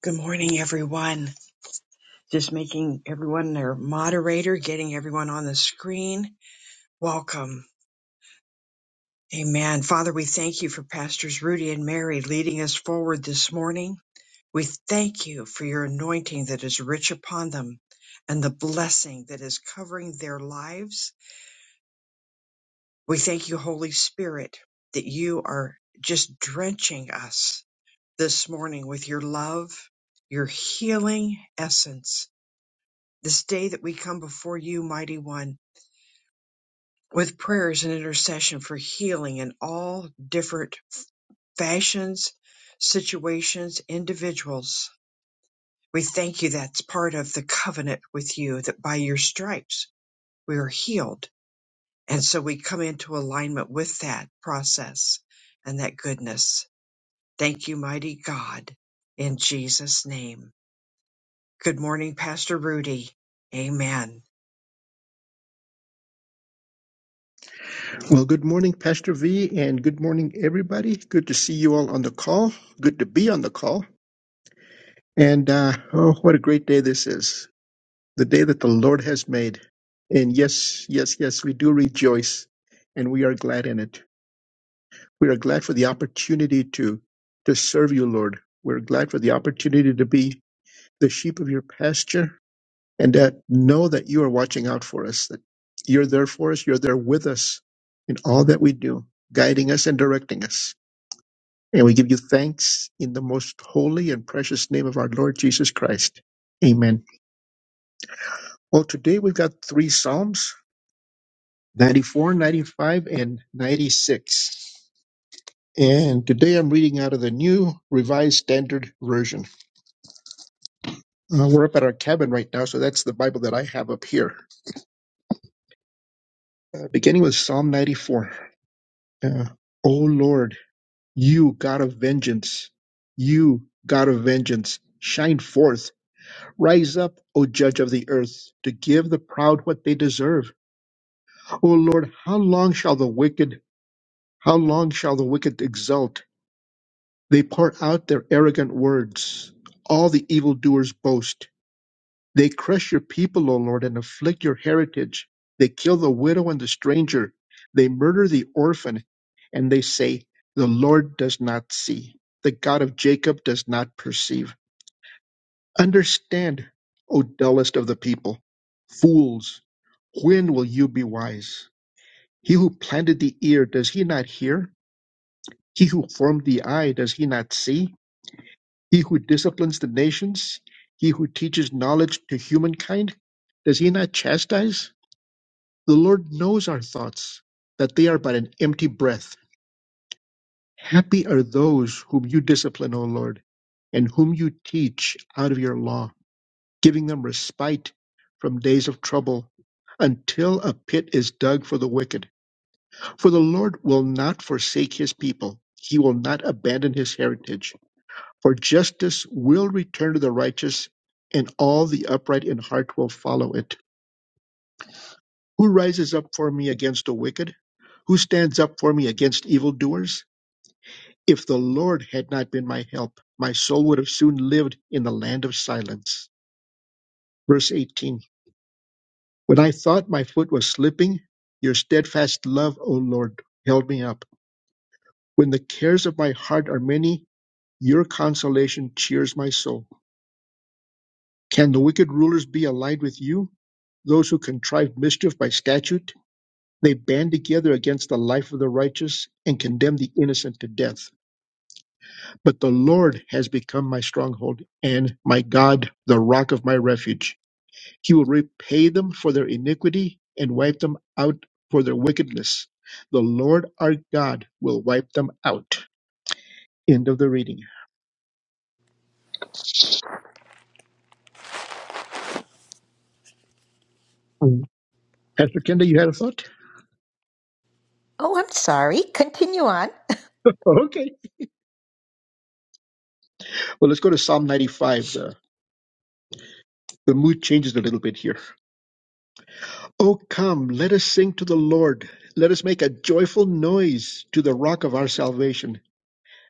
Good morning, everyone. Just making everyone their moderator, getting everyone on the screen. Welcome. Amen. Father, we thank you for Pastors Rudy and Mary leading us forward this morning. We thank you for your anointing that is rich upon them and the blessing that is covering their lives. We thank you, Holy Spirit, that you are just drenching us this morning with your love, your healing essence this day that we come before you, mighty one, with prayers and intercession for healing in all different fashions, situations, individuals. We thank you that's part of the covenant with you that by your stripes we are healed. And so we come into alignment with that process and that goodness. Thank you, mighty God, in Jesus' name. Good morning, Pastor Rudy. Amen. Well, good morning, Pastor V, and good morning, everybody. Good to see you all on the call. Good to be on the call. And uh, oh, what a great day this is the day that the Lord has made. And yes, yes, yes, we do rejoice and we are glad in it. We are glad for the opportunity to, to serve you, Lord. We're glad for the opportunity to be the sheep of your pasture and that know that you are watching out for us, that you're there for us, you're there with us in all that we do, guiding us and directing us. And we give you thanks in the most holy and precious name of our Lord Jesus Christ. Amen. Well, today we've got three Psalms 94, 95, and 96. And today I'm reading out of the New Revised Standard Version. Uh, we're up at our cabin right now, so that's the Bible that I have up here. Uh, beginning with Psalm 94. Uh, o Lord, you God of vengeance, you God of vengeance, shine forth Rise up, O judge of the earth, to give the proud what they deserve. O Lord, how long shall the wicked, how long shall the wicked exult? They pour out their arrogant words. All the evildoers boast. They crush your people, O Lord, and afflict your heritage. They kill the widow and the stranger. They murder the orphan, and they say, The Lord does not see. The God of Jacob does not perceive. Understand, O dullest of the people, fools, when will you be wise? He who planted the ear, does he not hear? He who formed the eye, does he not see? He who disciplines the nations, he who teaches knowledge to humankind, does he not chastise? The Lord knows our thoughts, that they are but an empty breath. Happy are those whom you discipline, O Lord, and whom you teach out of your law giving them respite from days of trouble until a pit is dug for the wicked. For the Lord will not forsake his people, he will not abandon his heritage. For justice will return to the righteous, and all the upright in heart will follow it. Who rises up for me against the wicked? Who stands up for me against evildoers? If the Lord had not been my help, my soul would have soon lived in the land of silence. Verse 18. When I thought my foot was slipping, your steadfast love, O Lord, held me up. When the cares of my heart are many, your consolation cheers my soul. Can the wicked rulers be allied with you? Those who contrive mischief by statute? They band together against the life of the righteous and condemn the innocent to death. But the Lord has become my stronghold and my God, the rock of my refuge. He will repay them for their iniquity and wipe them out for their wickedness. The Lord our God will wipe them out. End of the reading. Mm. Pastor Kenda, you had a thought? Oh, I'm sorry. Continue on. Oh, okay. Well, let's go to Psalm 95. The, the mood changes a little bit here. Oh, come, let us sing to the Lord. Let us make a joyful noise to the rock of our salvation.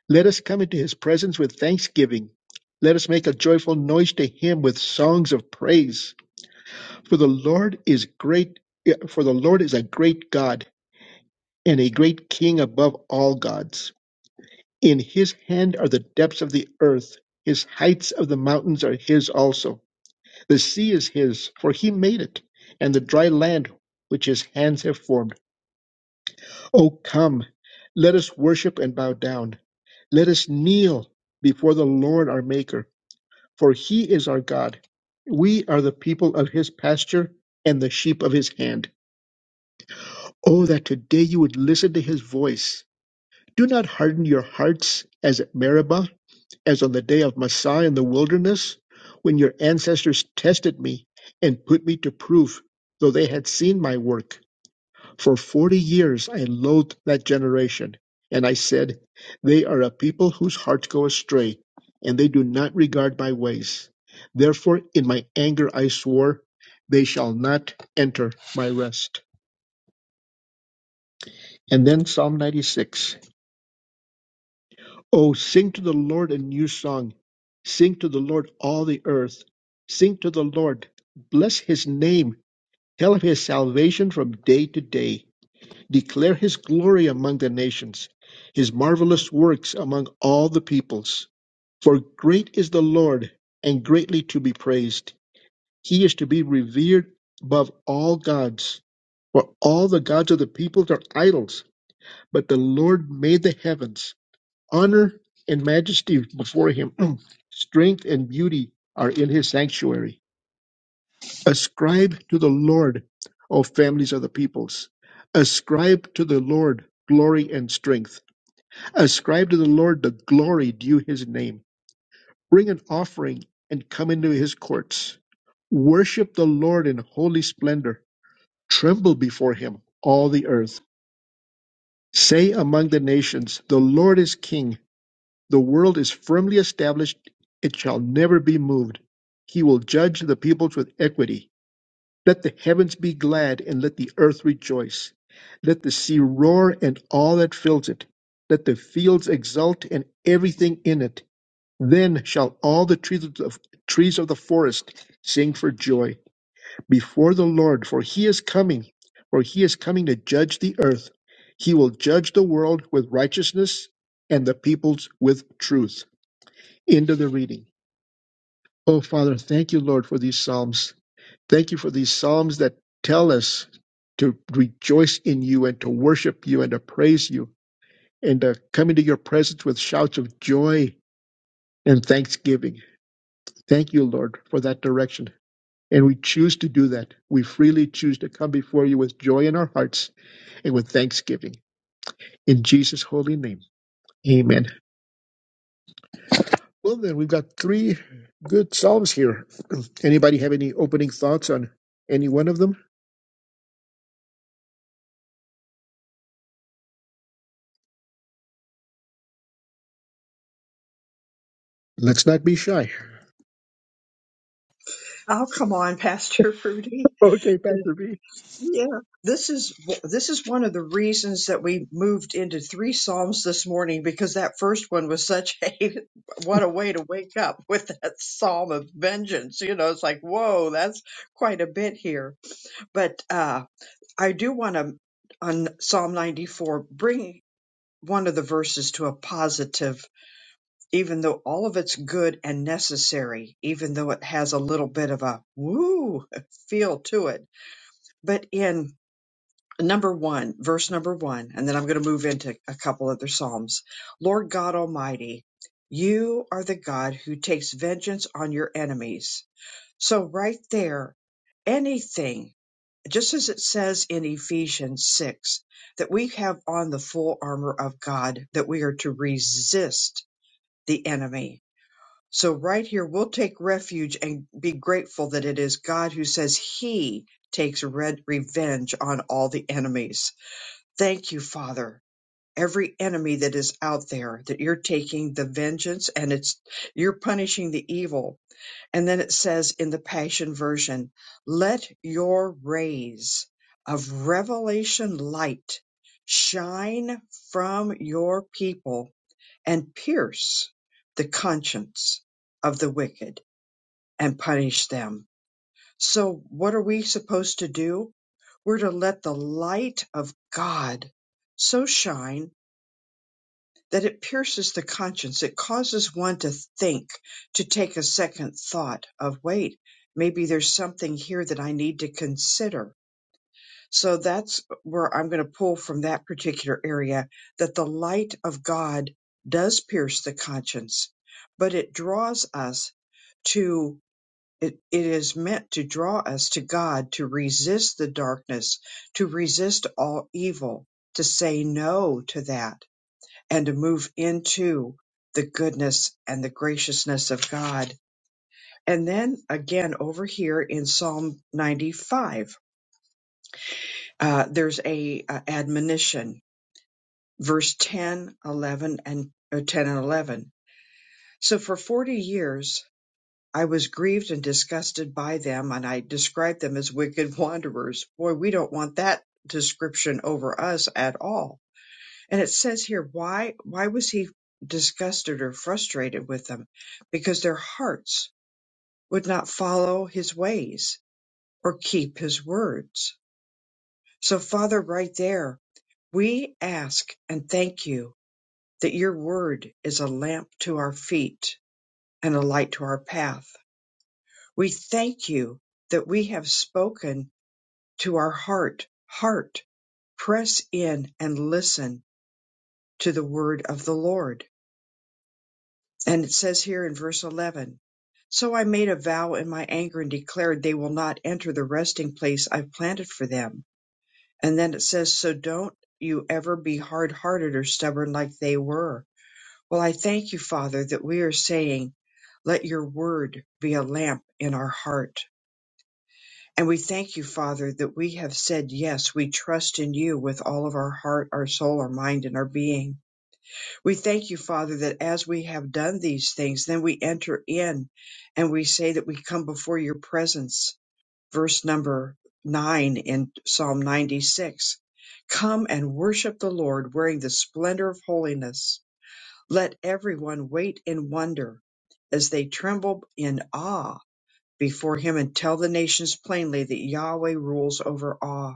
Let us come into his presence with thanksgiving. Let us make a joyful noise to him with songs of praise. For the Lord is great, for the Lord is a great God and a great king above all gods. In his hand are the depths of the earth, his heights of the mountains are his also. The sea is his, for he made it, and the dry land which his hands have formed. O come, let us worship and bow down. Let us kneel before the Lord our Maker, for he is our God. We are the people of his pasture and the sheep of his hand. Oh, that today you would listen to his voice. Do not harden your hearts as at Meribah, as on the day of Massah in the wilderness, when your ancestors tested me and put me to proof, though they had seen my work. For forty years I loathed that generation, and I said, They are a people whose hearts go astray, and they do not regard my ways. Therefore, in my anger I swore, They shall not enter my rest. And then Psalm 96. Oh, sing to the Lord a new song. Sing to the Lord all the earth. Sing to the Lord. Bless his name. Tell of his salvation from day to day. Declare his glory among the nations, his marvelous works among all the peoples. For great is the Lord, and greatly to be praised. He is to be revered above all gods. For all the gods of the peoples are idols, but the Lord made the heavens. Honor and majesty before him, strength and beauty are in his sanctuary. Ascribe to the Lord, O families of the peoples. Ascribe to the Lord glory and strength. Ascribe to the Lord the glory due his name. Bring an offering and come into his courts. Worship the Lord in holy splendor. Tremble before him, all the earth. Say among the nations, The Lord is king. The world is firmly established, it shall never be moved. He will judge the peoples with equity. Let the heavens be glad, and let the earth rejoice. Let the sea roar, and all that fills it. Let the fields exult, and everything in it. Then shall all the trees of, trees of the forest sing for joy before the Lord, for he is coming, for he is coming to judge the earth. He will judge the world with righteousness, and the peoples with truth. End of the reading. Oh, Father, thank you, Lord, for these Psalms. Thank you for these Psalms that tell us to rejoice in you and to worship you and to praise you and to come into your presence with shouts of joy and thanksgiving. Thank you, Lord, for that direction. And we choose to do that. We freely choose to come before you with joy in our hearts and with thanksgiving. In Jesus' holy name, amen. Well, then, we've got three good Psalms here. Anybody have any opening thoughts on any one of them? Let's not be shy. Oh, come on, Pastor Rudy. Okay, Pastor V. Yeah, this is this is one of the reasons that we moved into three psalms this morning because that first one was such a what a way to wake up with that psalm of vengeance. You know, it's like whoa, that's quite a bit here. But uh, I do want to on Psalm ninety four bring one of the verses to a positive, even though all of it's good and necessary, even though it has a little bit of a woo feel to it. But in number one, verse number one, and then I'm going to move into a couple other Psalms. Lord God Almighty, you are the God who takes vengeance on your enemies. So, right there, anything, just as it says in Ephesians 6, that we have on the full armor of God, that we are to resist the enemy. So, right here, we'll take refuge and be grateful that it is God who says He takes red revenge on all the enemies Thank you, Father. Every enemy that is out there, that you're taking the vengeance and it's, you're punishing the evil. And then it says in the Passion Version, let your rays of revelation light shine from your people and pierce the conscience of the wicked and punish them. So what are we supposed to do? We're to let the light of God so shine that it pierces the conscience. It causes one to think, to take a second thought of, wait, maybe there's something here that I need to consider. So that's where I'm going to pull from that particular area that the light of God does pierce the conscience, but it draws us to it, it is meant to draw us to God, to resist the darkness, to resist all evil, to say no to that and to move into the goodness and the graciousness of God. And then again, over here in Psalm 95, uh, there's a, uh admonition, verse 10, 11, and uh, 10 and 11. So for 40 years, I was grieved and disgusted by them, and I described them as wicked wanderers. Boy, we don't want that description over us at all And it says here, why why was he disgusted or frustrated with them? Because their hearts would not follow his ways or keep his words. So Father, right there, we ask and thank you that your word is a lamp to our feet and a light to our path. We thank you that we have spoken to our heart, heart, press in and listen to the word of the Lord And it says here in verse 11, So I made a vow in my anger and declared they will not enter the resting place I've planted for them. And then it says, So don't you ever be hard hearted or stubborn like they were. Well, I thank you, Father, that we are saying, Let your word be a lamp in our heart. And we thank you, Father, that we have said, Yes, we trust in you with all of our heart, our soul, our mind, and our being we thank you, Father, that as we have done these things, then we enter in and we say that we come before your presence. Verse number nine in Psalm 96. Come and worship the Lord wearing the splendor of holiness. Let everyone wait in wonder as they tremble in awe before him and tell the nations plainly that Yahweh rules over all.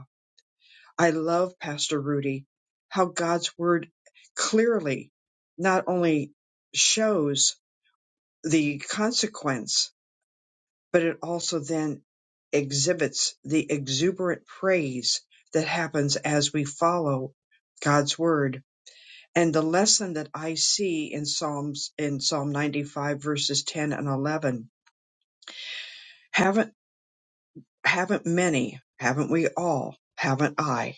I love Pastor Rudy, how God's word clearly not only shows the consequence, but it also then exhibits the exuberant praise that happens as we follow God's word. And the lesson that I see in Psalms, in Psalm 95 verses 10 and 11, haven't, haven't many, haven't we all, haven't I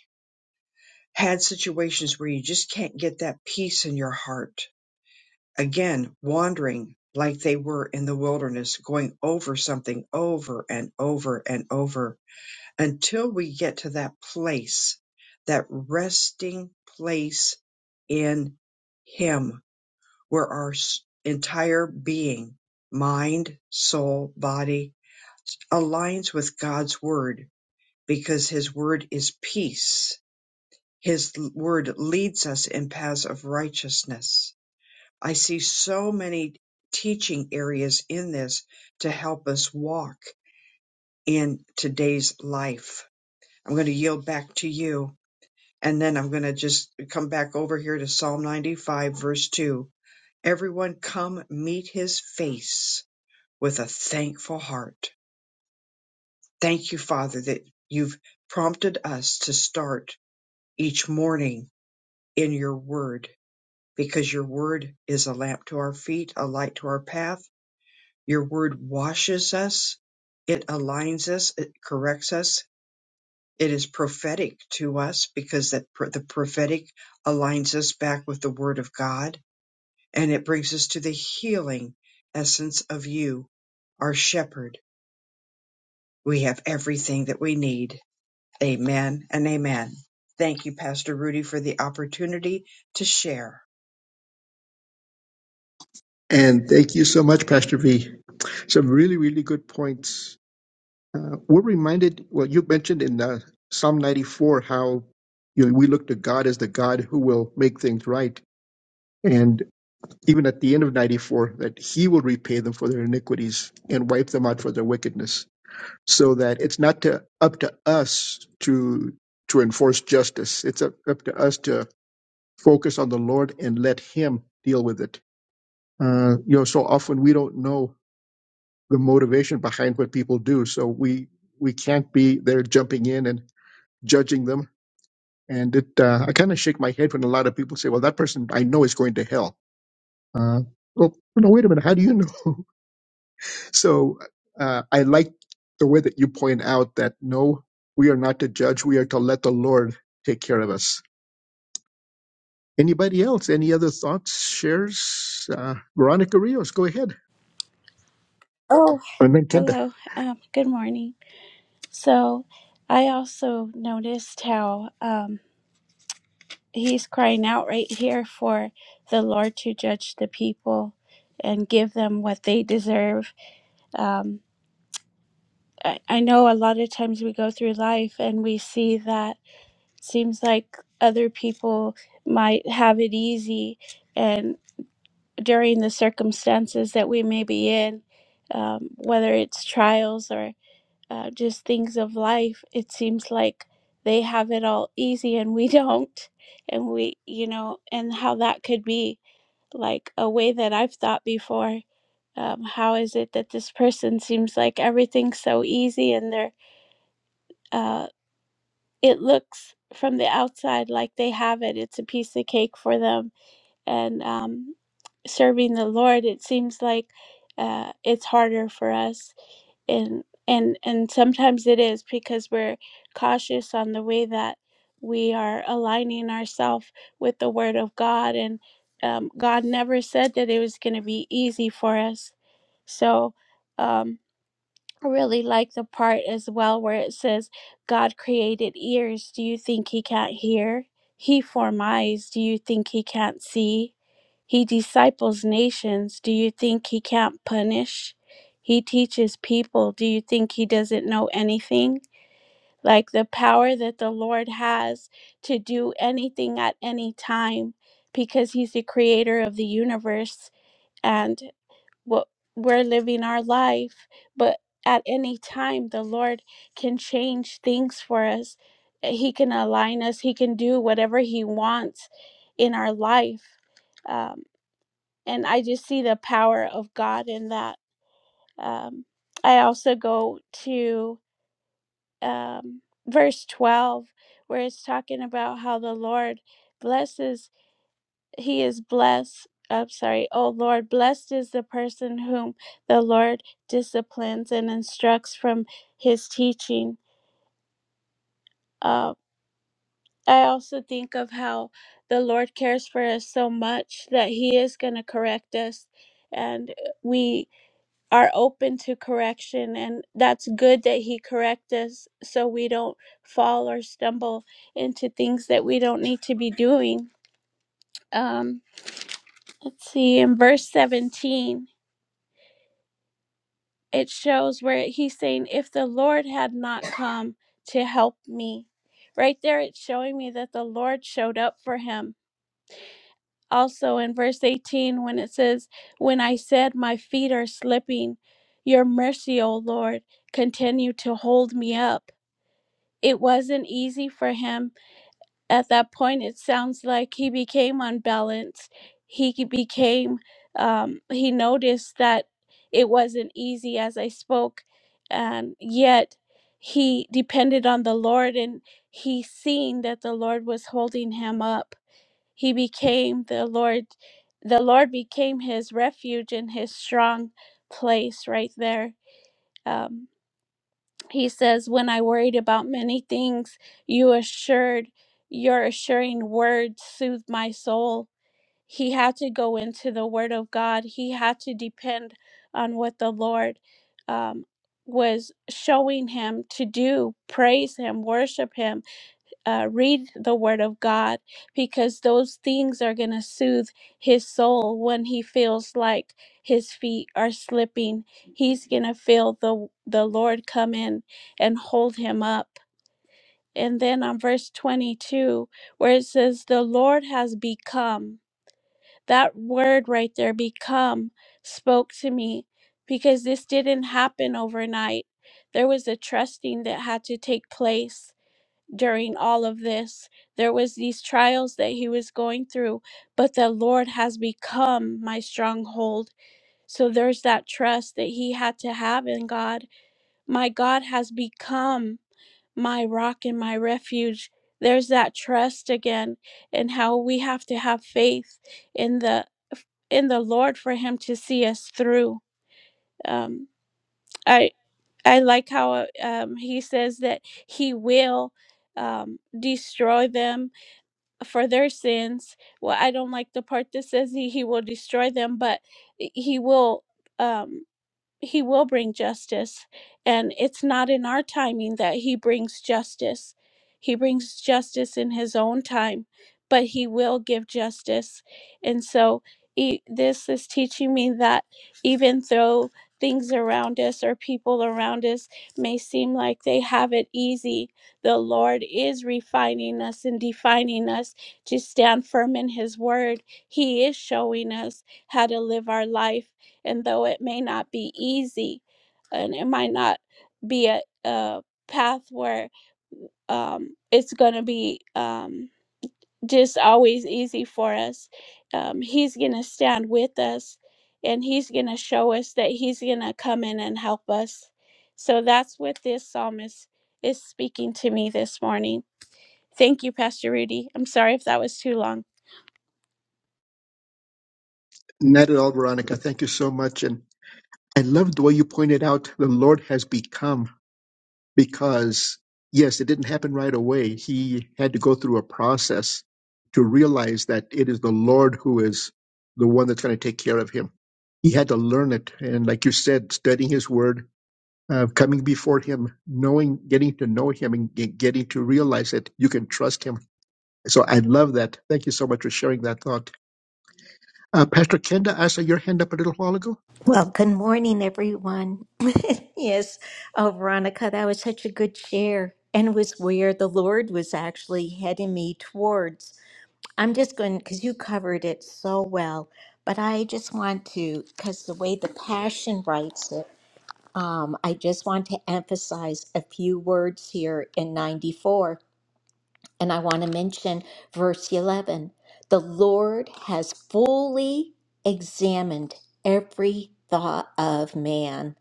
had situations where you just can't get that peace in your heart? again wandering like they were in the wilderness, going over something over and over and over until we get to that place, that resting place in Him, where our s- entire being, mind, soul, body aligns with God's Word because His Word is peace. His l- Word leads us in paths of righteousness I see so many teaching areas in this to help us walk in today's life. I'm going to yield back to you. And then I'm going to just come back over here to Psalm 95, verse 2. Everyone come meet his face with a thankful heart. Thank you, Father, that you've prompted us to start each morning in your word because your word is a lamp to our feet, a light to our path Your word washes us, it aligns us, it corrects us. It is prophetic to us because that pr- the prophetic aligns us back with the word of God and it brings us to the healing essence of you, our shepherd. We have everything that we need. Amen and amen. Thank you, Pastor Rudy, for the opportunity to share. And thank you so much, Pastor V. Some really, really good points. Uh, we're reminded, well, you mentioned in uh, Psalm 94 how you know, we look to God as the God who will make things right. And even at the end of 94, that He will repay them for their iniquities and wipe them out for their wickedness. So that it's not to, up to us to to enforce justice. It's up, up to us to focus on the Lord and let Him deal with it uh, you know, so often we don't know the motivation behind what people do, so we we can't be there jumping in and judging them. And it, uh, I kind of shake my head when a lot of people say, "Well, that person I know is going to hell." Uh, well, no, wait a minute. How do you know? so uh, I like the way that you point out that no, we are not to judge. We are to let the Lord take care of us. Anybody else? Any other thoughts? Shares? Uh, Veronica Rios, go ahead. Oh, And then Kenda. hello. Um, good morning. So, I also noticed how um, he's crying out right here for the Lord to judge the people and give them what they deserve. Um, I, I know a lot of times we go through life and we see that seems like other people might have it easy, and during the circumstances that we may be in, um, whether it's trials or uh, just things of life, it seems like they have it all easy and we don't. And we, you know, and how that could be like a way that I've thought before. Um, how is it that this person seems like everything's so easy and they're, uh, it looks from the outside like they have it. It's a piece of cake for them. And um, serving the Lord, it seems like uh, it's harder for us and and and sometimes it is because we're cautious on the way that we are aligning ourselves with the word of god and um, god never said that it was going to be easy for us so um, I really like the part as well where it says, God created ears. Do you think he can't hear? He formed eyes. Do you think he can't see? He disciples nations. Do you think he can't punish? He teaches people. Do you think he doesn't know anything? Like the power that the Lord has to do anything at any time because he's the creator of the universe. and." what we're living our life, but at any time the Lord can change things for us. He can align us. He can do whatever He wants in our life. Um, and I just see the power of God in that. Um, I also go to um, verse 12, where it's talking about how the Lord blesses he is blessed. I'm sorry. Oh Lord, blessed is the person whom the Lord disciplines and instructs from his teaching. Uh, I also think of how the Lord cares for us so much that he is going to correct us. And we are open to correction. And that's good that he corrects us so we don't fall or stumble into things that we don't need to be doing. Um, let's see, in verse 17. it shows where he's saying, If the Lord had not come to help me, right there, it's showing me that the Lord showed up for him. Also in verse 18, when it says, When I said my feet are slipping, your mercy, O Lord, continue to hold me up. It wasn't easy for him at that point it sounds like he became unbalanced he c- became um, he noticed that it wasn't easy as i spoke and yet he depended on the lord and he seen that the lord was holding him up he became the lord the lord became his refuge and his strong place right there um. He says, When I worried about many things, you assured your assuring word soothed my soul. He had to go into the word of God. He had to depend on what the Lord um, was showing him to do, praise him, worship him uh, read the Word of God because those things are going to soothe his soul when he feels like his feet are slipping. He's going to feel the the Lord come in and hold him up. And then on verse 22, where it says, The Lord has become, that word right there, become, spoke to me because this didn't happen overnight. There was a trusting that had to take place during all of this. There was these trials that he was going through, but the Lord has become my stronghold. So there's that trust that he had to have in God. My God has become my rock and my refuge. There's that trust again and how we have to have faith in the in the Lord for him to see us through. Um I I like how uh, um, he says that he will um, destroy them for their sins. Well, I don't like the part that says he, he will destroy them, but he will. Um, he will bring justice and it's not in our timing that he brings justice he brings justice in his own time but he will give justice and so e- this is teaching me that even though things around us or people around us may seem like they have it easy the lord is refining us and defining us to stand firm in his word he is showing us how to live our life and though it may not be easy and it might not be a, a path where um, it's going to be um, just always easy for us. Um, he's going to stand with us and he's going to show us that he's going to come in and help us. So that's what this psalmist is speaking to me this morning. Thank you, Pastor Rudy. I'm sorry if that was too long. Not at all, Veronica. Thank you so much. And I love the way you pointed out the Lord has become because, yes, it didn't happen right away. He had to go through a process to realize that it is the Lord who is the one that's going to take care of him. He had to learn it. And like you said, studying his word, uh, coming before him, knowing, getting to know him and ge- getting to realize that you can trust him. So I love that. Thank you so much for sharing that thought. Uh, Pastor Kenda, I saw your hand up a little while ago. Well, good morning, everyone. yes. Oh, Veronica, that was such a good share. And it was where the Lord was actually heading me towards. I'm just going, because you covered it so well, but I just want to, because the way the Passion writes it, um, I just want to emphasize a few words here in 94. And I want to mention verse 11 the Lord has fully examined every thought of man.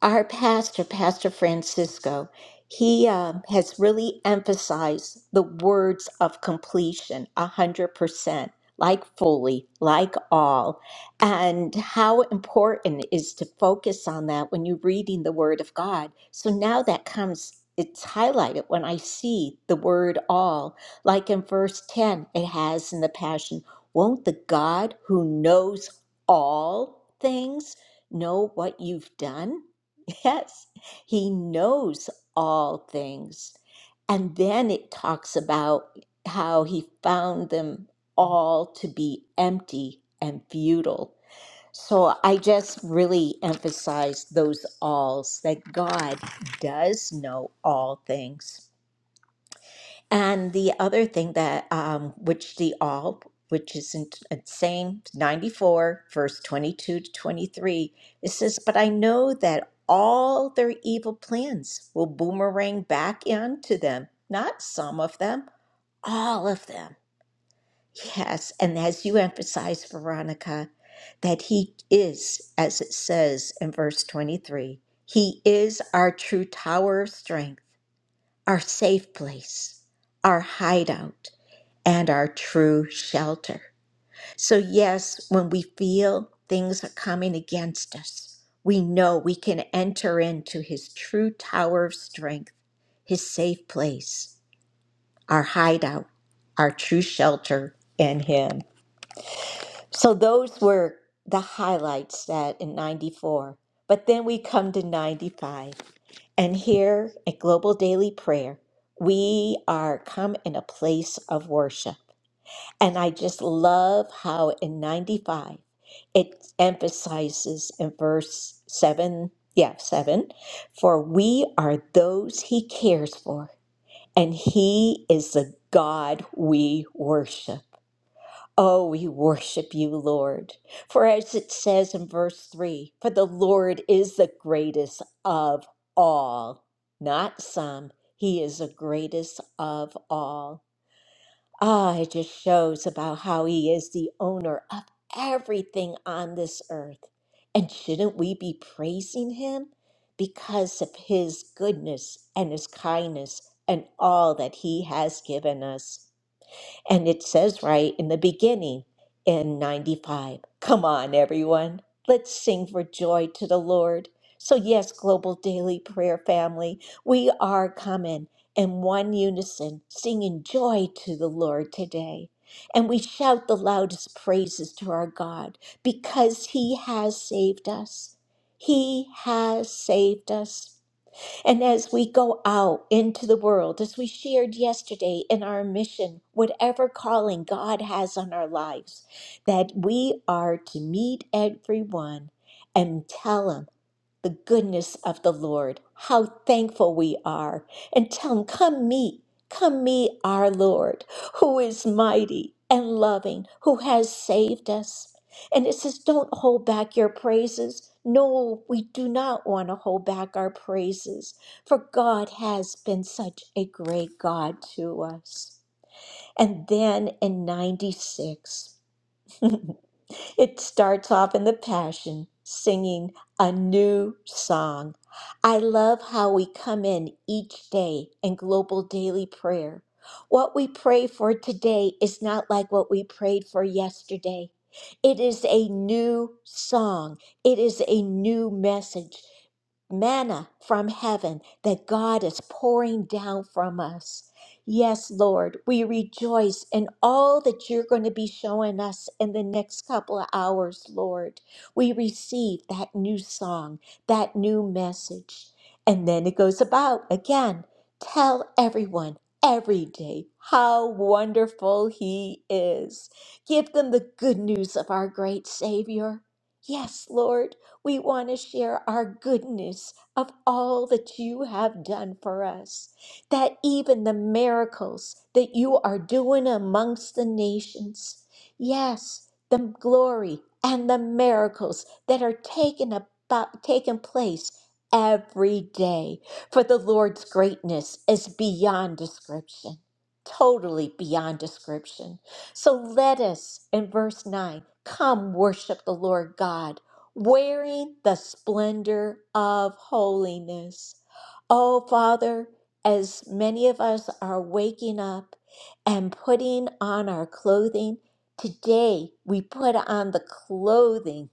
Our pastor, Pastor Francisco, he um, has really emphasized the words of completion, 100%, like fully, like all, and how important it is to focus on that when you're reading the Word of God. So now that comes, it's highlighted when I see the word all. Like in verse 10, it has in the Passion, won't the God who knows all things know what you've done? Yes, he knows all things. And then it talks about how he found them all to be empty and futile. So I just really emphasize those alls that God does know all things. And the other thing that, um, which the all, which is in, in same 94, verse 22 to 23, it says, But I know that all their evil plans will boomerang back into them, not some of them, all of them. Yes. And as you emphasize, Veronica, that he is, as it says in verse 23, he is our true tower of strength, our safe place, our hideout and our true shelter. So, yes, when we feel things are coming against us, we know we can enter into his true tower of strength, his safe place, our hideout, our true shelter in him. So, those were the highlights that in 94. But then we come to 95. And here at Global Daily Prayer, we are come in a place of worship. And I just love how in 95 it emphasizes in verse 7, yeah, 7, for we are those he cares for, and he is the God we worship. Oh, we worship you, Lord. For as it says in verse 3, for the Lord is the greatest of all, not some, he is the greatest of all. Ah, it just shows about how he is the owner of everything on this earth. And shouldn't we be praising him because of his goodness and his kindness and all that he has given us? And it says right in the beginning in 95. Come on, everyone. Let's sing for joy to the Lord. So, yes, Global Daily Prayer family, we are coming in one unison, singing joy to the Lord today. And we shout the loudest praises to our God because He has saved us. He has saved us. And as we go out into the world, as we shared yesterday in our mission, whatever calling God has on our lives, that we are to meet everyone and tell 'em the goodness of the Lord, how thankful we are, and tell him, Come meet, come meet our Lord, who is mighty and loving, who has saved us. And it says, Don't hold back your praises. No, we do not want to hold back our praises, for God has been such a great God to us. And then in 96. It starts off in the Passion singing a new song. I love how we come in each day in global daily prayer. What we pray for today is not like what we prayed for yesterday. It is a new song, it is a new message manna from heaven that God is pouring down from us. Yes, Lord, we rejoice in all that you're going to be showing us in the next couple of hours, Lord. We receive that new song, that new message. And then it goes about again tell everyone every day how wonderful He is. Give them the good news of our great Savior. Yes, Lord, we want to share our goodness of all that you have done for us that even the miracles that you are doing amongst the nations, yes, the glory and the miracles that are taken about taking place every day. For the Lord's greatness is beyond description. Totally beyond description. So let us, in verse 9, come worship the Lord God, wearing the splendor of holiness. Oh, Father, as many of us are waking up and putting on our clothing, today we put on the clothing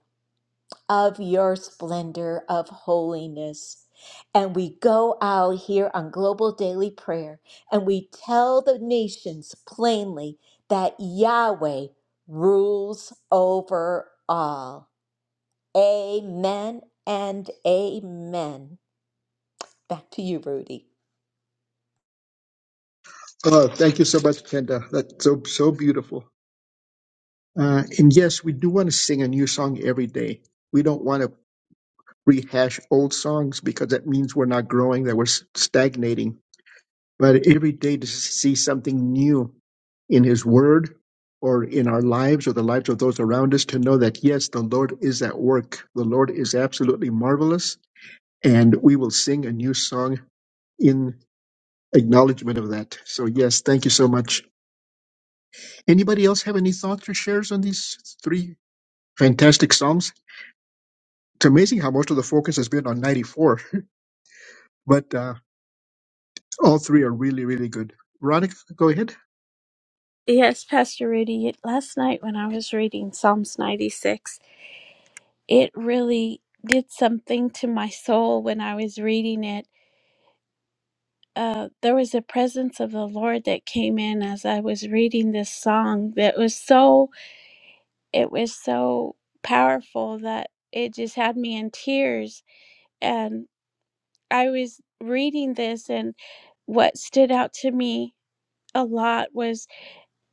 of your splendor of holiness. And we go out here on Global Daily Prayer and we tell the nations plainly that Yahweh rules over all. Amen and amen. Back to you, Rudy. Oh, thank you so much, Kenda. That's so so beautiful. Uh, and yes, we do want to sing a new song every day. We don't want to rehash old songs because that means we're not growing, that we're s- stagnating. But every day to see something new in His Word or in our lives or the lives of those around us, to know that yes, the Lord is at work. The Lord is absolutely marvelous, and we will sing a new song in acknowledgement of that. So yes, thank you so much. Anybody else have any thoughts or shares on these three fantastic psalms? It's amazing how most of the focus has been on 94, but uh, all three are really, really good. Veronica, go ahead. Yes, Pastor Rudy, last night when I was reading Psalms 96, it really did something to my soul when I was reading it. Uh, there was a presence of the Lord that came in as I was reading this song that was so it was so powerful that it just had me in tears. And I was reading this, and what stood out to me a lot was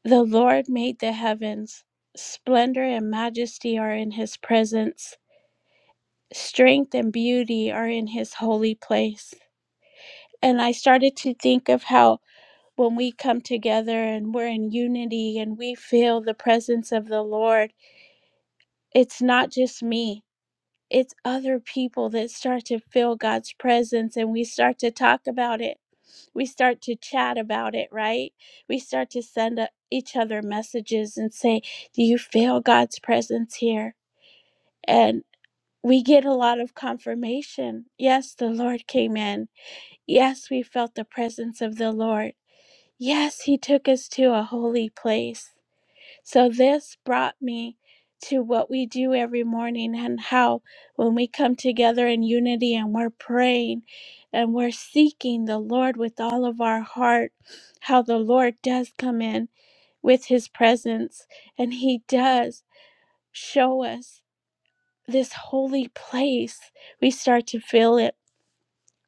the Lord made the heavens. Splendor and majesty are in his presence, strength and beauty are in his holy place. And I started to think of how when we come together and we're in unity and we feel the presence of the Lord, it's not just me it's other people that start to feel God's presence and we start to talk about it. We start to chat about it, right? We start to send a, each other messages and say, Do you feel God's presence here? And we get a lot of confirmation. Yes, the Lord came in. Yes, we felt the presence of the Lord. Yes, He took us to a holy place. So this brought me to what we do every morning and how when we come together in unity and we're praying and we're seeking the Lord with all of our heart, how the Lord does come in with his presence and he does show us this holy place. We start to feel it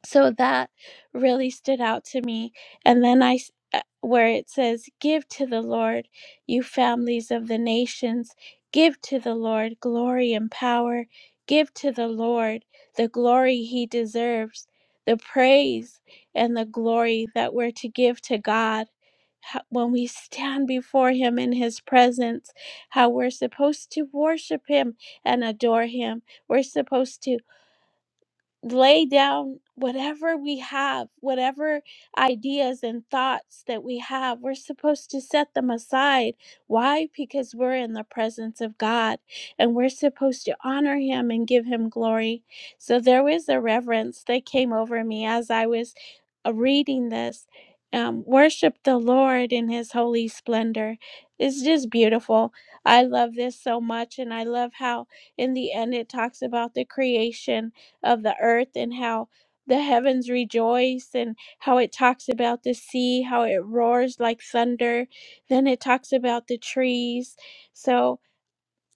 so that really stood out to me and then i s- uh, where it says give to the lord you families of the nations give to the lord glory and power give to the lord the glory he deserves the praise and the glory that we're to give to god Ho- when we stand before him in his presence how we're supposed to worship him and adore him we're supposed to lay down whatever we have, whatever ideas and thoughts that we have. We're supposed to set them aside. Why? Because we're in the presence of God and we're supposed to honor Him and give Him glory. So there was a reverence that came over me as I was uh, reading this. Um, worship the Lord in His holy splendor. It's just beautiful. I love this so much, and I love how in the end it talks about the creation of the earth and how the heavens rejoice and how it talks about the sea, how it roars like thunder. Then it talks about the trees. So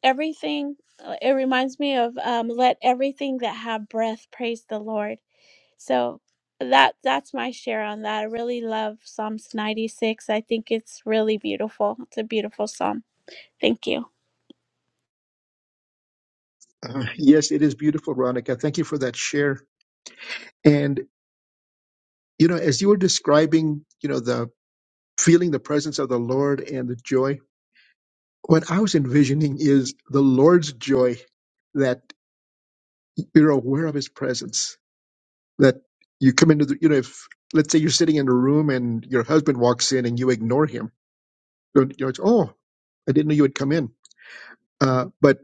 everything, uh, it reminds me of um, let everything that have breath praise the Lord. So that that's my share on that. I really love Psalms 96. I think it's really beautiful. It's a beautiful psalm. Thank you. Uh, yes, it is beautiful, Veronica. Thank you for that share. And you know, as you were describing, you know, the feeling the presence of the Lord and the joy, what I was envisioning is the Lord's joy that you're aware of His presence that you come into the you know if let's say you're sitting in a room and your husband walks in and you ignore him you know it's oh i didn't know you had come in uh, but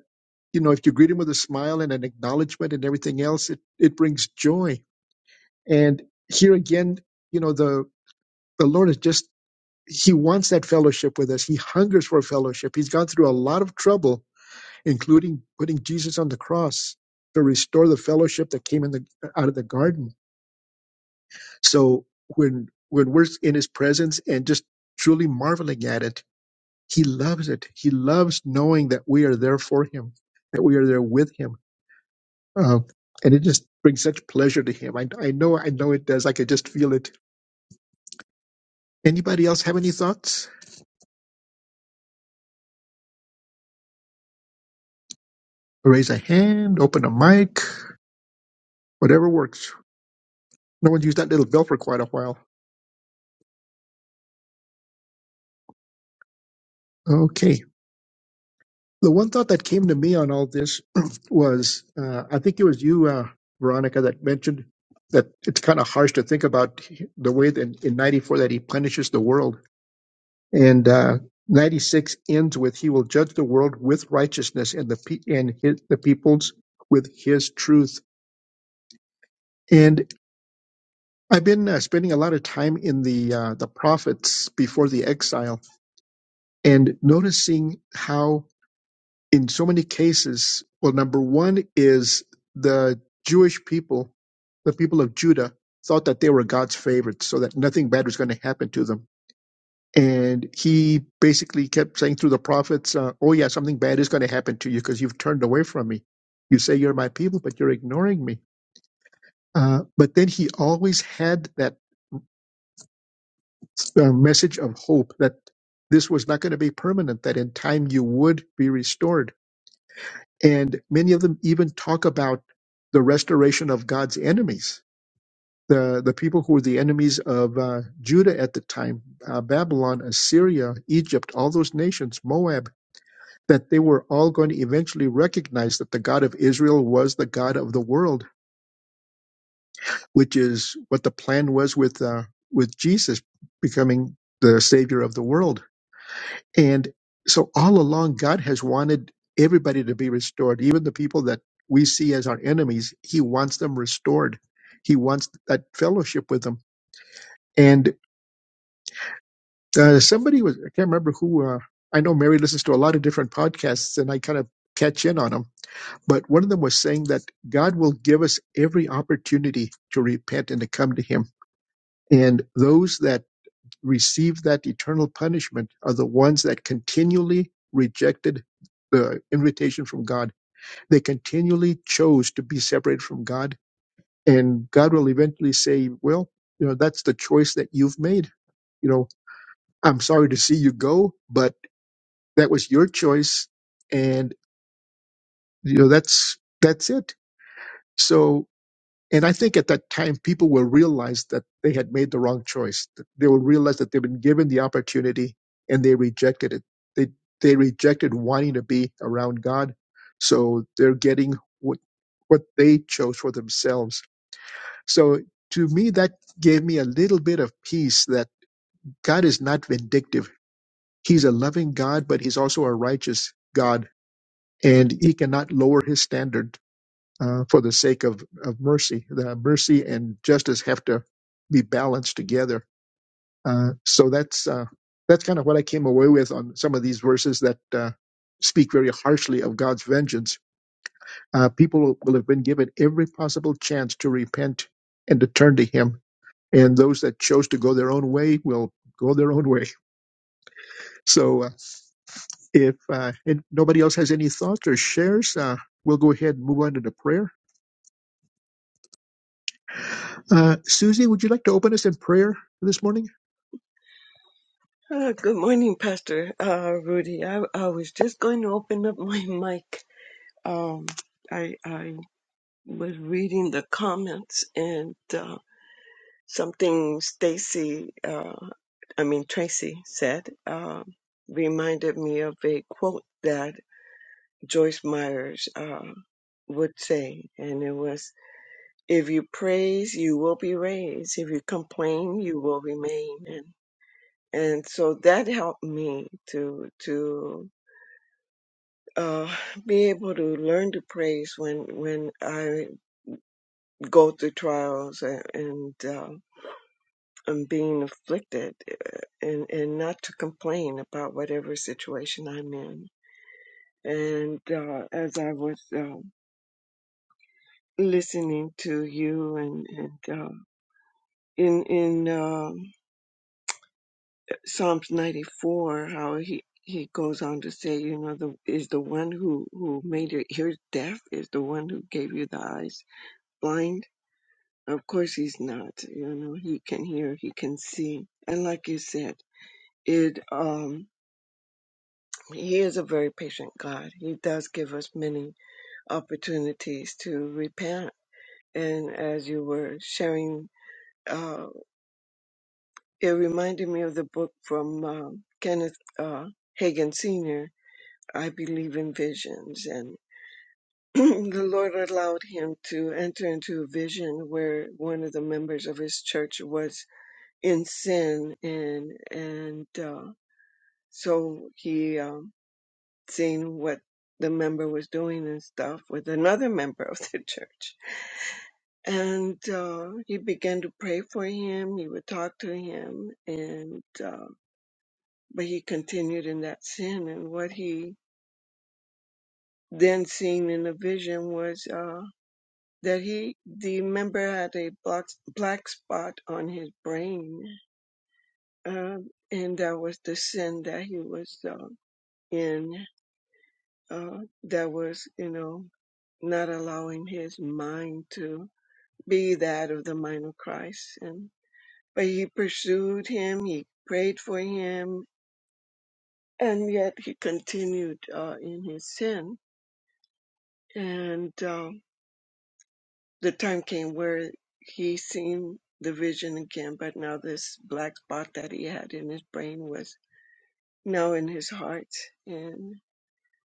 you know if you greet him with a smile and an acknowledgement and everything else it it brings joy and here again you know the the lord is just he wants that fellowship with us he hungers for fellowship he's gone through a lot of trouble including putting jesus on the cross to restore the fellowship that came in the out of the garden So when when we're in his presence and just truly marveling at it, he loves it. He loves knowing that we are there for him, that we are there with him, uh, and it just brings such pleasure to him. I, I know, I know it does. I could just feel it. Anybody else have any thoughts? Raise a hand, open a mic, whatever works. No one's used that little bell for quite a while. Okay. The one thought that came to me on all this was uh, I think it was you, uh, Veronica, that mentioned that it's kind of harsh to think about the way that in 94 that he punishes the world. And uh, 96 ends with he will judge the world with righteousness and the, pe- and his, the peoples with his truth. And I've been uh, spending a lot of time in the uh, the prophets before the exile and noticing how in so many cases, well, number one is the Jewish people, the people of Judah, thought that they were God's favorites, so that nothing bad was going to happen to them. And he basically kept saying through the prophets, uh, "Oh yeah, something bad is going to happen to you because you've turned away from me. You say you're my people, but you're ignoring me." Uh, but then he always had that uh, message of hope that this was not going to be permanent; that in time you would be restored And many of them even talk about the restoration of God's enemies, the, the people who were the enemies of uh, Judah at the time, uh, Babylon, Assyria, Egypt, all those nations, Moab, that they were all going to eventually recognize that the God of Israel was the God of the world, which is what the plan was with, uh, with Jesus becoming the Savior of the world And so all along, God has wanted everybody to be restored, even the people that we see as our enemies. He wants them restored. He wants that fellowship with them. And uh, somebody was, I can't remember who, uh, I know Mary listens to a lot of different podcasts and I kind of catch in on them. But one of them was saying that God will give us every opportunity to repent and to come to Him. And those that receive that eternal punishment are the ones that continually rejected the invitation from God. They continually chose to be separated from God. And God will eventually say, Well, you know, that's the choice that you've made. You know, I'm sorry to see you go, but that was your choice. And, you know, that's, that's it. So And I think at that time, people will realize that they had made the wrong choice. They will realize that they've been given the opportunity and they rejected it. They, they rejected wanting to be around God. So they're getting what, what they chose for themselves. So to me, that gave me a little bit of peace that God is not vindictive. He's a loving God, but he's also a righteous God and he cannot lower his standard uh, for the sake of, of mercy. The mercy and justice have to be balanced together. Uh, so that's uh, that's kind of what I came away with on some of these verses that uh, speak very harshly of God's vengeance. Uh, people will have been given every possible chance to repent and to turn to Him, and those that chose to go their own way will go their own way. So uh, if uh, and nobody else has any thoughts or shares, uh, we'll go ahead and move on to the prayer. Uh, Susie, would you like to open us in prayer this morning? Uh, good morning, Pastor uh, Rudy. I, I was just going to open up my mic. Um, I I was reading the comments and uh, something Stacy, uh, I mean Tracy said, uh, reminded me of a quote that Joyce Myers uh, would say, and it was, "If you praise, you will be raised. If you complain, you will remain." And and so that helped me to to uh, be able to learn to praise when when I go through trials and and uh, I'm being afflicted, uh, and and not to complain about whatever situation I'm in. And uh, as I was uh, listening to you and and uh, in in um Psalms 94, how he. He goes on to say, you know, the is the one who who made your ears deaf, is the one who gave you the eyes blind, Of course he's not. You know, he can hear, he can see. And like you said, it um he is a very patient God. He does give us many opportunities to repent. And as you were sharing, uh, it reminded me of the book from um Kenneth uh, Hagan Sr., I Believe in Visions. And the Lord allowed him to enter into a vision where one of the members of his church was in sin and and uh, so he um, seen what the member was doing and stuff with another member of the church and uh, he began to pray for him he would talk to him and uh, but he continued in that sin and what he then seen in the vision was uh, that he the member had a black, black spot on his brain uh, and that was the sin that he was uh, in uh, that was, you know, not allowing his mind to be that of the mind of Christ. And but he pursued him, he prayed for him, and yet he continued uh, in his sin. And uh, the time came where he seen the vision again, but now this black spot that he had in his brain was now in his heart, and.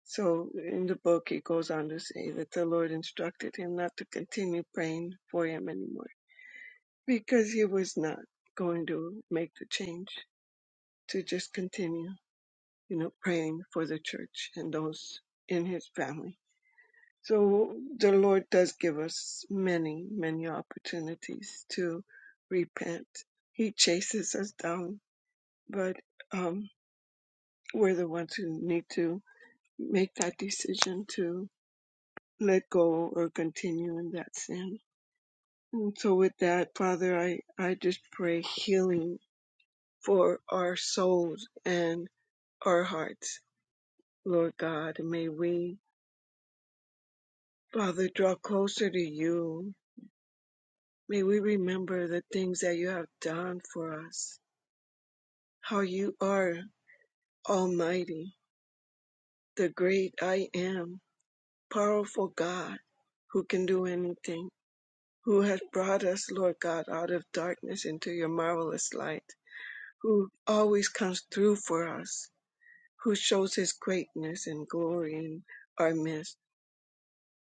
So in the book, it goes on to say that the Lord instructed him not to continue praying for him anymore because he was not going to make the change to just continue, you know, praying for the church and those in his family. So the Lord does give us many, many opportunities to repent. He chases us down, but um, we're the ones who need to make that decision to. let go or continue in that sin. And so with that, Father, I, I just pray healing for our souls and our hearts. Lord God, may we, Father, draw closer to you. May we remember the things that you have done for us, how you are almighty, the great I am, powerful God who can do anything, who has brought us, Lord God, out of darkness into your marvelous light. who always comes through for us, who shows his greatness and glory in our midst,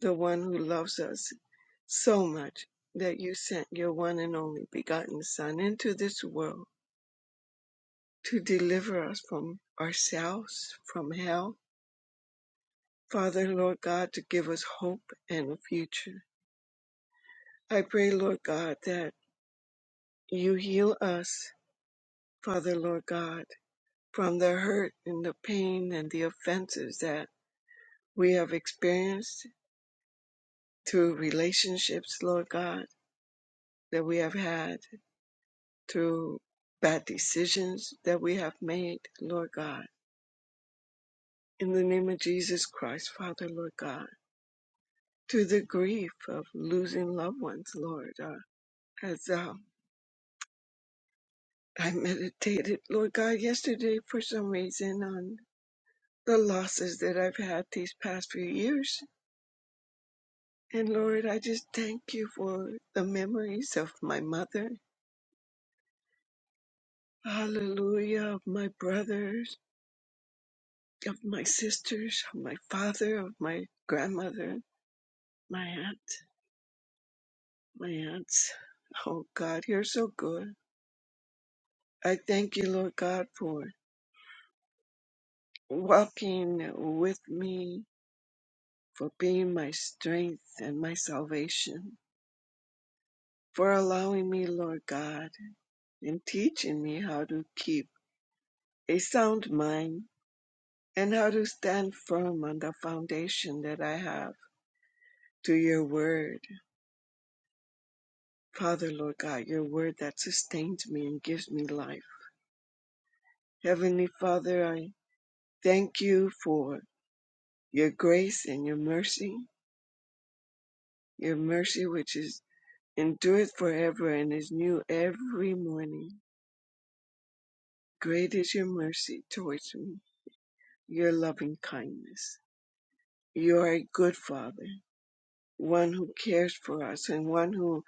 the one who loves us so much that you sent your one and only begotten Son into this world to deliver us from ourselves, from hell. Father, Lord God, to give us hope and a future. I pray, Lord God, that you heal us, Father, Lord God, from the hurt and the pain and the offenses that we have experienced through relationships, Lord God, that we have had, through bad decisions that we have made, Lord God. In the name of Jesus Christ, Father, Lord God, through the grief of losing loved ones, Lord, uh, as uh, I meditated, Lord God, yesterday for some reason on the losses that I've had these past few years. And Lord, I just thank you for the memories of my mother. Hallelujah, of my brothers of my sisters, of my father, of my grandmother, my aunt, my aunts. Oh God, you're so good. I thank you, Lord God, for walking with me, for being my strength and my salvation, for allowing me, Lord God, and teaching me how to keep a sound mind and how to stand firm on the foundation that I have to your word. Father, Lord God, your word that sustains me and gives me life. Heavenly Father, I thank you for your grace and your mercy, your mercy which is endureth forever and is new every morning. Great is your mercy towards me, your loving kindness. You are a good Father, one who cares for us and one who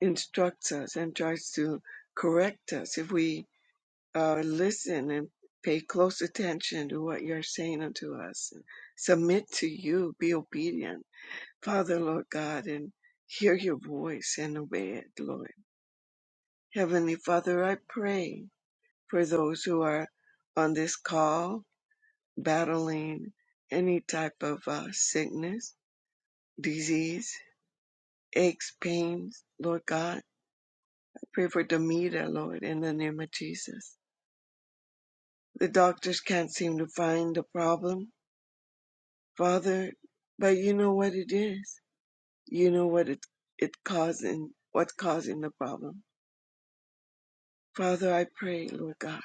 instructs us and tries to correct us if we uh, listen and pay close attention to what you're saying unto us. Submit to you, be obedient Father, Lord God, and hear your voice and obey it, Lord. Heavenly Father, I pray for those who are on this call battling any type of uh, sickness, disease, aches, pains, Lord God. I pray for Demita, Lord, in the name of Jesus. The doctors can't seem to find the problem, Father, but you know what it is. You know what it, it causing, what's causing the problem. Father, I pray, Lord God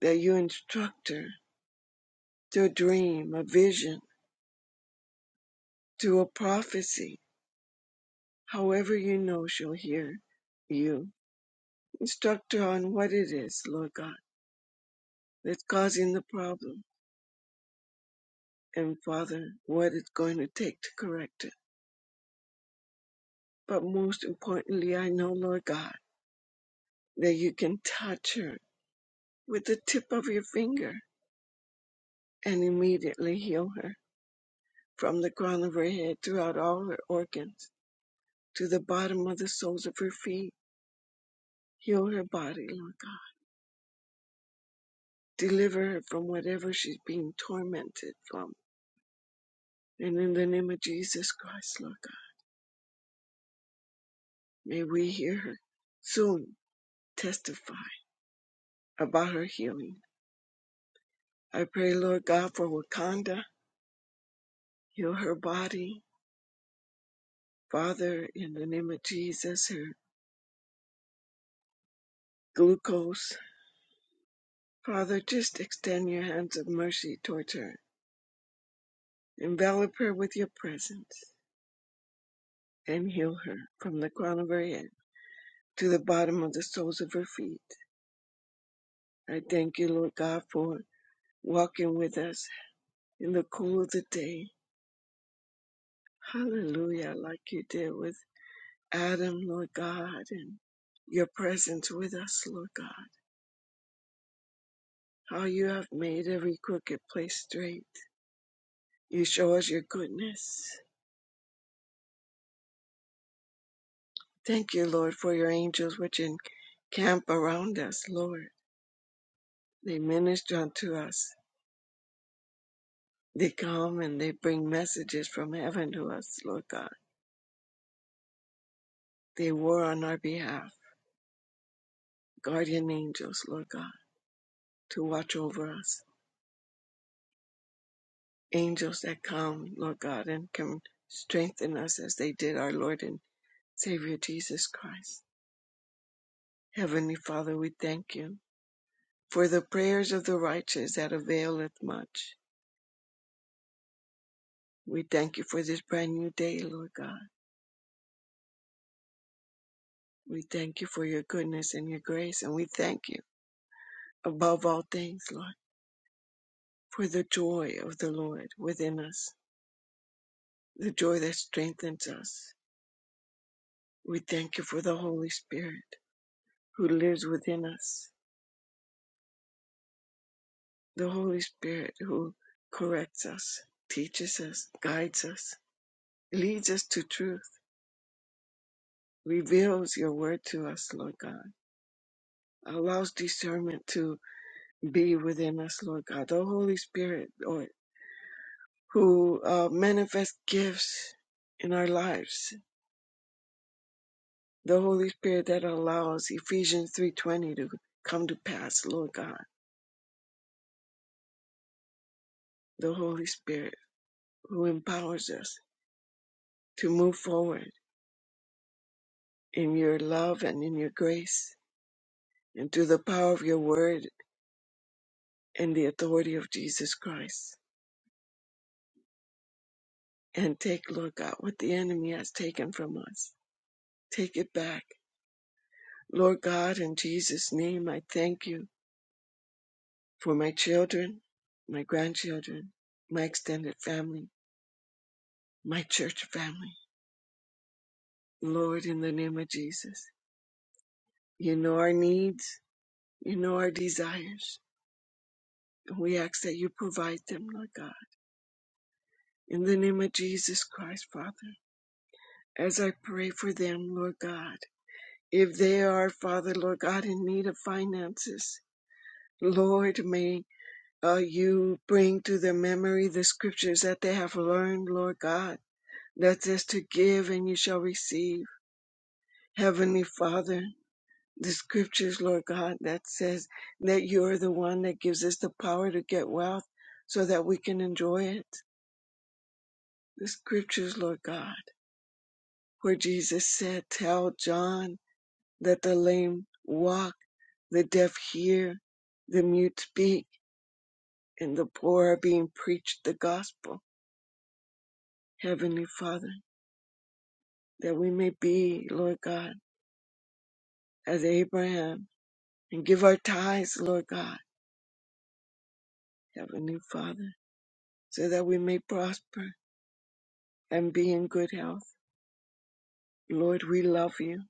that you instruct her through a dream, a vision, through a prophecy. However, you know she'll hear you. Instruct her on what it is, Lord God, that's causing the problem, and Father, what it's going to take to correct it. But most importantly, I know, Lord God, that you can touch her with the tip of your finger and immediately heal her from the crown of her head throughout all her organs to the bottom of the soles of her feet. Heal her body, Lord God Deliver her from whatever she's being tormented from. And in the name of Jesus Christ, Lord God, may we hear her soon testify about her healing. I pray, Lord God, for Wakanda. Heal her body. Father, in the name of Jesus, her glucose. Father, just extend your hands of mercy towards her. Envelop her with your presence and heal her from the crown of her head to the bottom of the soles of her feet. I thank you, Lord God, for walking with us in the cool of the day. Hallelujah, like you did with Adam, Lord God, and your presence with us, Lord God. How you have made every crooked place straight. You show us your goodness. Thank you, Lord, for your angels which encamp around us, Lord. They minister unto us. They come and they bring messages from heaven to us, Lord God. They war on our behalf, guardian angels, Lord God, to watch over us angels that come, Lord God, and can strengthen us as they did our Lord and Savior Jesus Christ. Heavenly Father, we thank you for the prayers of the righteous that availeth much. We thank you for this brand new day, Lord God. We thank you for your goodness and your grace, and we thank you above all things, Lord, for the joy of the Lord within us, the joy that strengthens us. We thank you for the Holy Spirit who lives within us the Holy Spirit who corrects us, teaches us, guides us, leads us to truth, reveals your word to us, Lord God, allows discernment to be within us, Lord God. The Holy Spirit, Lord, who uh, manifests gifts in our lives. The Holy Spirit that allows Ephesians 3.20 to come to pass, Lord God. The Holy Spirit who empowers us to move forward in your love and in your grace and through the power of your word and the authority of Jesus Christ. And take, Lord God, what the enemy has taken from us. Take it back. Lord God, in Jesus' name, I thank you for my children, my grandchildren, my extended family, my church family. Lord, in the name of Jesus, you know our needs, you know our desires, and we ask that you provide them, Lord God. In the name of Jesus Christ, Father, as I pray for them, Lord God. if they are, Father, Lord God, in need of finances, Lord, may uh, you bring to their memory the scriptures that they have learned, Lord God, that says to give and you shall receive. Heavenly Father, the scriptures, Lord God, that says that you are the one that gives us the power to get wealth so that we can enjoy it. The scriptures, Lord God, where Jesus said, Tell John that the lame walk, the deaf hear, the mute speak and the poor are being preached the gospel, Heavenly Father, that we may be, Lord God, as Abraham and give our tithes, Lord God, Heavenly Father, so that we may prosper and be in good health. Lord, we love you,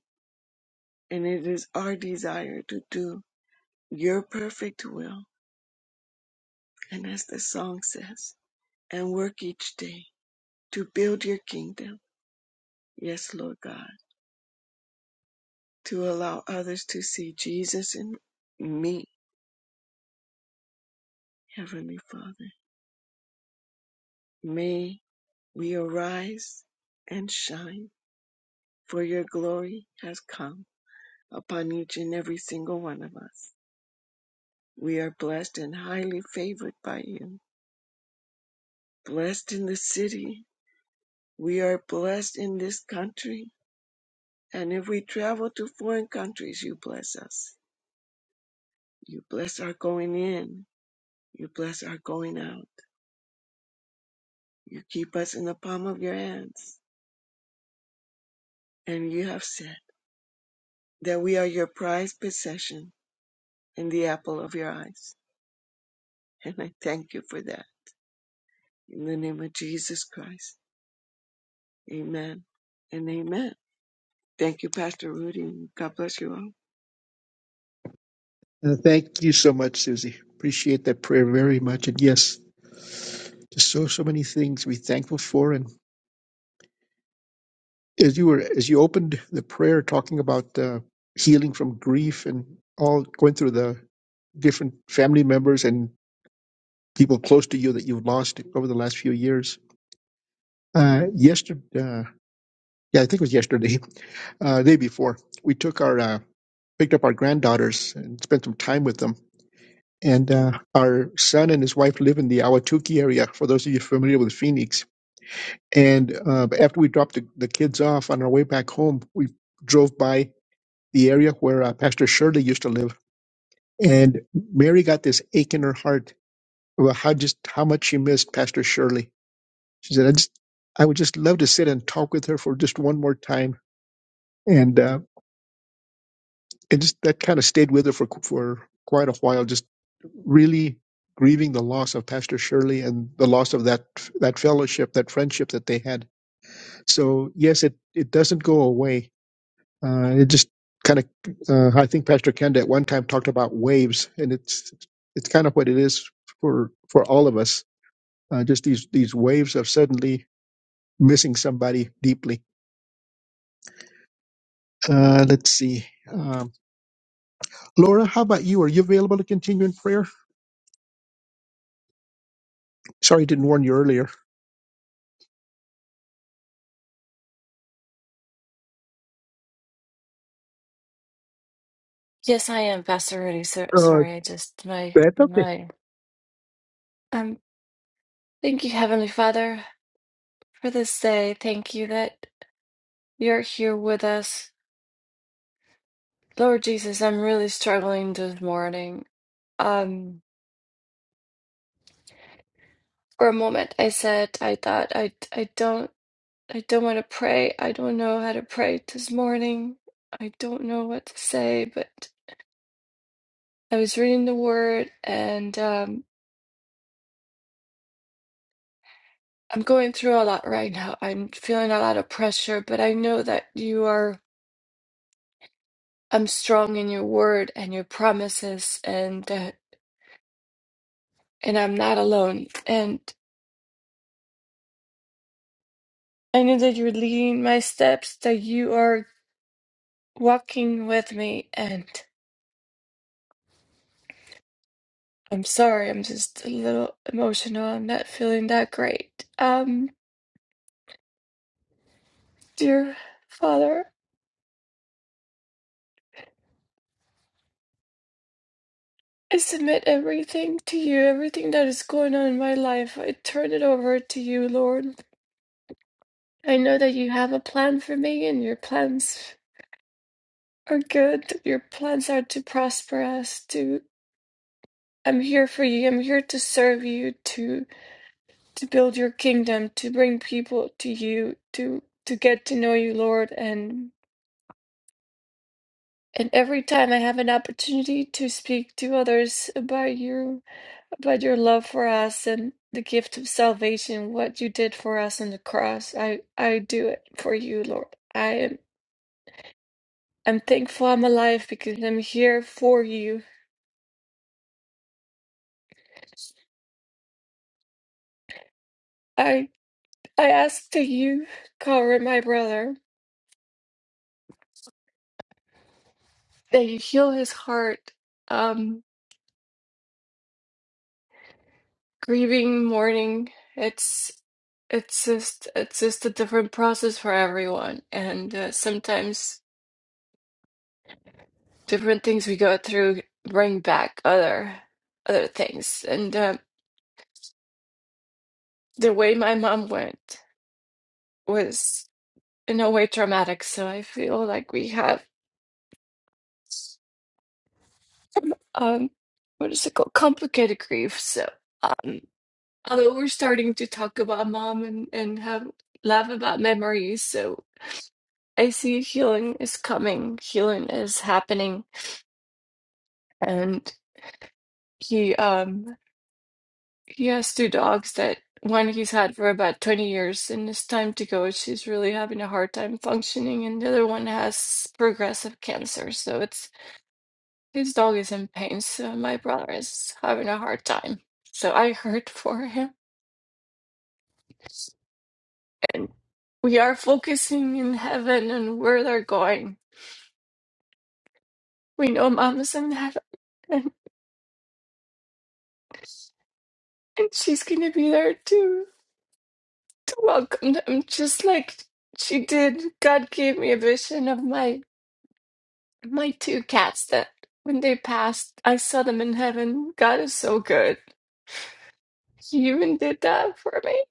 and it is our desire to do your perfect will. And as the song says, and work each day to build your kingdom. Yes, Lord God, to allow others to see Jesus in me, Heavenly Father May we arise and shine, for your glory has come upon each and every single one of us. We are blessed and highly favored by you. Blessed in the city. We are blessed in this country. And if we travel to foreign countries, you bless us. You bless our going in. You bless our going out. You keep us in the palm of your hands. And you have said that we are your prized possession and the apple of your eyes. And I thank you for that. In the name of Jesus Christ. Amen and amen. Thank you, Pastor Rudy. God bless you all. Uh, Thank you so much, Susie. Appreciate that prayer very much. And yes, just so so many things to be thankful for. And as you were as you opened the prayer, talking about uh, healing from grief and all going through the different family members and people close to you that you've lost over the last few years. Uh, yesterday, uh, yeah, I think it was yesterday, uh, the day before, we took our uh, picked up our granddaughters and spent some time with them. And uh, our son and his wife live in the Awatuki area. For those of you familiar with Phoenix, And uh, after we dropped the, the kids off on our way back home, we drove by the area where uh, Pastor Shirley used to live. And Mary got this ache in her heart about how just how much she missed Pastor Shirley. She said, "I just I would just love to sit and talk with her for just one more time." And uh, it just that kind of stayed with her for for quite a while, just really grieving the loss of Pastor Shirley and the loss of that that fellowship, that friendship that they had. So yes, it it doesn't go away Uh, it just kind of, uh, I think Pastor Kenda at one time talked about waves, and it's it's kind of what it is for for all of us. Uh, just these these waves of suddenly missing somebody deeply. Uh, let's see, um, Laura, how about you? Are you available to continue in prayer? Sorry, I didn't warn you earlier. Yes, I am, Pastor Rudy. So, Uh, sorry, I just my that's okay. my um thank you, Heavenly Father, for this day. Thank you that you're here with us. Lord Jesus, I'm really struggling this morning. Um for a moment I said I thought I I don't I don't want to pray. I don't know how to pray this morning. I don't know what to say, but I was reading the word and um I'm going through a lot right now. I'm feeling a lot of pressure, but I know that you are I'm strong in your word and your promises and uh, and I'm not alone. And I know that you're leading my steps, that you are walking with me and I'm sorry, I'm just a little emotional. I'm not feeling that great. Um dear Father, I submit everything to you, everything that is going on in my life. I turn it over to you, Lord. I know that you have a plan for me and your plans are good. Your plans are to prosper us, to I'm here for you. I'm here to serve you, to to build your kingdom, to bring people to you, to to get to know you, Lord. And and every time I have an opportunity to speak to others about you, about your love for us and the gift of salvation, what you did for us on the cross, I I do it for you, Lord. I am I'm thankful I'm alive because I'm here for you. I I ask that you cover my brother that you heal his heart um grieving mourning it's it's just it's just a different process for everyone and uh, sometimes different things we go through bring back other other things and uh, the way my mom went was in a way traumatic so i feel like we have um what is it called complicated grief so um although we're starting to talk about mom and and have laugh about memories so I see healing is coming, healing is happening. And he um he has two dogs that one he's had for about 20 years and it's time to go. She's really having a hard time functioning, and the other one has progressive cancer. So it's his dog is in pain, so my brother is having a hard time. So I heard for him. And we are focusing in heaven and where they're going. We know mama's in heaven and, and she's gonna be there too. welcomed him just like she did. God gave me a vision of my my two cats that when they passed, I saw them in heaven. God is so good. He even did that for me.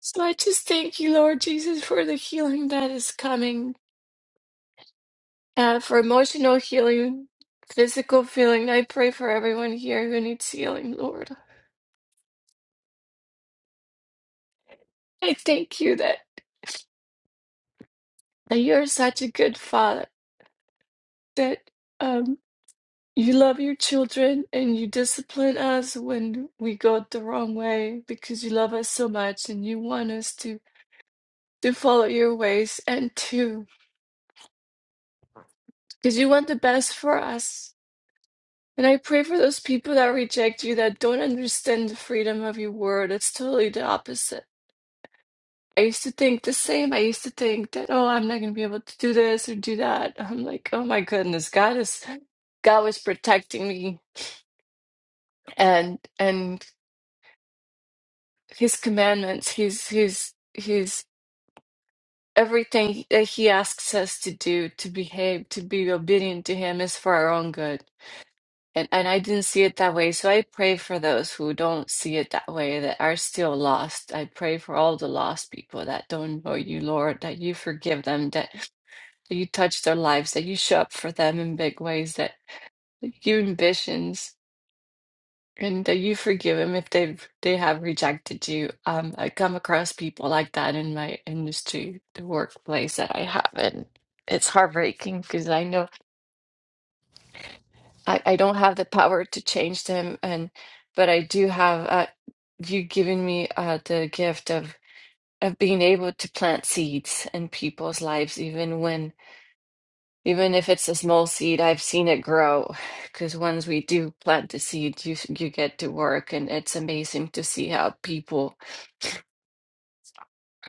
So I just thank you, Lord Jesus, for the healing that is coming, uh, for emotional healing, physical healing. I pray for everyone here who needs healing, Lord. I thank you that, that you're such a good father that. um. You love your children and you discipline us when we go the wrong way because you love us so much and you want us to, to follow your ways and to, because you want the best for us. And I pray for those people that reject you, that don't understand the freedom of your word. It's totally the opposite. I used to think the same. I used to think that, oh, I'm not going to be able to do this or do that. I'm like, oh my goodness, God is, God was protecting me and and his commandments, his his his everything that he asks us to do, to behave, to be obedient to him is for our own good. And and I didn't see it that way. So I pray for those who don't see it that way, that are still lost. I pray for all the lost people that don't know you, Lord, that you forgive them, that, that you touch their lives, that you show up for them in big ways, that you give ambitions. And that you forgive them if they they have rejected you. Um, I come across people like that in my industry, the workplace that I have, and it's heartbreaking because I know I, I don't have the power to change them, and but I do have uh, you giving me uh, the gift of of being able to plant seeds in people's lives, even when even if it's a small seed, I've seen it grow. Because once we do plant the seed, you you get to work, and it's amazing to see how people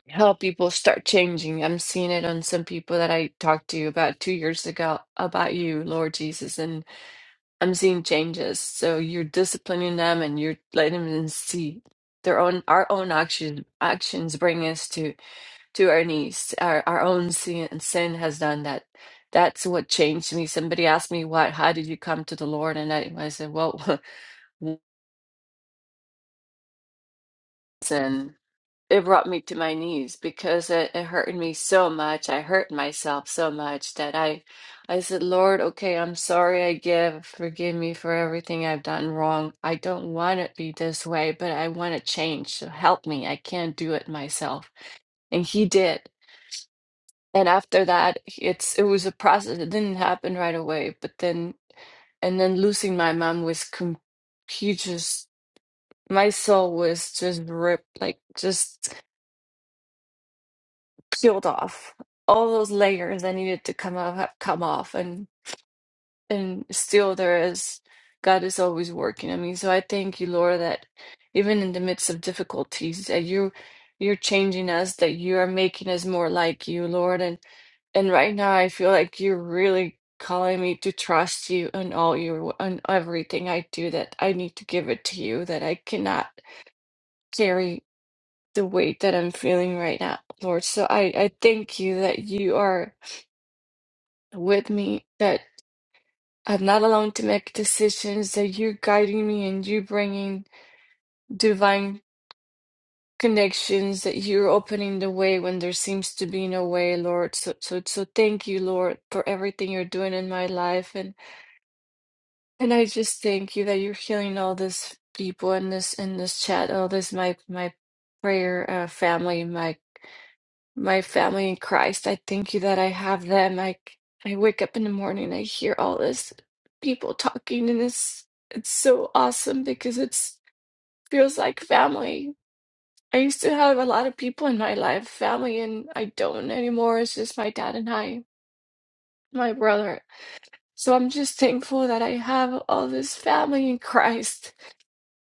Help people start changing. I'm seeing it on some people that I talked to about two years ago about you, Lord Jesus, and I'm seeing changes. So you're disciplining them and you're letting them see their own our own action actions bring us to to our knees. Our our own sin sin has done that. That's what changed me. Somebody asked me what how did you come to the Lord and I, I said, Well sin. it brought me to my knees because it, it hurted me so much. I hurt myself so much that I I said, Lord, okay, I'm sorry I give. Forgive me for everything I've done wrong. I don't want it to be this way, but I want to change. So help me. I can't do it myself. And he did. And after that, it's it was a process. It didn't happen right away, but then and then losing my mom was com- he just my soul was just ripped like just peeled off. All those layers that needed to come off have come off, and and still there is God is always working on me. So I thank you, Lord, that even in the midst of difficulties, that you you're changing us, that you are making us more like you, Lord. And and right now I feel like you're really calling me to trust you on all your on everything I do. That I need to give it to you. That I cannot carry the weight that I'm feeling right now, Lord. So I, I thank you that you are with me, that I'm not alone to make decisions, that you're guiding me and you're bringing divine connections, that you're opening the way when there seems to be no way, Lord. So, so, so thank you, Lord, for everything you're doing in my life. And, and I just thank you that you're healing all this people in this, in this chat, all this, my, my prayer, uh, family, my my family in Christ. I thank you that I have them. I I wake up in the morning, I hear all this people talking, and it's it's so awesome because it's feels like family. I used to have a lot of people in my life, family, and I don't anymore. It's just my dad and I, my brother. So I'm just thankful that I have all this family in Christ,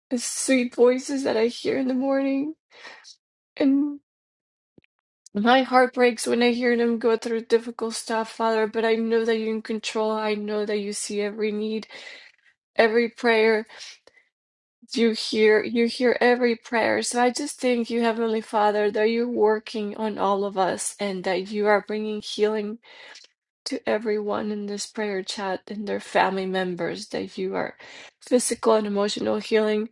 the sweet voices that I hear in the morning, and. My heart breaks when I hear them go through difficult stuff, Father, but I know that you're in control. I know that you see every need, every prayer you hear. You hear every prayer. So I just thank you, Heavenly Father, that you're working on all of us and that you are bringing healing to everyone in this prayer chat and their family members, that you are physical and emotional healing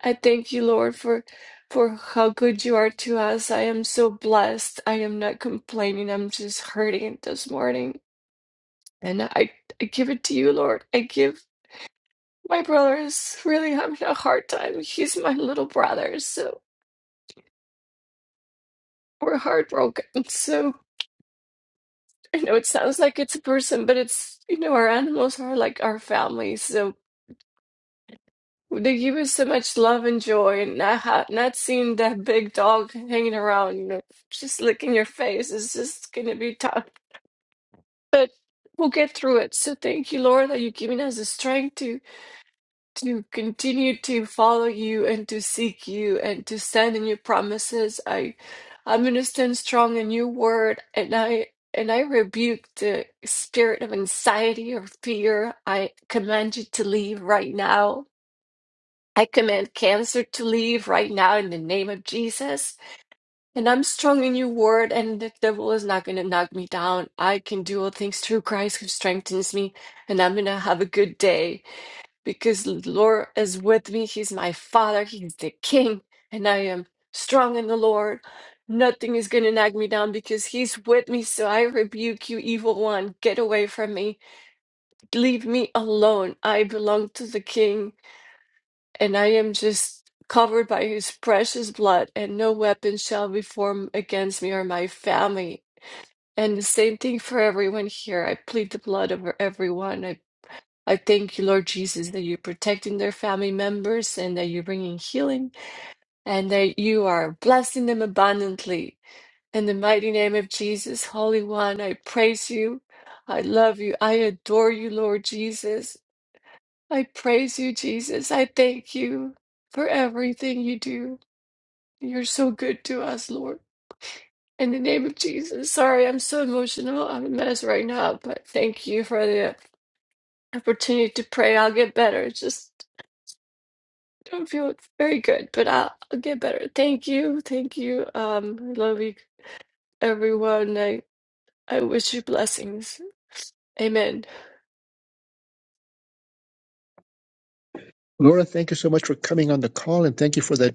I thank you, Lord, for for how good you are to us. I am so blessed. I am not complaining. I'm just hurting this morning. And I, I give it to you, Lord. I give my brother is really having a hard time. He's my little brother, so we're heartbroken. So I know it sounds like it's a person, but it's you know, our animals are like our family. so. They give us so much love and joy, and not ha not seeing that big dog hanging around, you know, just licking your face is just gonna be tough. But we'll get through it. So thank you, Lord, that you're giving us the strength to to continue to follow you and to seek you and to stand in your promises. I I'm gonna stand strong in your word, and I and I rebuke the spirit of anxiety or fear. I command you to leave right now. I command cancer to leave right now in the name of Jesus. And I'm strong in your word, and the devil is not going to knock me down. I can do all things through Christ who strengthens me, and I'm going to have a good day because the Lord is with me. He's my father, He's the king, and I am strong in the Lord. Nothing is going to knock me down because He's with me. So I rebuke you, evil one. Get away from me. Leave me alone. I belong to the king and I am just covered by his precious blood, and no weapon shall be formed against me or my family. And the same thing for everyone here. I plead the blood over everyone. I, I thank you, Lord Jesus, that you're protecting their family members and that you're bringing healing and that you are blessing them abundantly. In the mighty name of Jesus, Holy One, I praise you. I love you. I adore you, Lord Jesus. I praise you, Jesus. I thank you for everything you do. You're so good to us, Lord. In the name of Jesus. Sorry, I'm so emotional. I'm a mess right now, but thank you for the opportunity to pray. I'll get better. It's just I don't feel very good, but I'll, I'll get better. Thank you. Thank you. Um, I love you, everyone. I, I wish you blessings. Amen. Laura, thank you so much for coming on the call, and thank you for that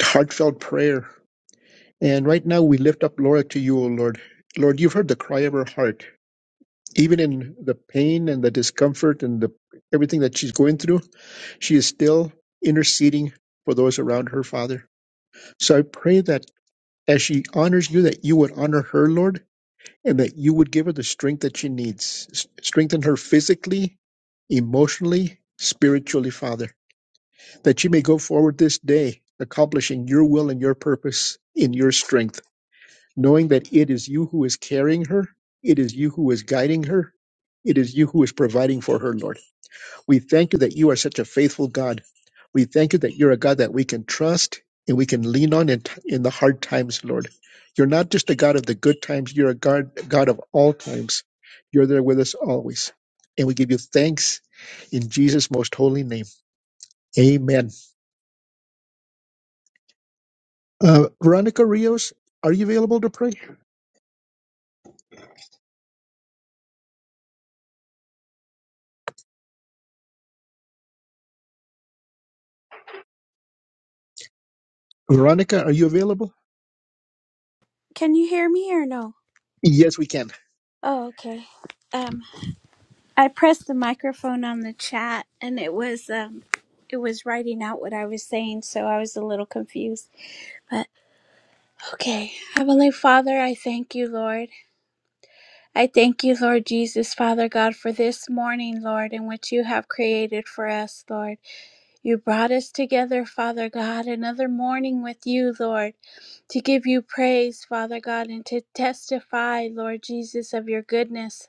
heartfelt prayer. And right now, we lift up Laura to you, O Lord. Lord, you've heard the cry of her heart even in the pain and the discomfort and the everything that she's going through, she is still interceding for those around her, Father. So I pray that as she honors you, that you would honor her, Lord, and that you would give her the strength that she needs. S- Strengthen her physically, emotionally, spiritually, Father, that she may go forward this day, accomplishing your will and your purpose in your strength, knowing that it is you who is carrying her, it is you who is guiding her, it is you who is providing for her, Lord. We thank you that you are such a faithful God. We thank you that you're a God that we can trust and we can lean on in, in the hard times, Lord. You're not just a God of the good times, you're a God, God of all times. You're there with us always. And we give you thanks in Jesus' most holy name. Amen. Uh, Veronica Rios, are you available to pray? Veronica, are you available? Can you hear me or no? Yes, we can. Oh, okay. Um I pressed the microphone on the chat and it was um it was writing out what I was saying, so I was a little confused. But okay. Heavenly Father, I thank you, Lord. I thank you, Lord Jesus, Father God, for this morning, Lord, in which you have created for us, Lord. You brought us together, Father God, another morning with you, Lord, to give you praise, Father God, and to testify, Lord Jesus, of your goodness.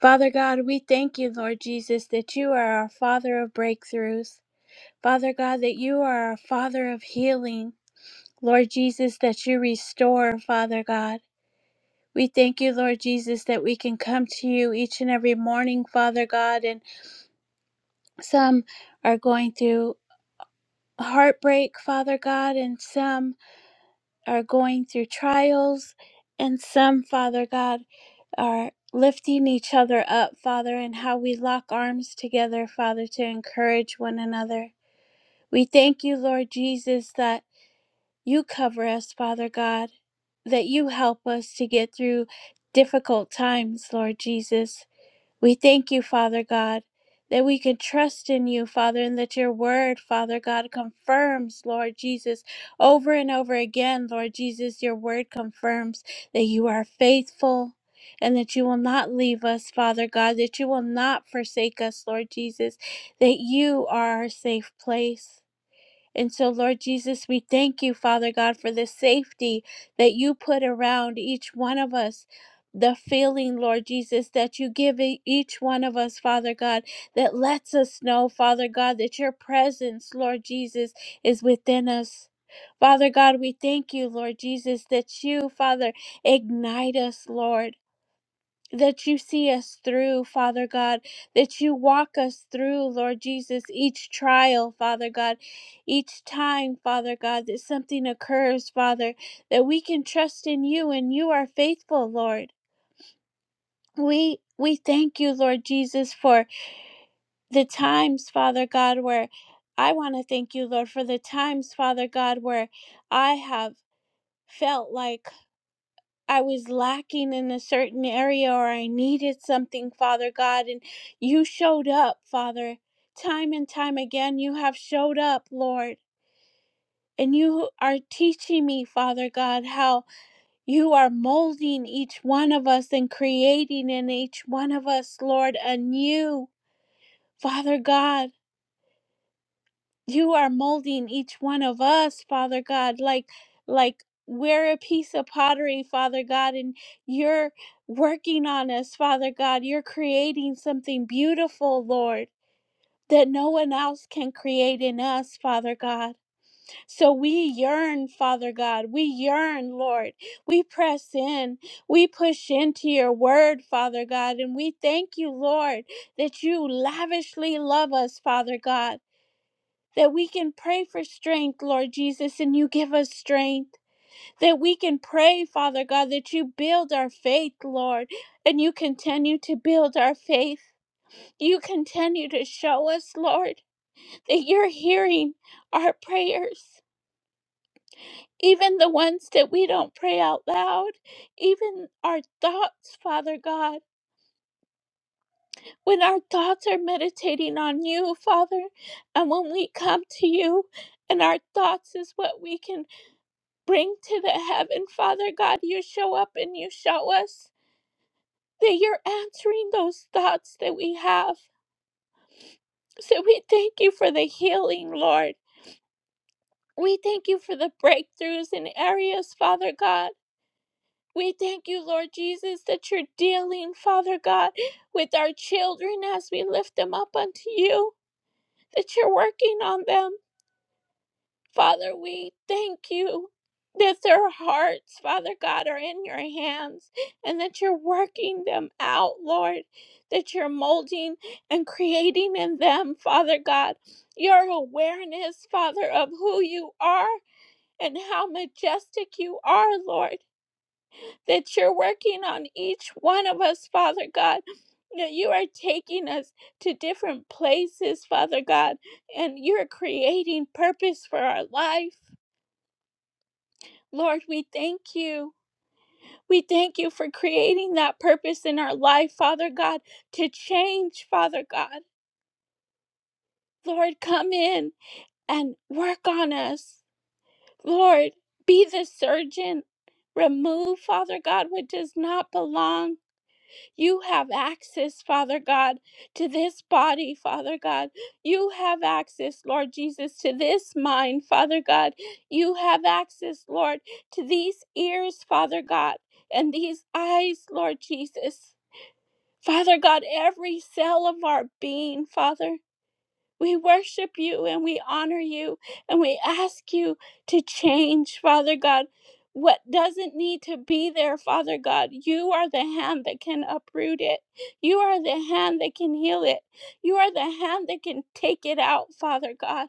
Father God, we thank you, Lord Jesus, that you are our Father of breakthroughs. Father God, that you are our Father of healing. Lord Jesus, that you restore, Father God. We thank you, Lord Jesus, that we can come to you each and every morning, Father God. And some are going through heartbreak, Father God, and some are going through trials, and some, Father God, are lifting each other up, Father, and how we lock arms together, Father, to encourage one another. We thank you, Lord Jesus, that you cover us, Father God, that you help us to get through difficult times, Lord Jesus. We thank you, Father God, that we can trust in you, Father, and that your word, Father God, confirms, Lord Jesus, over and over again, Lord Jesus, your word confirms that you are faithful and that you will not leave us, Father God, that you will not forsake us, Lord Jesus, that you are our safe place. And so, Lord Jesus, we thank you, Father God, for the safety that you put around each one of us. The feeling, Lord Jesus, that you give e- each one of us, Father God, that lets us know, Father God, that your presence, Lord Jesus, is within us. Father God, we thank you, Lord Jesus, that you, Father, ignite us, Lord that you see us through, Father God, that you walk us through, Lord Jesus, each trial, Father God, each time, Father God, that something occurs, Father, that we can trust in you and you are faithful, Lord. We we thank you, Lord Jesus, for the times, Father God, where I want to thank you, Lord, for the times, Father God, where I have felt like I was lacking in a certain area or I needed something, Father God, and you showed up, Father. Time and time again, you have showed up, Lord. And you are teaching me, Father God, how you are molding each one of us and creating in each one of us, Lord, anew, Father God. you are molding each one of us father god like like we're a piece of pottery father god and you're working on us father god you're creating something beautiful lord that no one else can create in us, Father God. So we yearn, Father God. We yearn, Lord. We press in. We push into your word, Father God. And we thank you, Lord, that you lavishly love us, Father God that we can pray for strength, Lord Jesus, and you give us strength. That we can pray, Father God, that you build our faith, Lord, and you continue to build our faith. You continue to show us, Lord, that you're hearing our prayers, even the ones that we don't pray out loud, even our thoughts, Father God. When our thoughts are meditating on you, Father, and when we come to you, and our thoughts is what we can bring to the heaven, Father God. You show up and you show us that you're answering those thoughts that we have. So we thank you for the healing, Lord. We thank you for the breakthroughs in areas, Father God. We thank you, Lord Jesus, that you're dealing, Father God, with our children as we lift them up unto you, that you're working on them Father, we thank you that their hearts, Father God, are in your hands and that you're working them out, Lord, that you're molding and creating in them, Father God, your awareness, Father, of who you are and how majestic you are, Lord, that you're working on each one of us, Father God. That you are taking us to different places, Father God, and you're creating purpose for our life. Lord, we thank you. We thank you for creating that purpose in our life, Father God, to change, Father God. Lord, come in and work on us. Lord, be the surgeon. Remove, Father God, what does not belong. You have access, Father God, to this body, Father God. You have access, Lord Jesus, to this mind, Father God. You have access, Lord, to these ears, Father God, and these eyes, Lord Jesus. Father God, every cell of our being, Father. We worship you and we honor you and we ask you to change, Father God, what doesn't need to be there, Father God. You are the hand that can uproot it. You are the hand that can heal it. You are the hand that can take it out, Father God.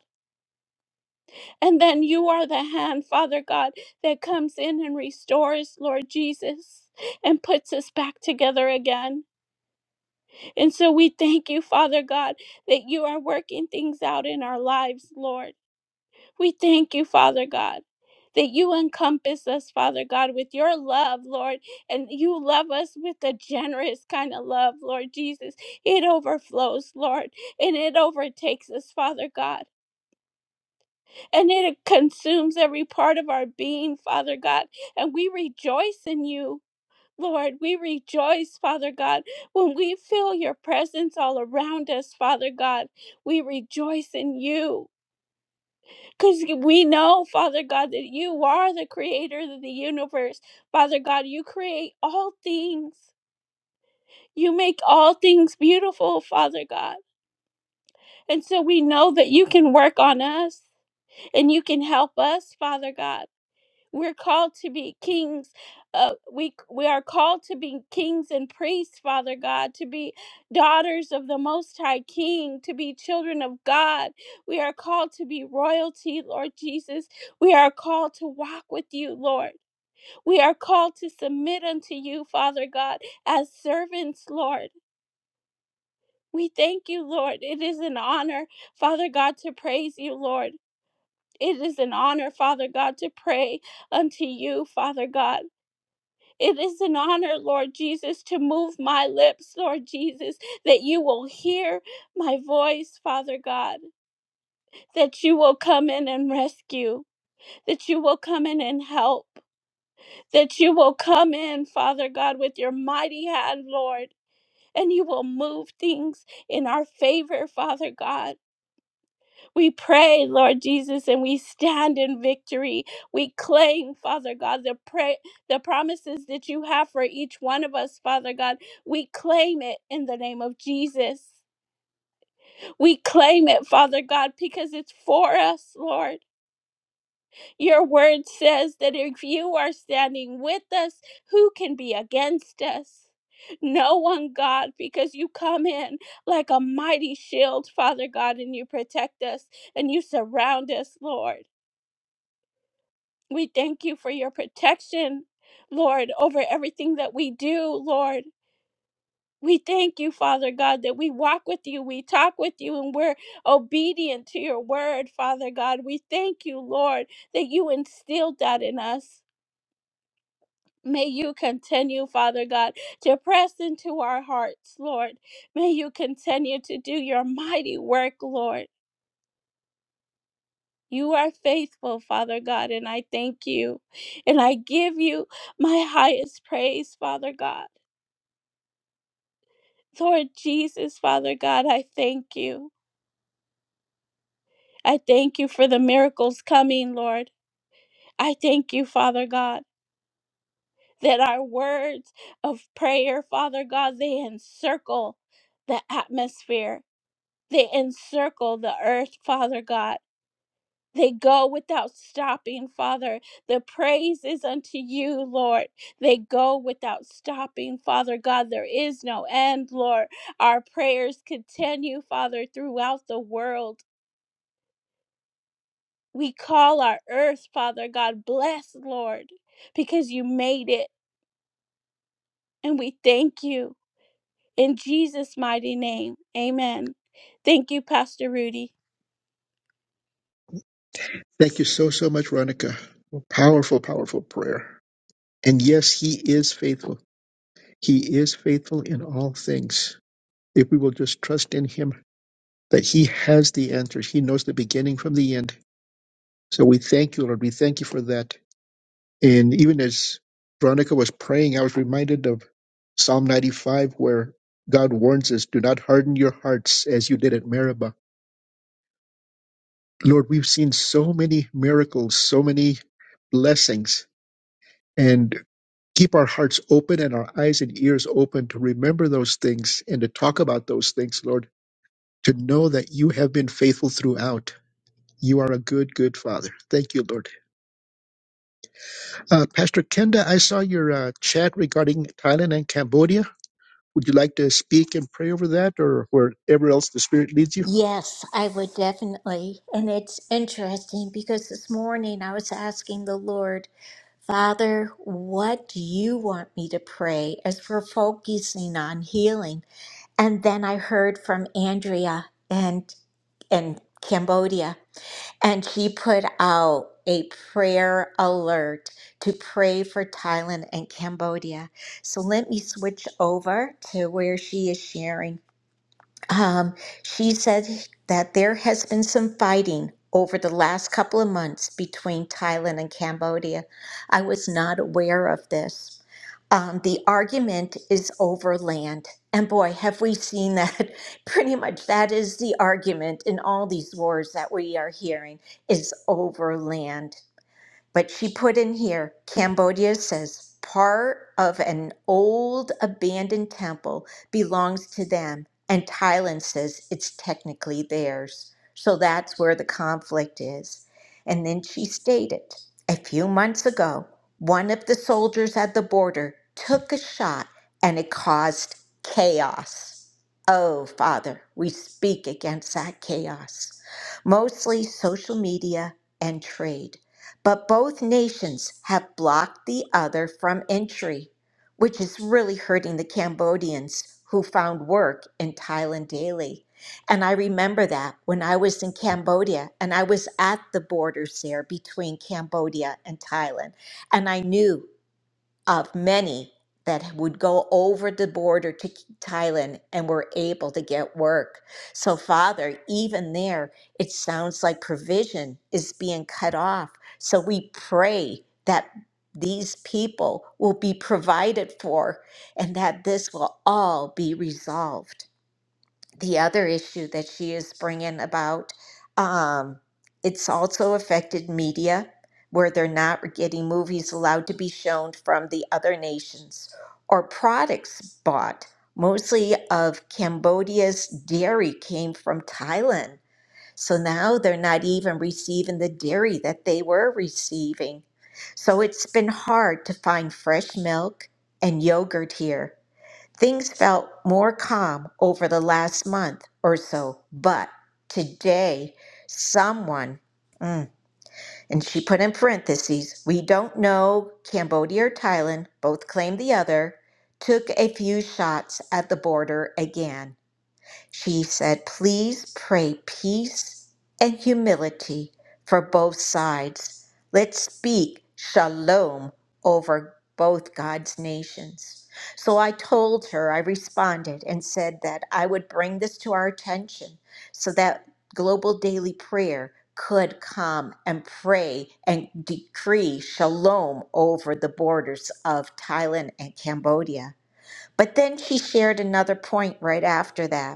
And then you are the hand, Father God, that comes in and restores, Lord Jesus, and puts us back together again. And so we thank you, Father God, that you are working things out in our lives, Lord. We thank you, Father God, that you encompass us, Father God, with your love, Lord, and you love us with a generous kind of love, Lord Jesus. It overflows, Lord, and it overtakes us, Father God, and it consumes every part of our being, Father God, and we rejoice in you. Lord, we rejoice, Father God, when we feel your presence all around us, Father God. We rejoice in you. Because we know, Father God, that you are the creator of the universe. Father God, you create all things. You make all things beautiful, Father God. And so we know that you can work on us and you can help us, Father God. We're called to be kings. Uh, we we are called to be kings and priests, Father God, to be daughters of the Most High King, to be children of God. We are called to be royalty, Lord Jesus. We are called to walk with you, Lord. We are called to submit unto you, Father God, as servants, Lord. We thank you, Lord. It is an honor, Father God, to praise you, Lord. It is an honor, Father God, to pray unto you, Father God. It is an honor, Lord Jesus, to move my lips, Lord Jesus, that you will hear my voice, Father God, that you will come in and rescue, that you will come in and help, that you will come in, Father God, with your mighty hand, Lord, and you will move things in our favor, Father God. We pray, Lord Jesus, and we stand in victory. We claim, Father God, the pray the promises that you have for each one of us, Father God. We claim it in the name of Jesus. We claim it, Father God, because it's for us, Lord. Your word says that if you are standing with us, who can be against us? No one, God, because you come in like a mighty shield, Father God, and you protect us and you surround us, Lord. We thank you for your protection, Lord, over everything that we do, Lord. We thank you, Father God, that we walk with you, we talk with you, and we're obedient to your word, Father God. We thank you, Lord, that you instilled that in us. May you continue, Father God, to press into our hearts, Lord. May you continue to do your mighty work, Lord. You are faithful, Father God, and I thank you. And I give you my highest praise, Father God. Lord Jesus, Father God, I thank you. I thank you for the miracles coming, Lord. I thank you, Father God, that our words of prayer, Father God, they encircle the atmosphere, they encircle the earth, Father God. They go without stopping, Father. The praise is unto you, Lord. They go without stopping, Father God. There is no end, Lord. Our prayers continue, Father, throughout the world. We call our earth, Father God, blessed, Lord, because you made it, and we thank you. In Jesus' mighty name, amen. Thank you, Pastor Rudy. Thank you so, so much, Veronica. Powerful, powerful prayer. And yes, He is faithful. He is faithful in all things. If we will just trust in Him, that He has the answers, He knows the beginning from the end. So we thank you, Lord. We thank you for that. And even as Veronica was praying, I was reminded of Psalm 95, where God warns us, Do not harden your hearts as you did at Meribah. Lord, we've seen so many miracles, so many blessings, and keep our hearts open and our eyes and ears open to remember those things and to talk about those things, Lord to know that you have been faithful throughout. You are a good, good father. Thank you, Lord. Uh, Pastor Kenda, I saw your uh, chat regarding Thailand and Cambodia. Would you like to speak and pray over that or wherever else the Spirit leads you? Yes, I would definitely. And it's interesting because this morning I was asking the Lord, Father, what do you want me to pray as we're focusing on healing? And then I heard from Andrea and and Cambodia, and she put out a prayer alert to pray for Thailand and Cambodia. So let me switch over to where she is sharing. Um, she said that there has been some fighting over the last couple of months between Thailand and Cambodia. I was not aware of this. Um, the argument is over land. And boy, have we seen that. Pretty much that is the argument in all these wars that we are hearing is over land. But she put in here Cambodia says part of an old abandoned temple belongs to them, and Thailand says it's technically theirs. So that's where the conflict is. And then she stated a few months ago, one of the soldiers at the border took a shot and it caused chaos. Oh, Father, we speak against that chaos, mostly social media and trade. But both nations have blocked the other from entry, which is really hurting the Cambodians who found work in Thailand daily. And I remember that when I was in Cambodia and I was at the borders there between Cambodia and Thailand. And I knew of many that would go over the border to Thailand and were able to get work. So, Father, even there, it sounds like provision is being cut off. So, we pray that these people will be provided for and that this will all be resolved the other issue that she is bringing about. Um, it's also affected media where they're not getting movies allowed to be shown from the other nations or products bought. Mostly of Cambodia's dairy came from Thailand. So now they're not even receiving the dairy that they were receiving. So it's been hard to find fresh milk and yogurt here. Things felt more calm over the last month or so, but today someone, mm, and she put in parentheses, we don't know Cambodia or Thailand, both claim the other, took a few shots at the border again. She said, Please pray peace and humility for both sides. Let's speak shalom over both God's nations. So I told her, I responded and said that I would bring this to our attention so that global daily prayer could come and pray and decree shalom over the borders of Thailand and Cambodia. But then she shared another point right after that.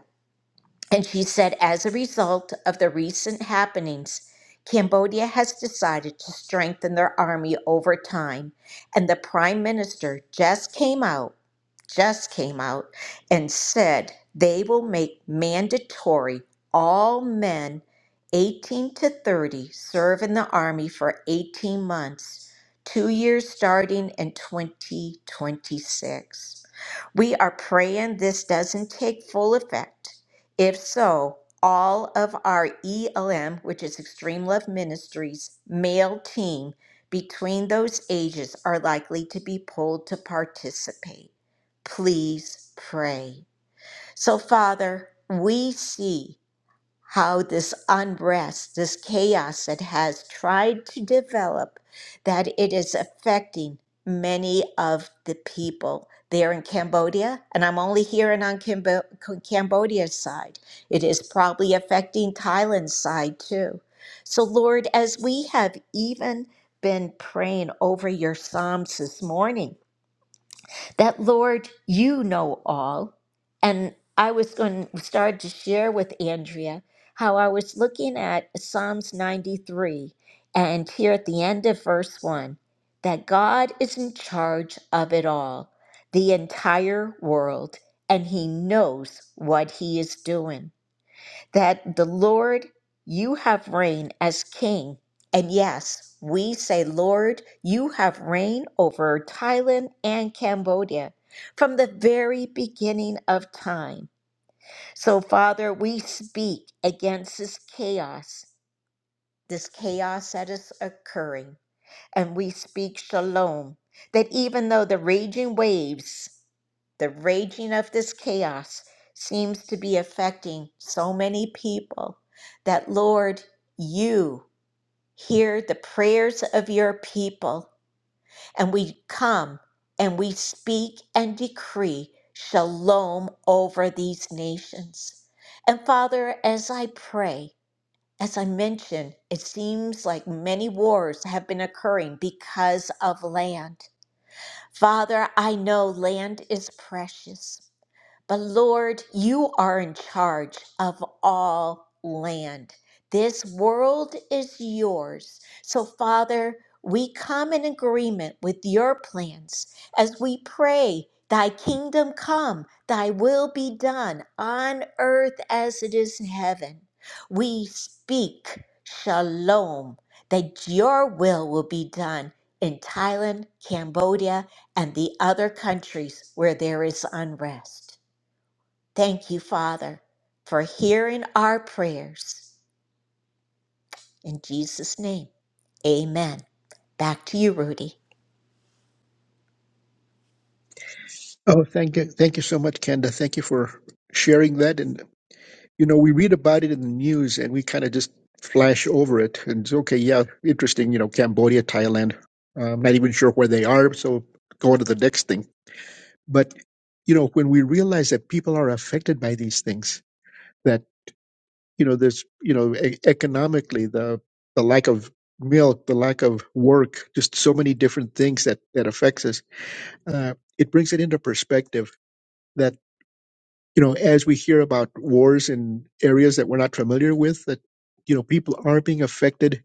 And she said, as a result of the recent happenings, Cambodia has decided to strengthen their army over time. And the prime minister just came out just came out and said they will make mandatory all men 18 to 30 serve in the Army for 18 months, two years starting in 2026. We are praying this doesn't take full effect. If so, all of our ELM, which is Extreme Love Ministries, male team between those ages are likely to be pulled to participate please pray. So, Father, we see how this unrest, this chaos that has tried to develop, that it is affecting many of the people there in Cambodia. And I'm only hearing on Cambo- Cambodia's side. It is probably affecting Thailand's side too. So, Lord, as we have even been praying over your Psalms this morning, that Lord, you know all. And I was going to start to share with Andrea how I was looking at Psalms 93 and here at the end of verse 1 that God is in charge of it all, the entire world, and he knows what he is doing that the Lord, you have reign as king. And yes, we say, Lord, you have reign over Thailand and Cambodia from the very beginning of time. So, Father, we speak against this chaos, this chaos that is occurring and we speak shalom. That even though the raging waves, the raging of this chaos seems to be affecting so many people, that Lord, you hear the prayers of your people, and we come and we speak and decree shalom over these nations. And Father, as I pray, as I mentioned, it seems like many wars have been occurring because of land. Father, I know land is precious. But Lord, you are in charge of all land. This world is yours. So, Father, we come in agreement with your plans as we pray, Thy kingdom come, Thy will be done on earth as it is in heaven. We speak shalom, that your will will be done in Thailand, Cambodia, and the other countries where there is unrest. Thank you, Father, for hearing our prayers. In Jesus' name, amen. Back to you, Rudy. Oh, thank you. Thank you so much, Kenda. Thank you for sharing that. And, you know, we read about it in the news and we kind of just flash over it. And it's okay, yeah, interesting, you know, Cambodia, Thailand. Uh, I'm not even sure where they are. So go on to the next thing. But, you know, when we realize that people are affected by these things, that, you know, there's, you know, e- economically, the, the lack of milk, the lack of work, just so many different things that, that affects us, uh, it brings it into perspective you know, as we hear about wars in areas that we're not familiar with, that you know, people are being affected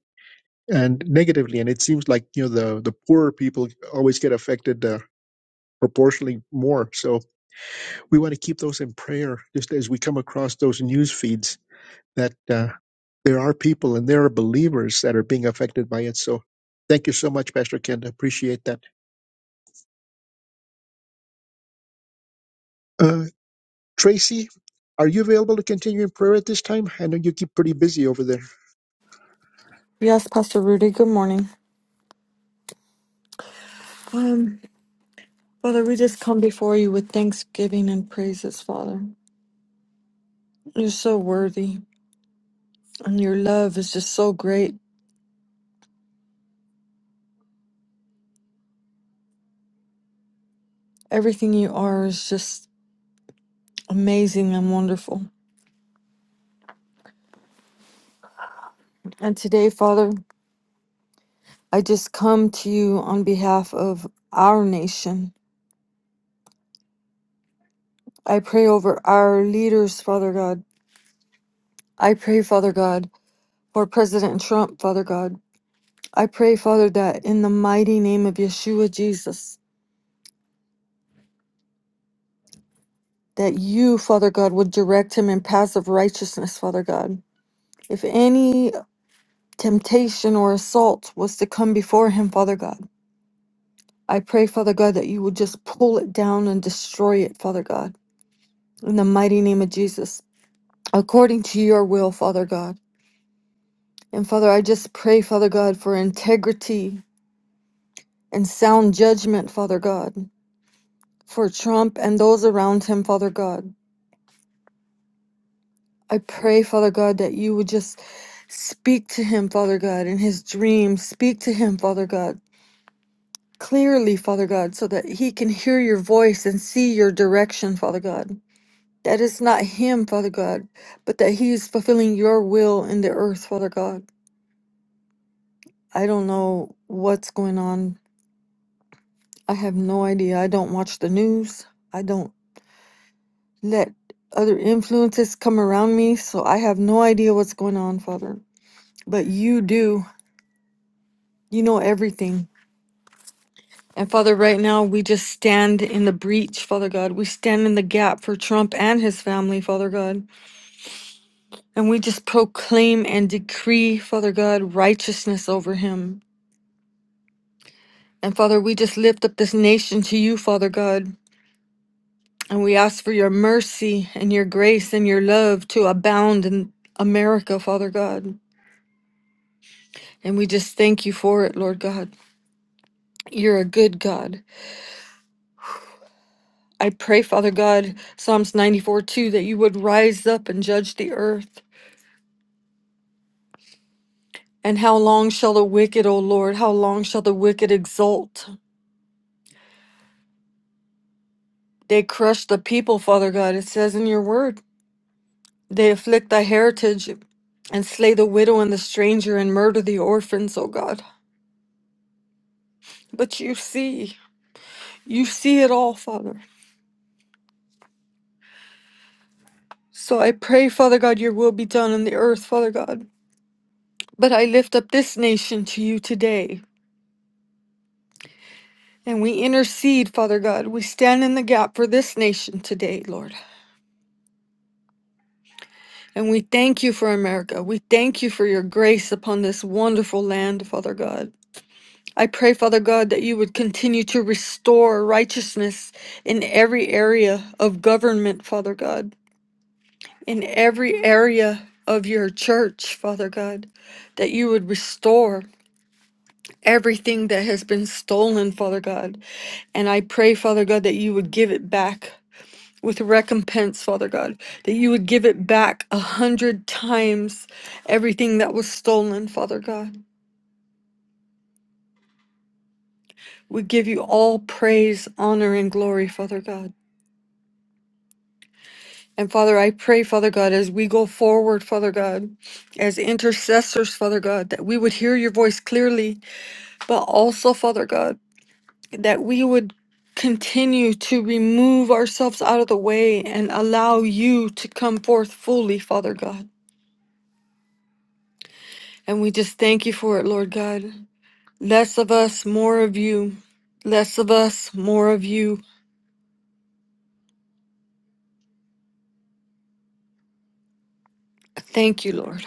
and negatively, and it seems like you know the the poorer people always get affected uh, proportionally more. So we want to keep those in prayer, just as we come across those news feeds that uh, there are people and there are believers that are being affected by it. So thank you so much, Pastor Ken. I appreciate that. Uh, Tracy, are you available to continue in prayer at this time? I know you keep pretty busy over there. Yes, Pastor Rudy, good morning. Um, Father, we just come before you with thanksgiving and praises, Father. You're so worthy, and your love is just so great. Everything you are is just amazing and wonderful. And today, Father, I just come to you on behalf of our nation. I pray over our leaders, Father God. I pray, Father God, for President Trump, Father God. I pray, Father, that in the mighty name of Yeshua Jesus, that you, Father God, would direct him in paths of righteousness, Father God. If any temptation or assault was to come before him, Father God, I pray, Father God, that you would just pull it down and destroy it, Father God, in the mighty name of Jesus, according to your will, Father God. And Father, I just pray, Father God, for integrity and sound judgment, Father God, for Trump and those around him, Father God. I pray, Father God, that you would just speak to him, Father God, in his dreams. Speak to him, Father God, clearly, Father God, so that he can hear your voice and see your direction, Father God. That it's not him, Father God, but that he is fulfilling your will in the earth, Father God. I don't know what's going on. I have no idea. I don't watch the news. I don't let other influences come around me, so I have no idea what's going on, Father. But you do. You know everything. And Father, right now we just stand in the breach, Father God. We stand in the gap for Trump and his family, Father God. And we just proclaim and decree, Father God, righteousness over him. And Father, we just lift up this nation to you, Father God. And we ask for your mercy and your grace and your love to abound in America, Father God. And we just thank you for it, Lord God. You're a good God. I pray, Father God, Psalms 94 2, that you would rise up and judge the earth. And how long shall the wicked, O Lord, how long shall the wicked exult? They crush the people, Father God. It says in your word, they afflict thy heritage and slay the widow and the stranger and murder the orphans, O God. But you see, you see it all, Father. So I pray, Father God, your will be done on the earth, Father God. But I lift up this nation to you today. And we intercede, Father God. We stand in the gap for this nation today, Lord. And we thank you for America. We thank you for your grace upon this wonderful land, Father God. I pray, Father God, that you would continue to restore righteousness in every area of government, Father God, in every area of your church, Father God, that you would restore everything that has been stolen, Father God. And I pray, Father God, that you would give it back. with recompense, Father God, that you would give it back a hundred times everything that was stolen, Father God. We give you all praise, honor, and glory, Father God. And Father, I pray, Father God, as we go forward, Father God, as intercessors, Father God, that we would hear your voice clearly, but also, Father God, that we would continue to remove ourselves out of the way and allow you to come forth fully, Father God. And we just thank you for it, Lord God. Less of us, more of you. Less of us, more of you. Thank you, Lord.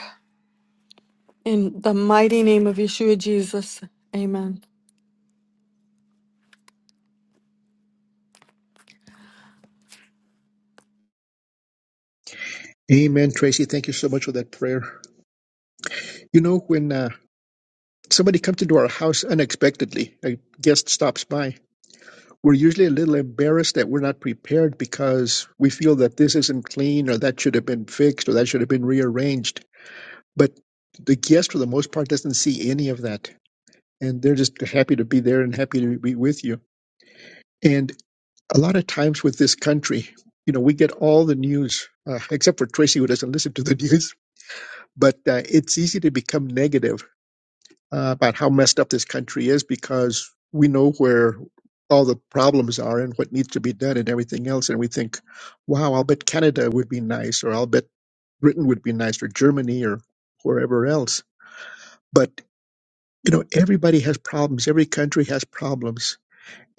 In the mighty name of Yeshua Jesus. Amen. Amen, Tracy. Thank you so much for that prayer. You know, when uh, somebody comes into our house unexpectedly, a guest stops by, we're usually a little embarrassed that we're not prepared because we feel that this isn't clean or that should have been fixed or that should have been rearranged. But the guest, for the most part, doesn't see any of that. And they're just happy to be there and happy to be with you. And a lot of times with this country, you know, we get all the news, uh, except for Tracy, who doesn't listen to the news. But uh, it's easy to become negative uh, about how messed up this country is because we know where all the problems are and what needs to be done and everything else. And we think, wow, I'll bet Canada would be nice, or I'll bet Britain would be nice, or Germany, or wherever else. But, you know, everybody has problems. Every country has problems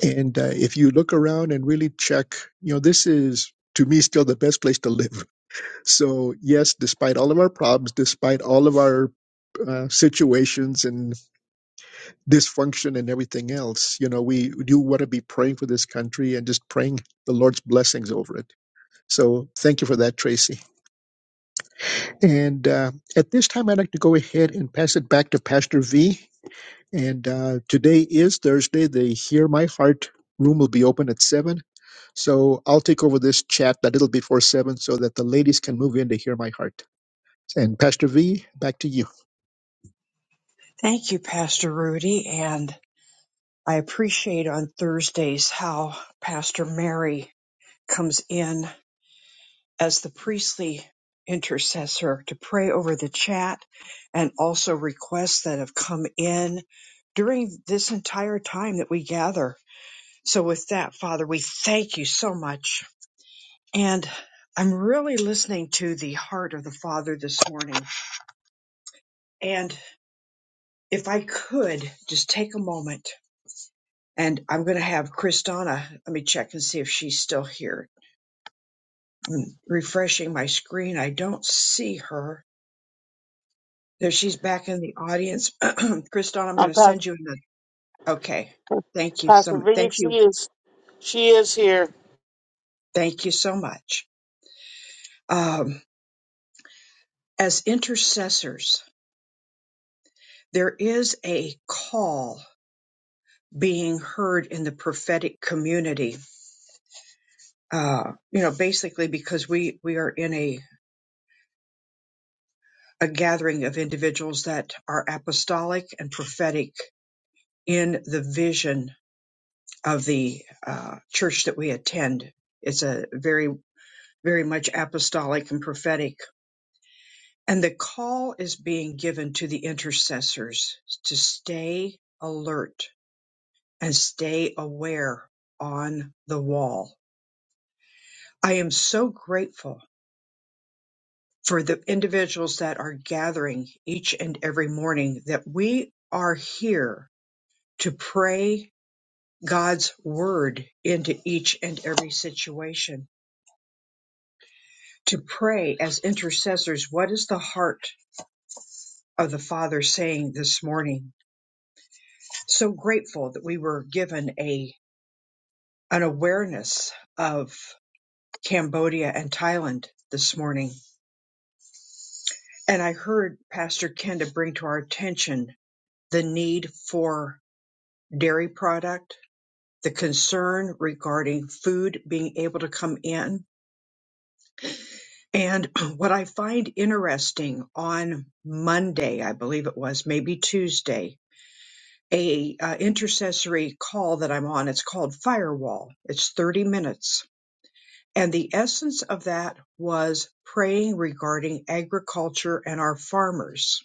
And uh, if you look around and really check, you know, this is to me still the best place to live. So, yes, despite all of our problems, despite all of our uh, situations and dysfunction and everything else, you know, we do want to be praying for this country and just praying the Lord's blessings over it. So, thank you for that, Tracy. And uh, at this time, I'd like to go ahead and pass it back to Pastor V. And uh, today is Thursday. The Hear My Heart room will be open at 7. So I'll take over this chat a little before 7 so that the ladies can move in to Hear My Heart. And Pastor V, back to you. Thank you, Pastor Rudy. And I appreciate on Thursdays how Pastor Mary comes in as the priestly intercessor to pray over the chat and also requests that have come in during this entire time that we gather. So, with that, Father, we thank you so much. And I'm really listening to the heart of the Father this morning. And if I could just take a moment, and I'm going to have Kristana, let me check and see if she's still here. I'm refreshing my screen, I don't see her. There she's back in the audience. Kriston. I'm Um, going to Pastor, send you another. Okay. Thank you so Pastor much. Thank Vic, she you. is she is here. Thank you so much. Um, as intercessors, there is a call being heard in the prophetic community. Uh, you know, basically because we, we are in a, a gathering of individuals that are apostolic and prophetic in the vision of the uh, church that we attend. It's a very, very much apostolic and prophetic And the call is being given to the intercessors to stay alert and stay aware on the wall. I am so grateful for the individuals that are gathering each and every morning that we are here to pray God's word into each and every situation, to pray as intercessors. What is the heart of the Father saying this morning? So grateful that we were given a an awareness of Cambodia and Thailand this morning. And I heard Pastor Kenda bring to our attention the need for dairy product, the concern regarding food being able to come in. And what I find interesting on Monday, I believe it was, maybe Tuesday, a uh, intercessory call that I'm on, it's called Firewall. It's 30 minutes And the essence of that was praying regarding agriculture and our farmers.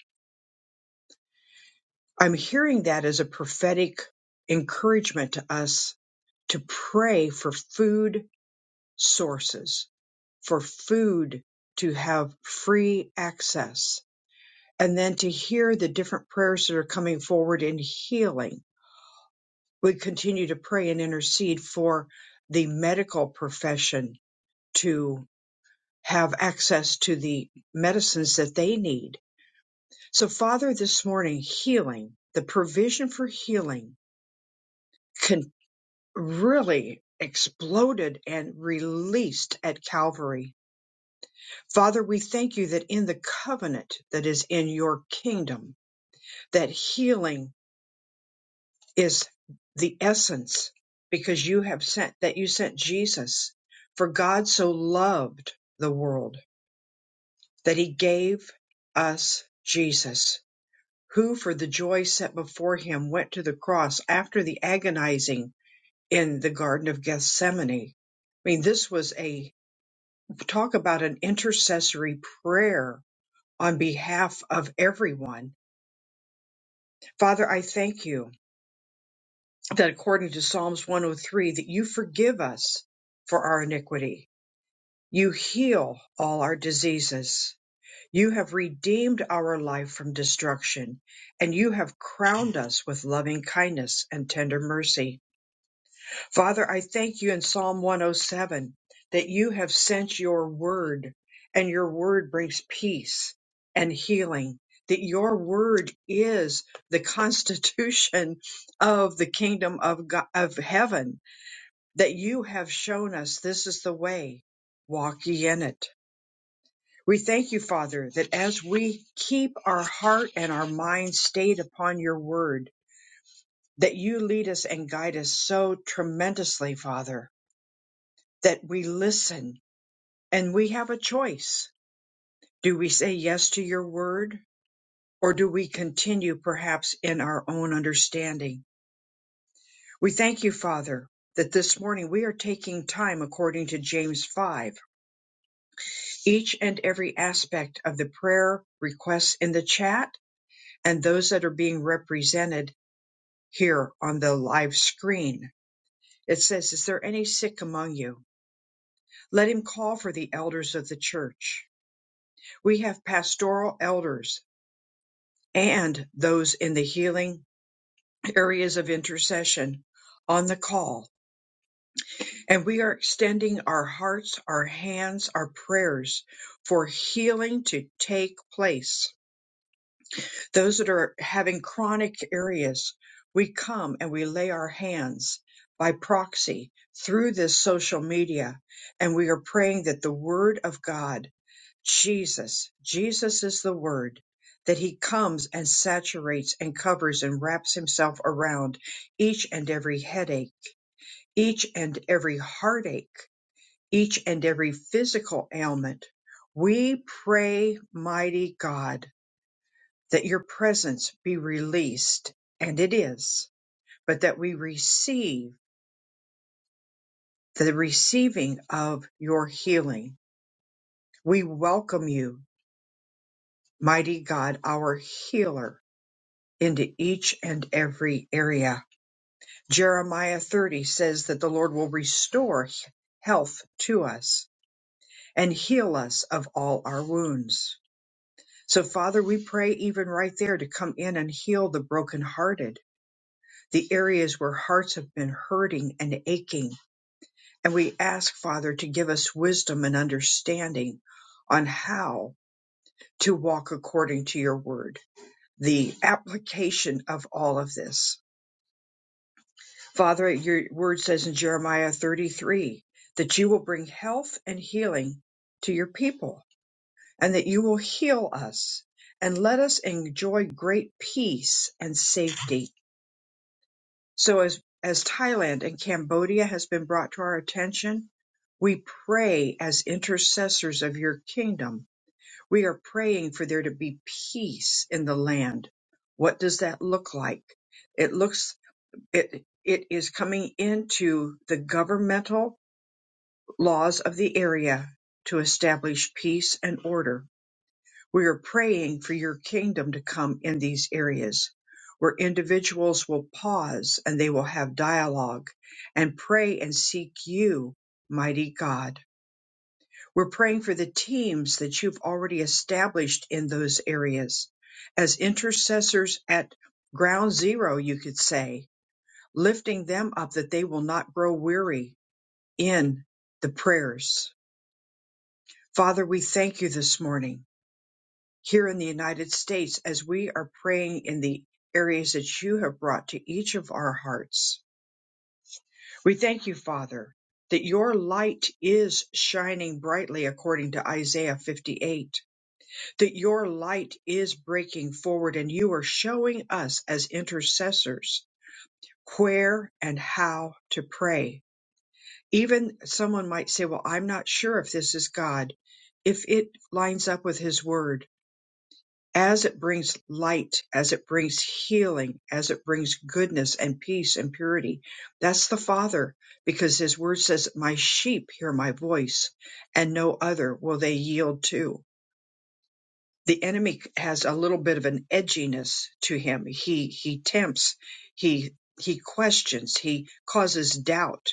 I'm hearing that as a prophetic encouragement to us to pray for food sources, for food to have free access, and then to hear the different prayers that are coming forward in healing. We continue to pray and intercede for the medical profession to. have access to the medicines that they need. So, Father, this morning, healing, the provision for healing can really exploded and released at Calvary. Father, we thank you that in the covenant that is in your kingdom, that healing is the essence because you have sent that you sent Jesus. For God so loved the world that he gave us Jesus who for the joy set before him went to the cross after the agonizing in the Garden of Gethsemane. I mean, this was a talk about an intercessory prayer on behalf of everyone. Father, I thank you that according to Psalms 103, that you forgive us for our iniquity. You heal all our diseases. You have redeemed our life from destruction, and you have crowned us with loving kindness and tender mercy. Father, I thank you in Psalm 107 that you have sent your word, and your word brings peace and healing. That your word is the constitution of the kingdom of God, of heaven. That you have shown us this is the way. Walk ye in it. We thank you, Father, that as we keep our heart and our mind stayed upon your word, that you lead us and guide us so tremendously, Father that we listen and we have a choice. Do we say yes to your word or do we continue perhaps in our own understanding? We thank you, Father, that this morning we are taking time according to James 5, each and every aspect of the prayer requests in the chat and those that are being represented here on the live screen. It says, Is there any sick among you? Let him call for the elders of the church. We have pastoral elders and those in the healing areas of intercession on the call. And we are extending our hearts, our hands, our prayers for healing to take place. Those that are having chronic areas, we come and we lay our hands by proxy through this social media, and we are praying that the Word of God Jesus, Jesus is the word that he comes and saturates and covers and wraps himself around each and every headache, each and every heartache, each and every physical ailment. We pray, mighty God, that your presence be released, and it is, but that we receive the receiving of your healing. We welcome you, mighty God, our healer into each and every area. Jeremiah 30 says that the Lord will restore health to us and heal us of all our wounds. So, Father, we pray even right there to come in and heal the brokenhearted, the areas where hearts have been hurting and aching. And we ask, Father, to give us wisdom and understanding on how to walk according to your word, the application of all of this. Father, your word says in Jeremiah 33 that you will bring health and healing to your people and that you will heal us and let us enjoy great peace and safety. So as, as Thailand and Cambodia has been brought to our attention, we pray as intercessors of your kingdom. We are praying for there to be peace in the land. What does that look like? It looks. It it is coming into the governmental laws of the area to establish peace and order. We are praying for your kingdom to come in these areas where individuals will pause and they will have dialogue and pray and seek you, mighty God. We're praying for the teams that you've already established in those areas as intercessors at ground zero, you could say lifting them up that they will not grow weary in the prayers. Father, we thank you this morning here in the United States as we are praying in the areas that you have brought to each of our hearts. We thank you, Father, that your light is shining brightly according to Isaiah 58, that your light is breaking forward and you are showing us as intercessors where and how to pray even someone might say, Well, I'm not sure if this is God. If it lines up with His Word, as it brings light, as it brings healing, as it brings goodness and peace and purity, that's the Father, because His Word says, My sheep hear my voice, and no other will they yield to. The enemy has a little bit of an edginess to him. He he tempts, he he questions, he causes doubt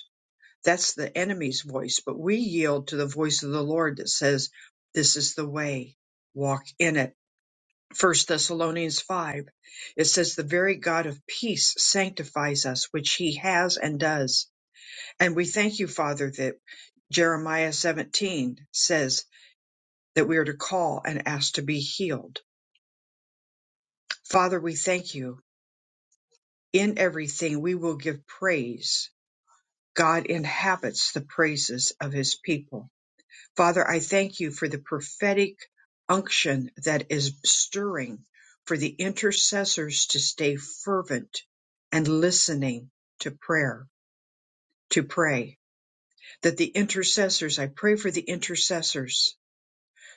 that's the enemy's voice, but we yield to the voice of the Lord that says, This is the way, walk in it. First Thessalonians five, it says, The very God of peace sanctifies us, which he has and does. And we thank you, Father, that Jeremiah seventeen says that we are to call and ask to be healed. Father, we thank you. In everything we will give praise. God inhabits the praises of his people. Father, I thank you for the prophetic unction that is stirring for the intercessors to stay fervent and listening to prayer, to pray. That the intercessors, I pray for the intercessors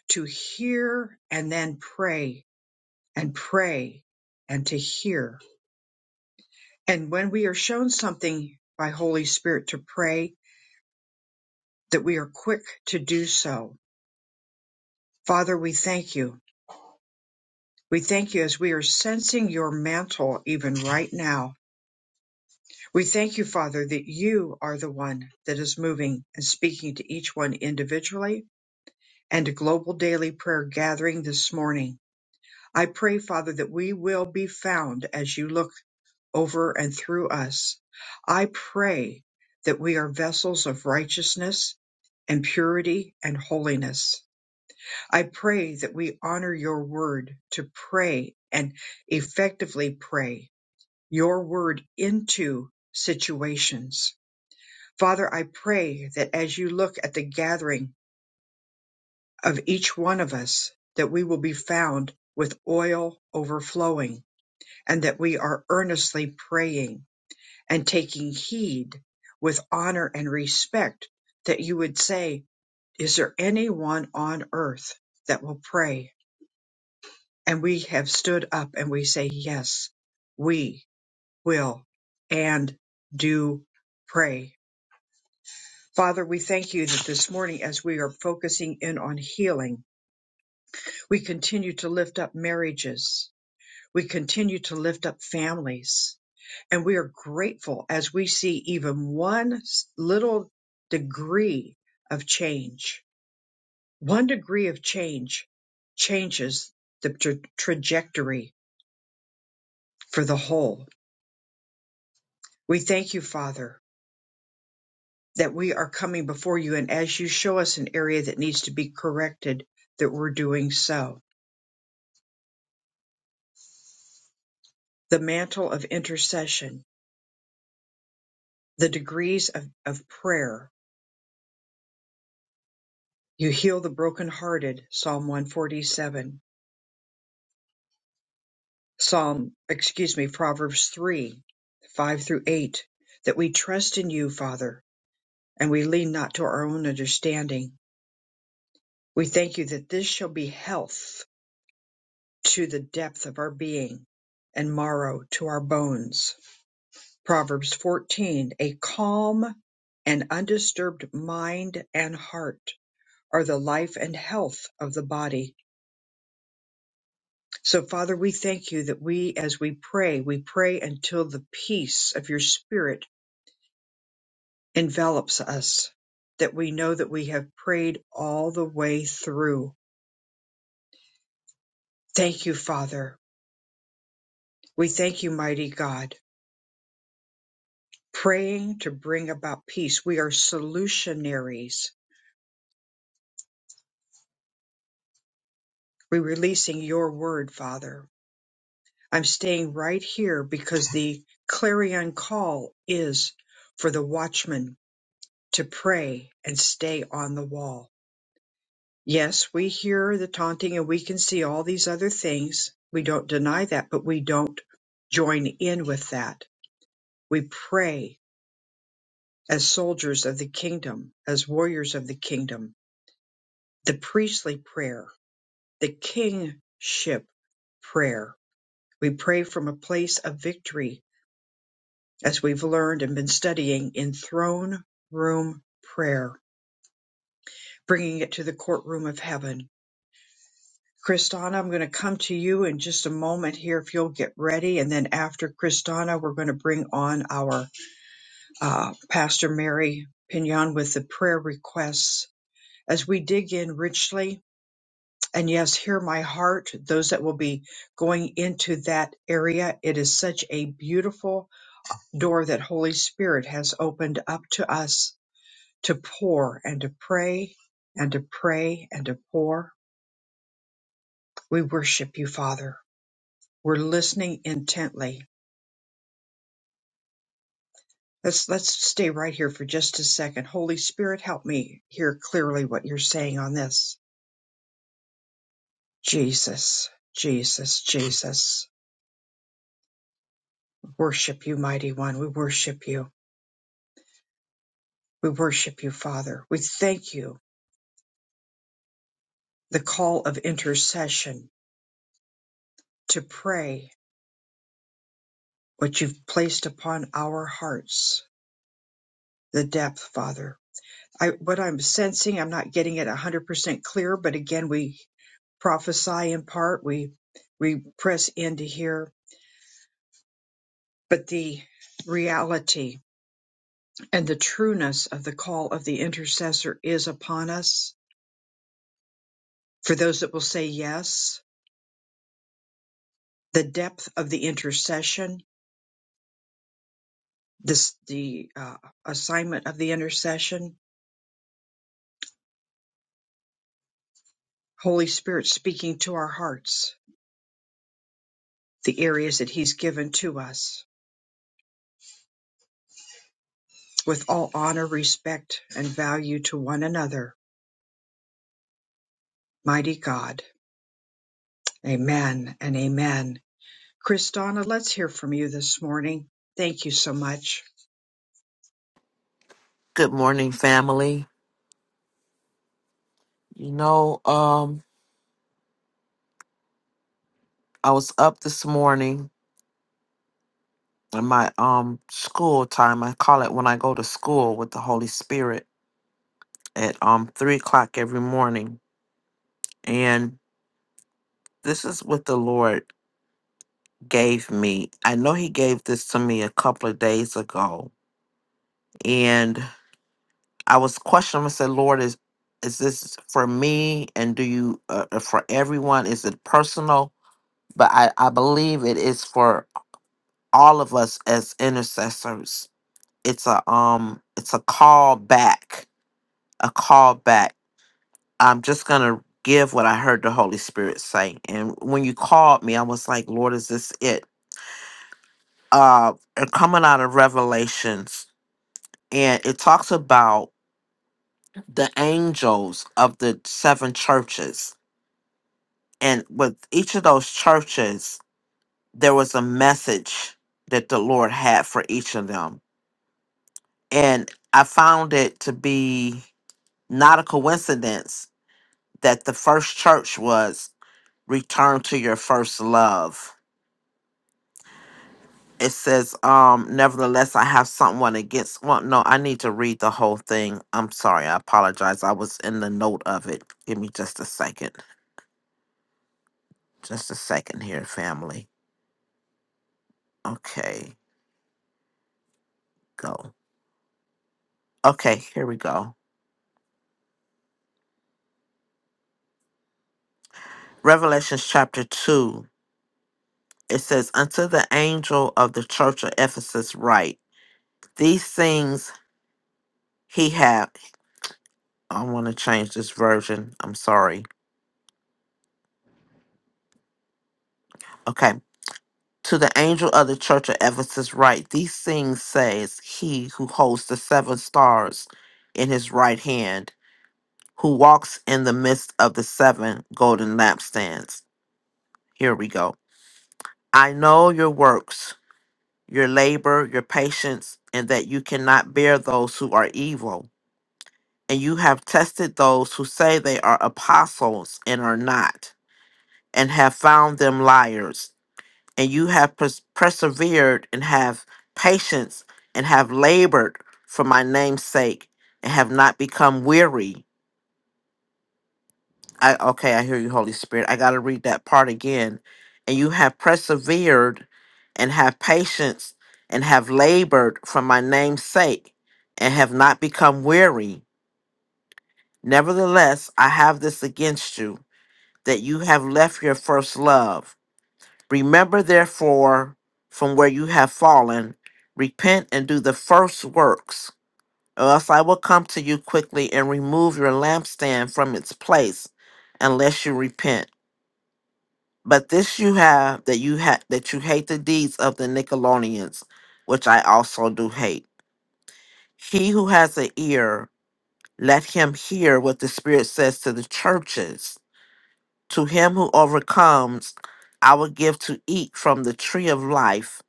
to hear and then pray and pray and to hear. And when we are shown something by Holy Spirit to pray, that we are quick to do so. Father, we thank you We thank you as we are sensing your mantle even right now. We thank you, Father, that you are the one that is moving and speaking to each one individually and a global daily prayer gathering this morning. I pray, Father, that we will be found as you look over and through us. I pray that we are vessels of righteousness and purity and holiness. I pray that we honor your word to pray and effectively pray your word into situations. Father, I pray that as you look at the gathering of each one of us, that we will be found with oil overflowing and that we are earnestly praying and taking heed with honor and respect that you would say, is there anyone on earth that will pray? And we have stood up and we say, yes, we will and do pray Father, we thank you that this morning, as we are focusing in on healing, we continue to lift up marriages. We continue to lift up families. And we are grateful as we see even one s- little degree of change. One degree of change changes the tra- trajectory for the whole. We thank you, Father, that we are coming before you. And as you show us an area that needs to be corrected, that we're doing so the mantle of intercession, the degrees of, of prayer. You heal the brokenhearted, Psalm 147. Psalm, excuse me, Proverbs 3, 5 through 8, that we trust in you, Father, and we lean not to our own understanding. We thank you that this shall be health to the depth of our being and marrow to our bones. Proverbs 14, a calm and undisturbed mind and heart. are the life and health of the body. So, Father, we thank you that we, as we pray, we pray until the peace of your Spirit envelops us, that we know that we have prayed all the way through. Thank you, Father. We thank you, mighty God. Praying to bring about peace. We are solutionaries. We're releasing your word, Father. I'm staying right here because the clarion call is for the watchman to pray and stay on the wall. Yes, we hear the taunting and we can see all these other things. We don't deny that, but we don't join in with that. We pray as soldiers of the kingdom, as warriors of the kingdom, the priestly prayer, the kingship prayer. We pray from a place of victory as we've learned and been studying in throne room prayer, bringing it to the courtroom of heaven Kristana, I'm going to come to you in just a moment here if you'll get ready. And then after Kristana, we're going to bring on our uh, Pastor Mary Pignon with the prayer requests as we dig in richly. And yes, hear my heart, those that will be going into that area. It is such a beautiful door that Holy Spirit has opened up to us to pour and to pray and to pray and to pour. We worship you, Father. We're listening intently Let's let's stay right here for just a second. Holy Spirit, help me hear clearly what you're saying on this. Jesus, Jesus, Jesus. Worship you, mighty one. We worship you. We worship you, Father. We thank you. The call of intercession to pray what you've placed upon our hearts. The depth, Father. I, what I'm sensing, I'm not getting it 100% clear, but again, we prophesy in part. We we press in to hear But the reality and the trueness of the call of the intercessor is upon us. For those that will say yes, the depth of the intercession, this, the uh, assignment of the intercession, Holy Spirit speaking to our hearts, the areas that He's given to us, with all honor, respect, and value to one another. Mighty God, amen and amen. Kristana, let's hear from you this morning. Thank you so much. Good morning, family. You know, um, I was up this morning in my um school time. I call it when I go to school with the Holy Spirit at um three o'clock every morning. And this is what the Lord gave me. I know He gave this to me a couple of days ago, and I was questioning. I said, "Lord, is is this for me? And do you uh, uh, for everyone? Is it personal?" But I I believe it is for all of us as intercessors it's a um it's a call back a call back i'm just gonna give what i heard the holy spirit say and when you called me i was like lord is this it uh and coming out of revelations and it talks about the angels of the seven churches and with each of those churches there was a message that the lord had for each of them and i found it to be Not a coincidence that the first church was return to your first love. It says, um, nevertheless, I have someone against. Well, no, I need to read the whole thing. I'm sorry. I apologize. I was in the note of it. Give me just a second. Just a second here, family. Okay, go. Okay, here we go. Revelations chapter 2. It says, Unto the angel of the church of Ephesus write, These things he had." I want to change this version. I'm sorry. Okay. To the angel of the church of Ephesus, write these things says he who holds the seven stars in his right hand, who walks in the midst of the seven golden lampstands. Here we go. I know your works, your labor, your patience, and that you cannot bear those who are evil. And you have tested those who say they are apostles and are not, and have found them liars and you have pers- persevered and have patience and have labored for my name's sake and have not become weary. I okay, I hear you, Holy Spirit. I gotta read that part again. And you have persevered and have patience and have labored for my name's sake and have not become weary. Nevertheless, I have this against you that you have left your first love. Remember, therefore, from where you have fallen, repent and do the first works, or else I will come to you quickly and remove your lampstand from its place, unless you repent. But this you have that you ha- that you hate the deeds of the Nicolaitans, which I also do hate. He who has an ear, let him hear what the Spirit says to the churches. To him who overcomes, I will give to eat from the tree of life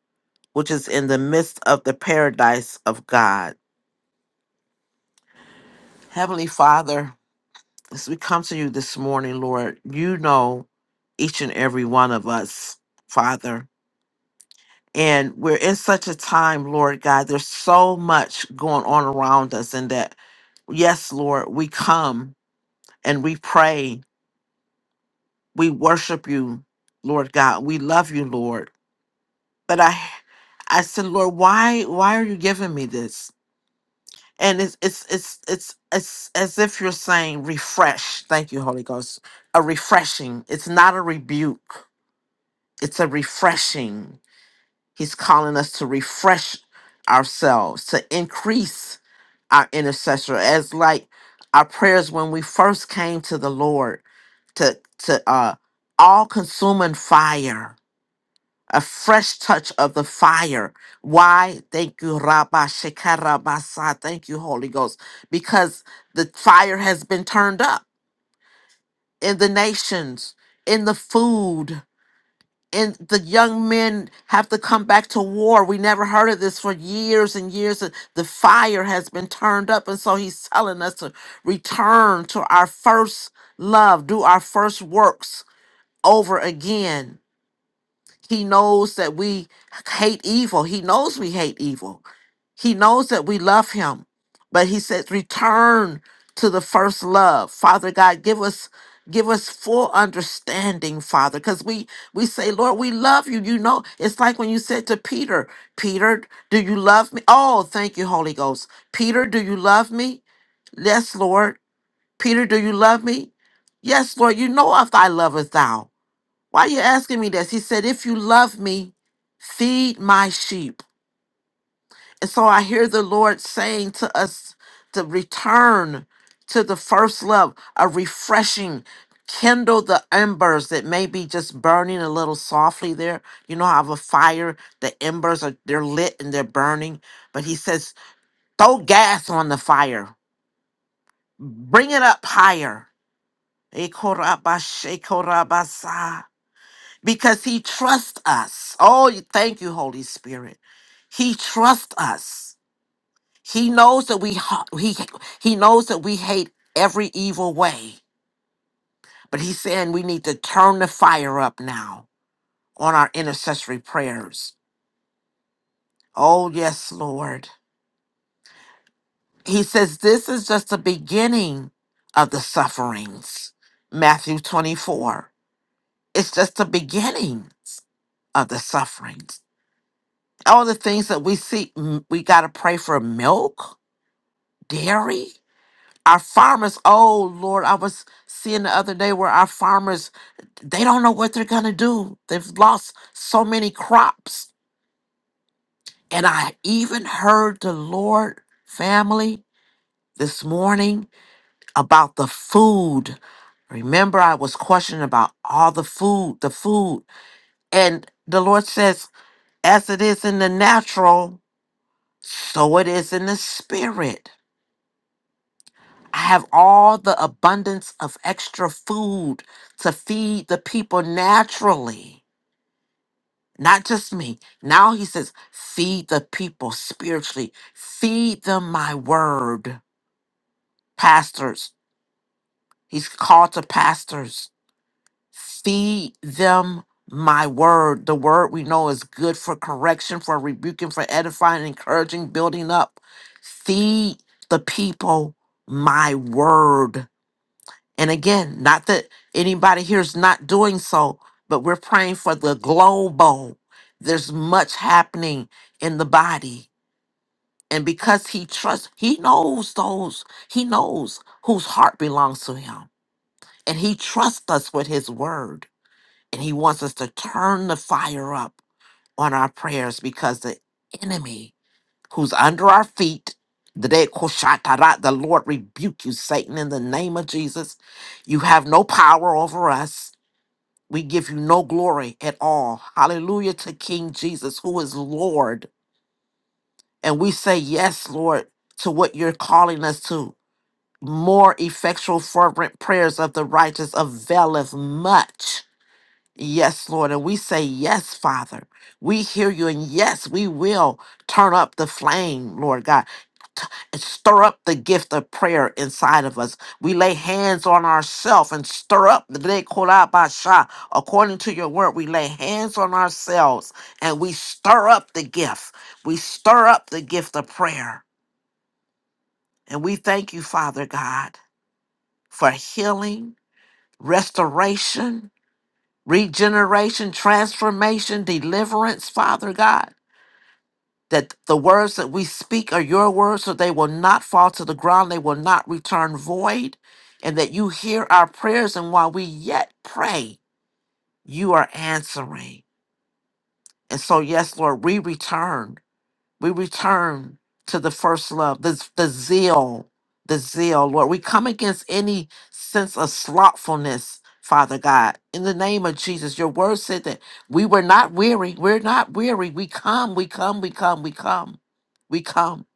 which is in the midst of the paradise of God. Heavenly Father, as we come to you this morning, Lord, you know each and every one of us, Father. And we're in such a time, Lord God, there's so much going on around us, and that, yes, Lord, we come and we pray, we worship you, Lord God, we love you, Lord. But I, I said, Lord, why, why are you giving me this? and it's it's it's it's it's as if you're saying refresh thank you holy ghost a refreshing it's not a rebuke it's a refreshing he's calling us to refresh ourselves to increase our intercessor as like our prayers when we first came to the lord to to uh all consuming fire a fresh touch of the fire. Why? Thank you, Rabba Shekarabasa. Thank you, Holy Ghost. Because the fire has been turned up in the nations, in the food, and the young men have to come back to war. We never heard of this for years and years. and The fire has been turned up. And so he's telling us to return to our first love, do our first works over again He knows that we hate evil. He knows we hate evil. He knows that we love him. But he says, return to the first love. Father God, give us give us full understanding father because we we say lord we love you you know it's like when you said to peter peter do you love me oh thank you holy ghost peter do you love me yes lord peter do you love me yes lord you know if i loveth thou why are you asking me this? He said, If you love me, feed my sheep. And so I hear the Lord saying to us to return to the first love, a refreshing, kindle the embers that may be just burning a little softly there. You know how of a fire, the embers are they're lit and they're burning. But he says, throw gas on the fire. Bring it up higher. because he trusts us. Oh, you- thank you, Holy Spirit. He trusts us. He knows that we ha- he he knows that we hate every evil way, but he's saying we need to turn the fire up now on our intercessory prayers. Oh, yes, Lord. He says this is just the beginning of the sufferings. Matthew 24. It's just the beginnings of the sufferings. all the things that we see, mm, we got to pray for milk, dairy. Our farmers, oh Lord, I was seeing the other day where our farmers, they don't know what they're going to do. They've lost so many crops. And I even heard the Lord family this morning about the food. Remember, I was questioning about all the food, the food. And the Lord says, as it is in the natural, so it is in the spirit I have all the abundance of extra food to feed the people naturally, not just me. Now he says, feed the people spiritually, feed them my word. Pastors, he's called to pastors, feed them my word. The word we know is good for correction, for rebuking, for edifying, encouraging, building up. Feed the people my word And again, not that anybody here is not doing so, but we're praying for the global. There's much happening in the body. And because he trusts, he knows those, he knows whose heart belongs to him. And he trusts us with his word. And he wants us to turn the fire up on our prayers because the enemy who's under our feet. The day Koshatara, the Lord rebuke you, Satan, in the name of Jesus. You have no power over us. We give you no glory at all. Hallelujah to King Jesus, who is Lord. And we say, Yes, Lord, to what you're calling us to. More effectual, fervent prayers of the righteous availeth much. Yes, Lord. And we say, Yes, Father. We hear you. And yes, we will turn up the flame, Lord God. T- and Stir up the gift of prayer inside of us. We lay hands on ourselves and stir up the day korabasha. According to your word, we lay hands on ourselves and we stir up the gift. We stir up the gift of prayer. And we thank you, Father God, for healing, restoration, regeneration, transformation, deliverance, Father God. That the words that we speak are your words, so they will not fall to the ground, they will not return void, and that you hear our prayers. And while we yet pray, you are answering. And so, yes, Lord, we return we return to the first love, the, the zeal, the zeal, Lord. We come against any sense of slothfulness, Father God, in the name of Jesus. Your word said that we were not weary. We're not weary. We come, we come, we come, we come, we come.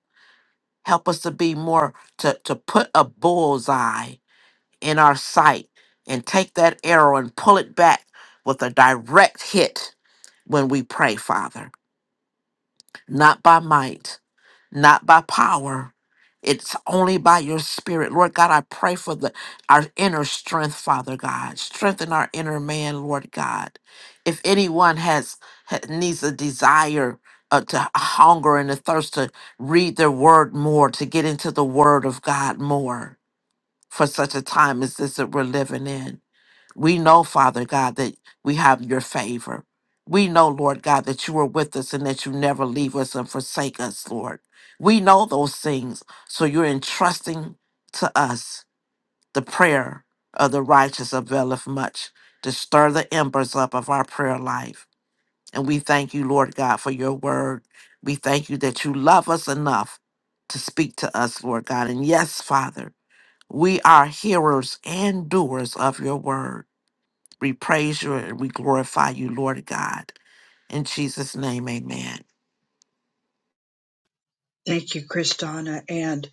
Help us to be more, to, to put a bullseye in our sight and take that arrow and pull it back with a direct hit when we pray, Father, not by might not by power. It's only by your spirit. Lord God, I pray for the our inner strength, Father God. Strengthen our inner man, Lord God. If anyone has ha- needs a desire uh, to hunger and a thirst to read their word more, to get into the word of God more for such a time as this that we're living in. We know, Father God, that we have your favor. We know, Lord God, that you are with us and that you never leave us and forsake us, Lord. We know those things. So you're entrusting to us the prayer of the righteous availeth much to stir the embers up of our prayer life. And we thank you, Lord God, for your word. We thank you that you love us enough to speak to us, Lord God. And yes, Father, we are hearers and doers of your word. We praise you and we glorify you, Lord God. In Jesus' name, amen. Thank you, Kristana. And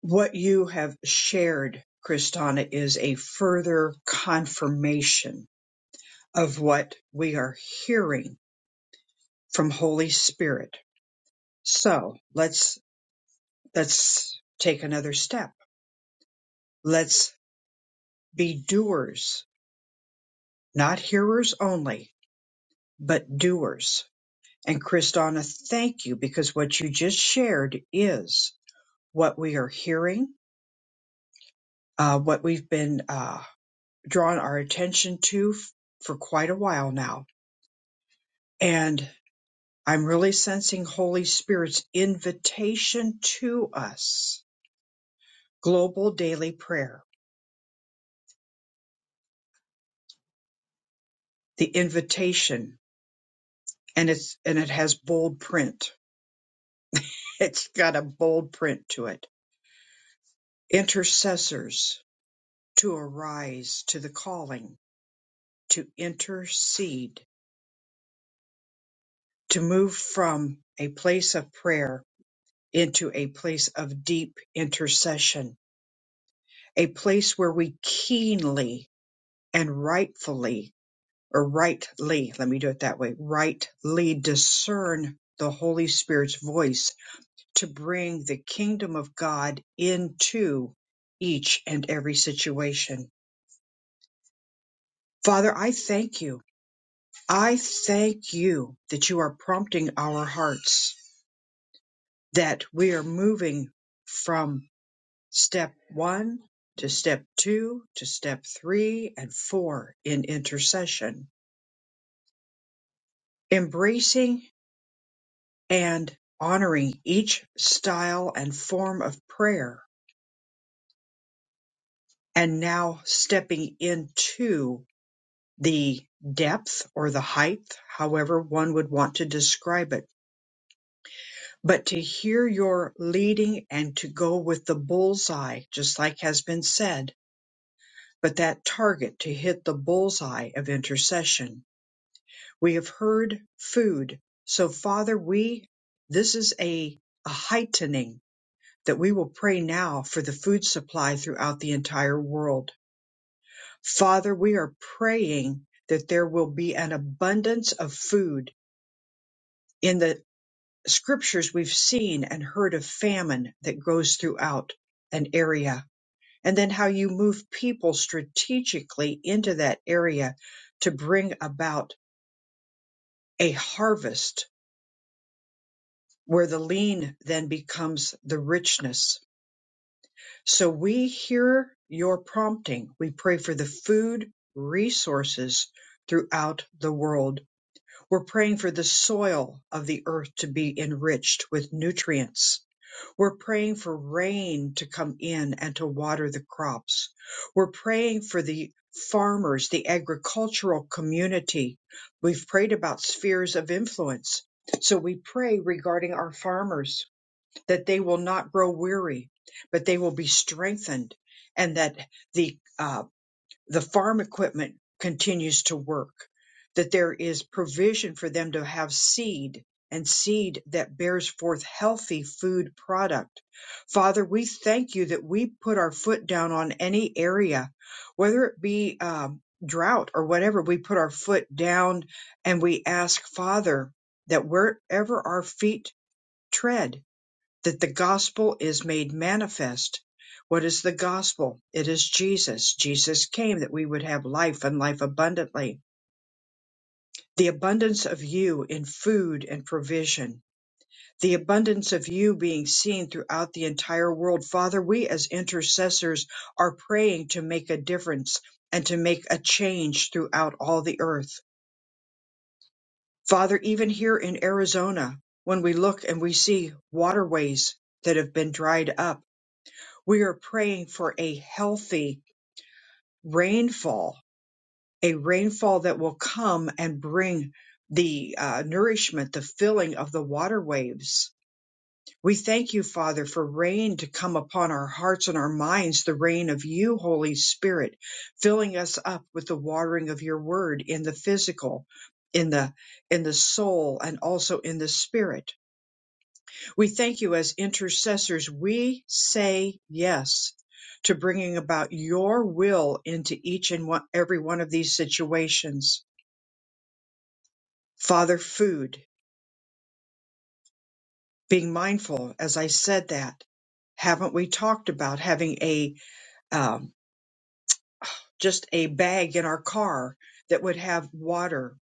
what you have shared, Kristana, is a further confirmation of what we are hearing from Holy Spirit. So let's, let's take another step. Let's be doers, not hearers only, but doers. And Kristana, thank you because what you just shared is what we are hearing, uh, what we've been, uh, drawn our attention to f- for quite a while now. And I'm really sensing Holy Spirit's invitation to us. Global daily prayer, the invitation, and it's, and it has bold print. It's got a bold print to it. Intercessors to arise to the calling, to intercede, to move from a place of prayer into a place of deep intercession a place where we keenly and rightfully or rightly, let me do it that way, rightly discern the Holy Spirit's voice to bring the kingdom of God into each and every situation. Father, I thank you. I thank you that you are prompting our hearts, that we are moving from step one to step two to step three and four in intercession embracing and honoring each style and form of prayer, and now stepping into the depth or the height, however one would want to describe it. But to hear your leading and to go with the bullseye, just like has been said, but that target to hit the bullseye of intercession. We have heard food. So Father, we, this is a, a heightening that we will pray now for the food supply throughout the entire world. Father, we are praying that there will be an abundance of food. In the scriptures, we've seen and heard of famine that goes throughout an area, and then how you move people strategically into that area to bring about a harvest where the lean then becomes the richness So we hear your prompting. We pray for the food resources throughout the world. We're praying for the soil of the earth to be enriched with nutrients. We're praying for rain to come in and to water the crops. We're praying for the farmers, the agricultural community. We've prayed about spheres of influence. So we pray regarding our farmers that they will not grow weary, but they will be strengthened, and that the uh, the farm equipment continues to work. That there is provision for them to have seed and seed that bears forth healthy food product. Father, we thank you that we put our foot down on any area, whether it be um, drought or whatever. We put our foot down and we ask Father that wherever our feet tread that the gospel is made manifest. What is the gospel? It is Jesus. Jesus came that we would have life and life abundantly. The abundance of you in food and provision. The abundance of you being seen throughout the entire world. Father, we as intercessors are praying to make a difference and to make a change throughout all the earth. Father, even here in Arizona, when we look and we see waterways that have been dried up, We are praying for a healthy rainfall, a rainfall that will come and bring the uh, nourishment, the filling of the water waves. We thank you, Father, for rain to come upon our hearts and our minds, the rain of you, Holy Spirit, filling us up with the watering of your word in the physical, in the in the soul, and also in the spirit. We thank you as intercessors. We say yes to bringing about your will into each and one, every one of these situations. Father, food, being mindful, as I said that. Haven't we talked about having a um, just a bag in our car that would have water,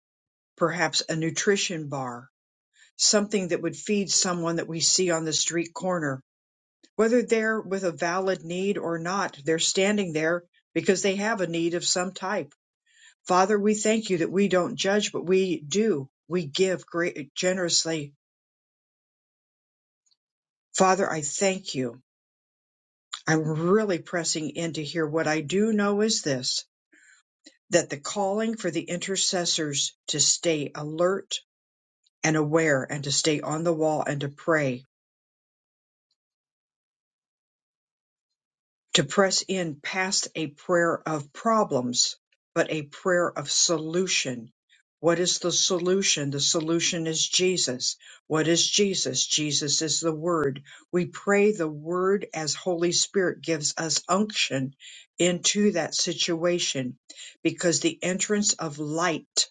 perhaps a nutrition bar, something that would feed someone that we see on the street corner Whether they're with a valid need or not, they're standing there because they have a need of some type. Father, we thank you that we don't judge, but we do. We give great, generously. Father, I thank you. I'm really pressing in to hear what I do know is this that the calling for the intercessors to stay alert and aware and to stay on the wall and to pray to press in past a prayer of problems, but a prayer of solution. What is the solution? The solution is Jesus. What is Jesus? Jesus is the Word. We pray the Word as Holy Spirit gives us unction into that situation because the entrance of light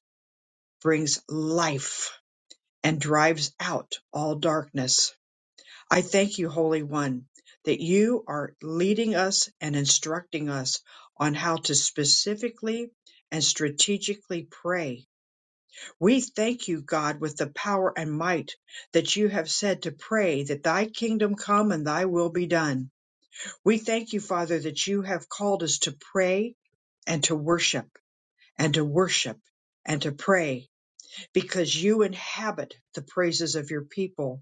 brings life and drives out all darkness. I thank you, Holy One, that you are leading us and instructing us on how to specifically and strategically pray. We thank you, God, with the power and might that you have said to pray that thy kingdom come and thy will be done. We thank you, Father, that you have called us to pray and to worship and to worship and to pray because you inhabit the praises of your people.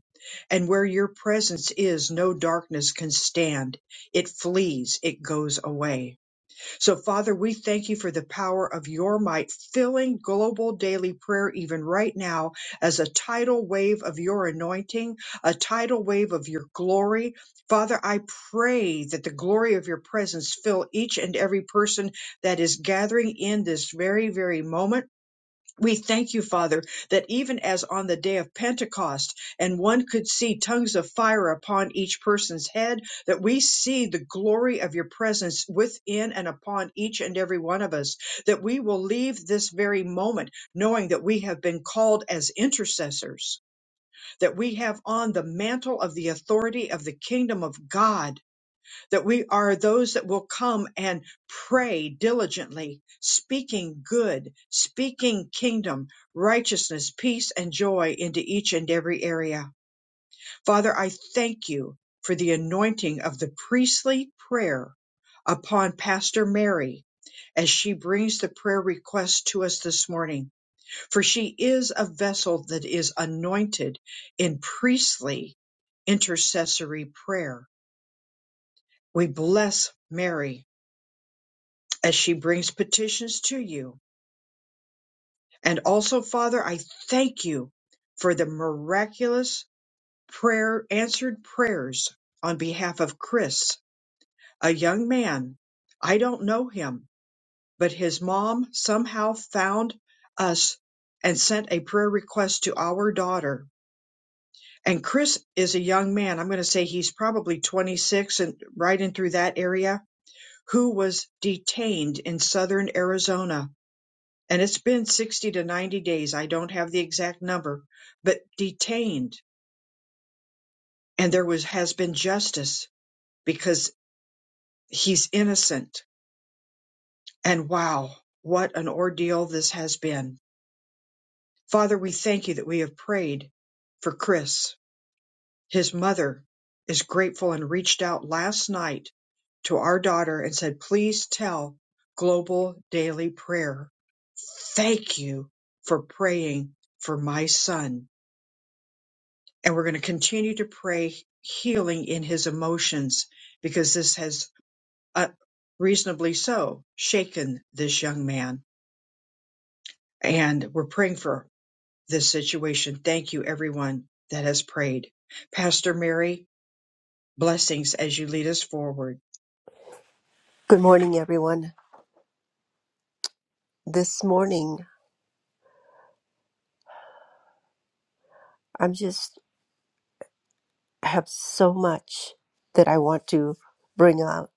And where your presence is, no darkness can stand. It flees, it goes away. So, Father, we thank you for the power of your might filling global daily prayer, even right now, as a tidal wave of your anointing, a tidal wave of your glory. Father, I pray that the glory of your presence fill each and every person that is gathering in this very, very moment we thank you, Father, that even as on the day of Pentecost, and one could see tongues of fire upon each person's head, that we see the glory of your presence within and upon each and every one of us, that we will leave this very moment knowing that we have been called as intercessors, that we have on the mantle of the authority of the kingdom of God that we are those that will come and pray diligently, speaking good, speaking kingdom, righteousness, peace, and joy into each and every area. Father, I thank you for the anointing of the priestly prayer upon Pastor Mary as she brings the prayer request to us this morning. For she is a vessel that is anointed in priestly intercessory prayer. We bless Mary as she brings petitions to you. And also, Father, I thank you for the miraculous prayer, answered prayers on behalf of Chris, a young man. I don't know him, but his mom somehow found us and sent a prayer request to our daughter. And Chris is a young man. I'm going to say he's probably 26 and right in through that area who was detained in southern Arizona and it's been 60 to 90 days i don't have the exact number but detained and there was has been justice because he's innocent and wow what an ordeal this has been father we thank you that we have prayed for chris his mother is grateful and reached out last night to our daughter and said please tell global daily prayer thank you for praying for my son And we're going to continue to pray healing in his emotions because this has uh, reasonably so shaken this young man. And we're praying for this situation. Thank you, everyone that has prayed. Pastor Mary, blessings as you lead us forward. Good morning, everyone. This morning, I'm just I have so much that I want to bring out.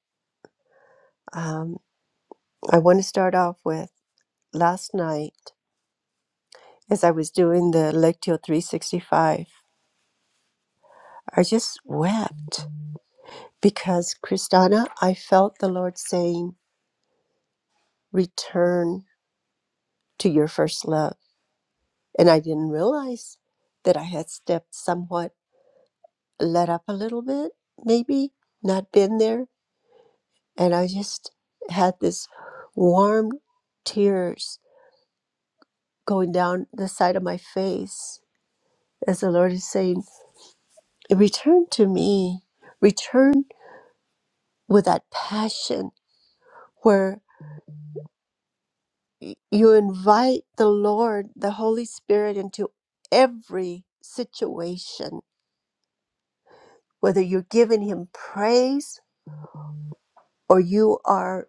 Um, I want to start off with last night as I was doing the Lectio 365. I just wept because Kristana, I felt the Lord saying, "Return to your first love," and I didn't realize that I had stepped somewhat let up a little bit, maybe not been there and I just had this warm tears going down the side of my face as the Lord is saying, Return to me, return with that passion where y- you invite the Lord, the Holy Spirit, into every situation, whether you're giving Him praise or you are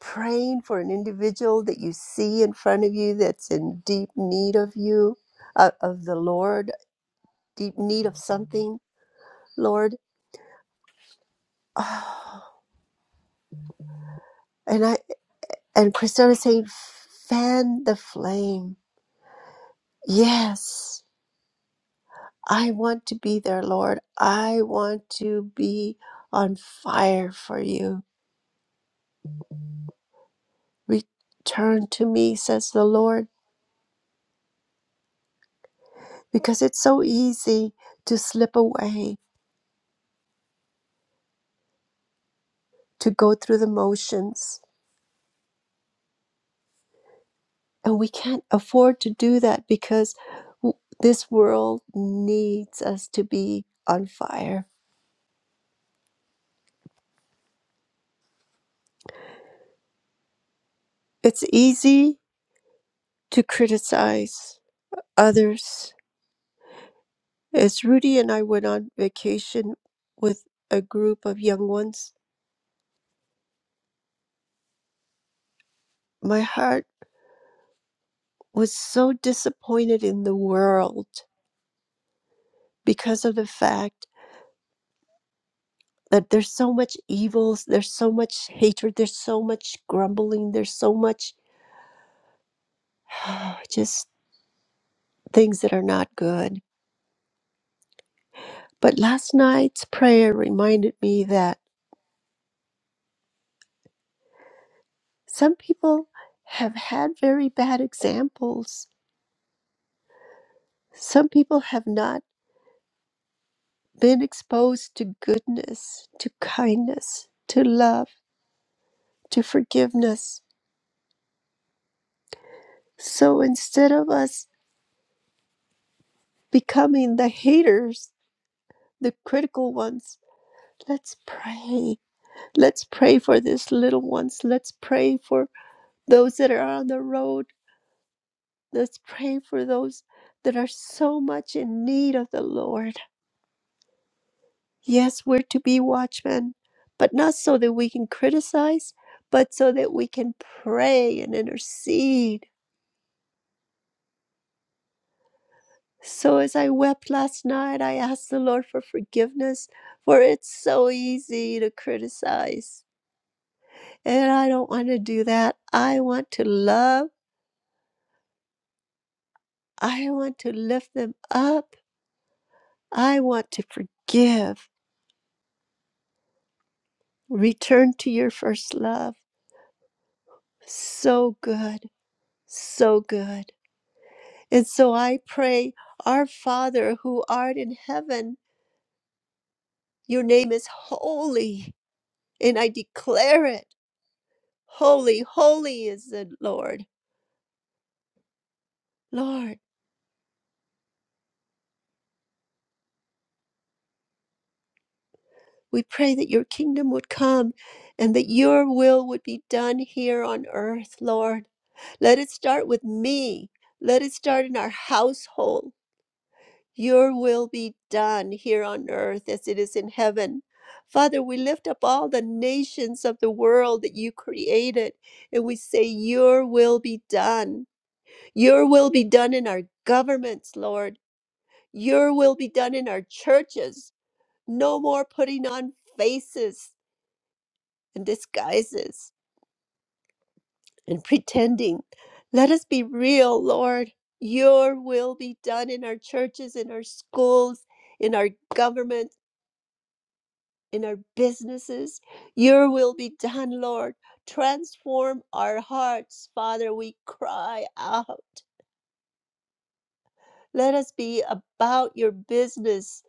praying for an individual that you see in front of you that's in deep need of you, uh, of the Lord deep need of something, Lord. Oh, And I and Christina is saying, fan the flame. Yes, I want to be there, Lord. I want to be on fire for you. Return to me, says the Lord, because it's so easy to slip away, to go through the motions. And we can't afford to do that because w- this world needs us to be on fire. It's easy to criticize others. As Rudy and I went on vacation with a group of young ones, my heart was so disappointed in the world because of the fact that there's so much evils, there's so much hatred, there's so much grumbling, there's so much just things that are not good. But last night's prayer reminded me that some people have had very bad examples. Some people have not been exposed to goodness, to kindness, to love, to forgiveness. So instead of us becoming the haters, the critical ones, let's pray. Let's pray for these little ones. Let's pray for those that are on the road. Let's pray for those that are so much in need of the Lord. Yes, we're to be watchmen, but not so that we can criticize, but so that we can pray and intercede So as I wept last night, I asked the Lord for forgiveness, for it's so easy to criticize. And I don't want to do that. I want to love. I want to lift them up. I want to forgive. Return to your first love. So good. So good. And so I pray, Our Father who art in heaven, your name is holy. And I declare it. Holy, holy is the Lord. Lord, we pray that your kingdom would come and that your will would be done here on earth, Lord. Let it start with me. Let it start in our household. Your will be done here on earth as it is in heaven. Father, we lift up all the nations of the world that you created, and we say, Your will be done. Your will be done in our governments, Lord. Your will be done in our churches. No more putting on faces and disguises and pretending. Let us be real, Lord. Your will be done in our churches, in our schools, in our government, in our businesses. Your will be done, Lord. Transform our hearts, Father. We cry out. Let us be about your business.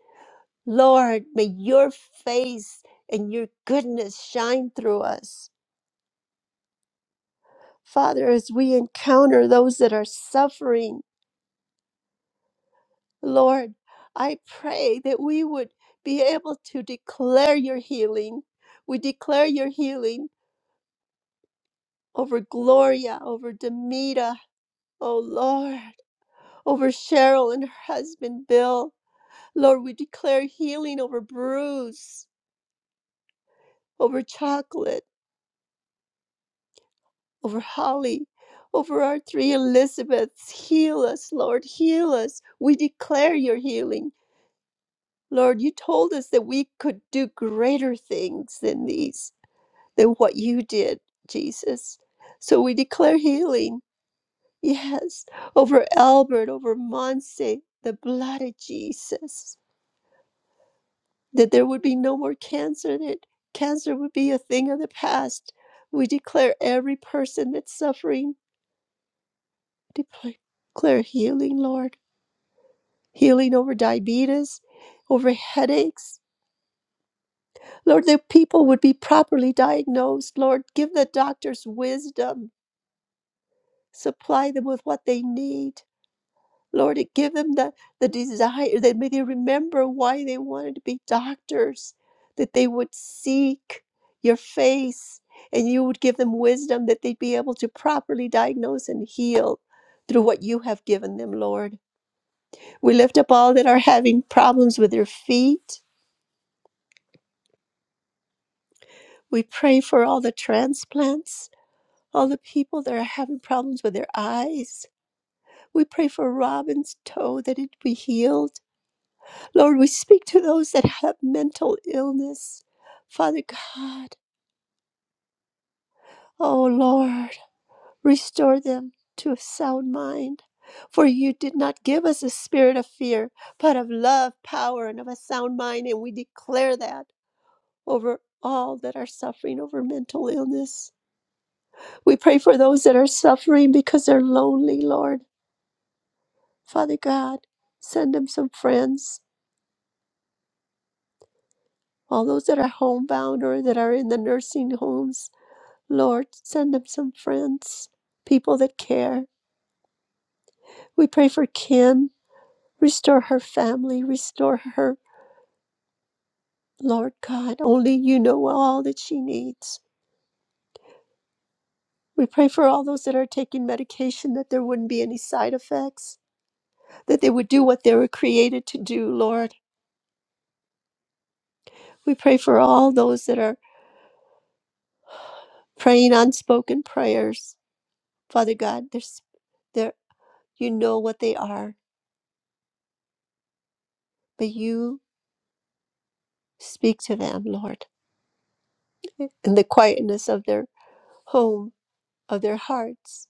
Lord, may your face and your goodness shine through us. Father, as we encounter those that are suffering, Lord, I pray that we would be able to declare your healing. We declare your healing over Gloria, over Demita, oh Lord, over Cheryl and her husband Bill. Lord, we declare healing over Bruce, over Chocolate, over Holly, over our three Elizabeths. Heal us, Lord, heal us. We declare your healing. Lord, you told us that we could do greater things than these. than what you did, Jesus. So we declare healing, yes, over Albert, over Monse, the blood of Jesus, that there would be no more cancer, that cancer would be a thing of the past. We declare every person that's suffering, depl- declare healing, Lord, healing over diabetes, over headaches. Lord, that people would be properly diagnosed. Lord, give the doctors wisdom, supply them with what they need Lord, give them the, the desire that may they remember why they wanted to be doctors, that they would seek your face and you would give them wisdom that they'd be able to properly diagnose and heal through what you have given them, Lord. We lift up all that are having problems with their feet. We pray for all the transplants, all the people that are having problems with their eyes. We pray for Robin's toe that it be healed. Lord, we speak to those that have mental illness. Father God, oh Lord, restore them to a sound mind. For you did not give us a spirit of fear, but of love, power, and of a sound mind. And we declare that over all that are suffering over mental illness. We pray for those that are suffering because they're lonely, Lord. Father God, send them some friends. All those that are homebound or that are in the nursing homes Lord, send them some friends, people that care. We pray for Kim. Restore her family. Restore her, Lord God. Only you know all that she needs. We pray for all those that are taking medication that there wouldn't be any side effects, that they would do what they were created to do, Lord. We pray for all those that are praying unspoken prayers. Father God, there's there you know what they are, but you speak to them, Lord, in the quietness of their home. of their hearts.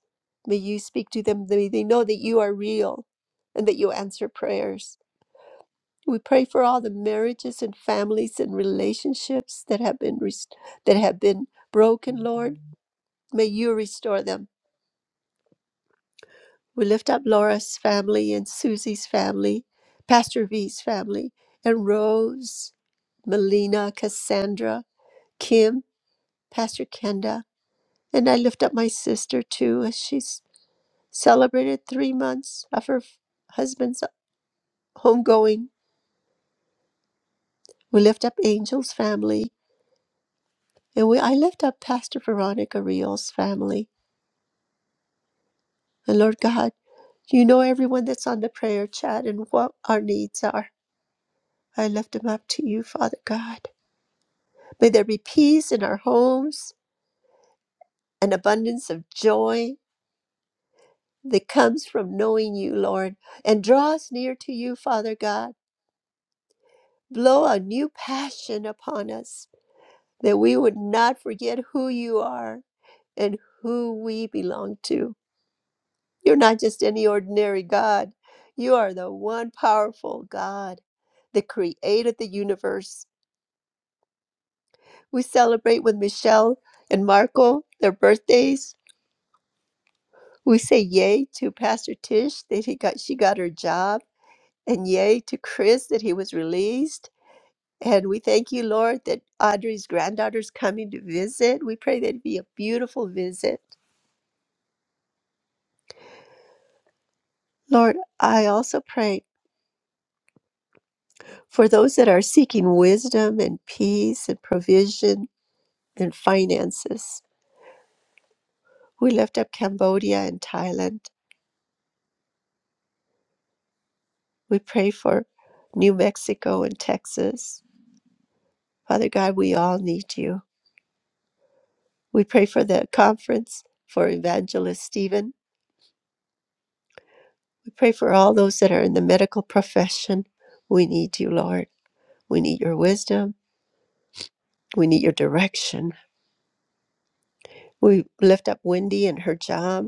May you speak to them. May they know that you are real and that you answer prayers. We pray for all the marriages and families and relationships that have been rest- that have been broken, Lord. May you restore them. We lift up Laura's family and Susie's family, Pastor V's family, and Rose, Melina, Cassandra, Kim, Pastor Kenda, and I lift up my sister too as she's Celebrated three months of her f- husband's homegoing. We lift up Angel's family, and we I lift up Pastor Veronica Rios' family. And Lord God, you know everyone that's on the prayer chat and what our needs are. I lift them up to you, Father God. May there be peace in our homes, an abundance of joy that comes from knowing you, Lord, and draw us near to you, Father God. Blow a new passion upon us that we would not forget who you are and who we belong to. You're not just any ordinary God, you are the one powerful God that created the universe. We celebrate with Michelle and Marco their birthdays. We say yay to Pastor Tish that he got she got her job and yay to Chris that he was released. And we thank you, Lord, that Audrey's granddaughter's coming to visit. We pray that it be a beautiful visit. Lord, I also pray for those that are seeking wisdom and peace and provision and finances. We lift up Cambodia and Thailand. We pray for New Mexico and Texas. Father God, we all need you. We pray for the conference for Evangelist Stephen. We pray for all those that are in the medical profession. We need you, Lord. We need your wisdom. We need your direction. We lift up Wendy and her job.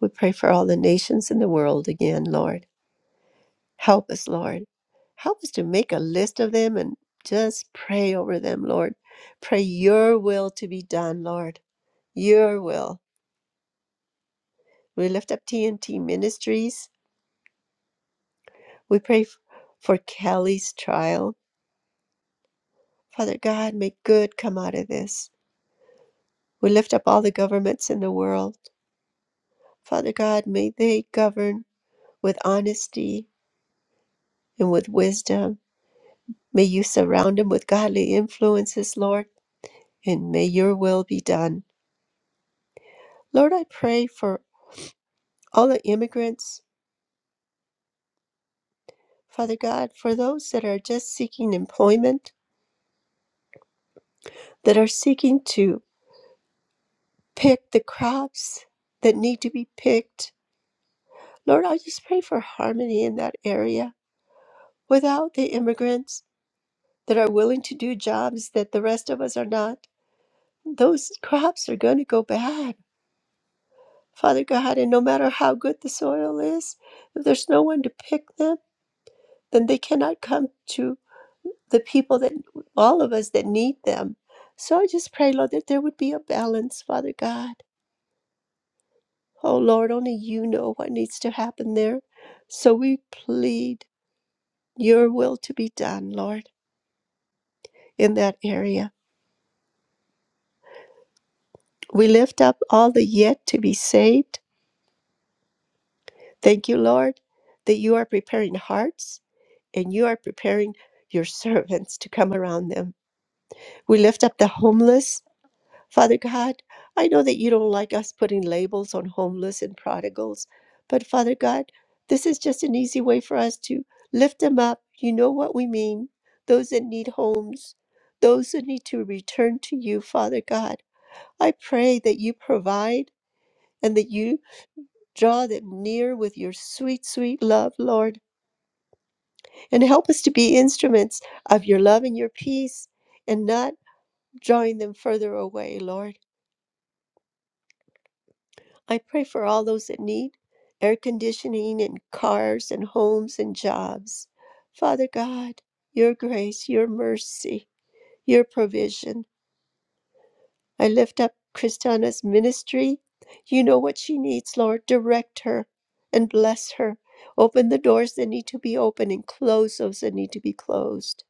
We pray for all the nations in the world again, Lord. Help us, Lord. Help us to make a list of them and just pray over them, Lord. Pray your will to be done, Lord. Your will. We lift up TNT Ministries. We pray f- for Kelly's trial. Father God, may good come out of this. We lift up all the governments in the world. Father God, may they govern with honesty and with wisdom. May you surround them with godly influences, Lord. and may your will be done. Lord, I pray for all the immigrants, Father God, for those that are just seeking employment, that are seeking to pick the crops that need to be picked. Lord, I just pray for harmony in that area. Without the immigrants that are willing to do jobs that the rest of us are not, those crops are going to go bad. Father God, and no matter how good the soil is, if there's no one to pick them, then they cannot come to the people that all of us that need them. So I just pray, Lord, that there would be a balance, Father God. Oh Lord, only you know what needs to happen there. So we plead your will to be done, Lord, in that area. We lift up all the yet to be saved. Thank you, Lord, that you are preparing hearts and you are preparing your servants to come around them. We lift up the homeless Father God, I know that you don't like us putting labels on homeless and prodigals, but Father God, this is just an easy way for us to lift them up. You know what we mean. Those that need homes, those that need to return to you, Father God. I pray that you provide and that you draw them near with your sweet, sweet love, Lord, and help us to be instruments of your love and your peace and not drawing them further away, Lord. I pray for all those that need air conditioning and cars and homes and jobs. Father God, your grace, your mercy, your provision. I lift up Kristana's ministry. You know what she needs, Lord. Direct her and bless her. Open the doors that need to be opened and close those that need to be closed.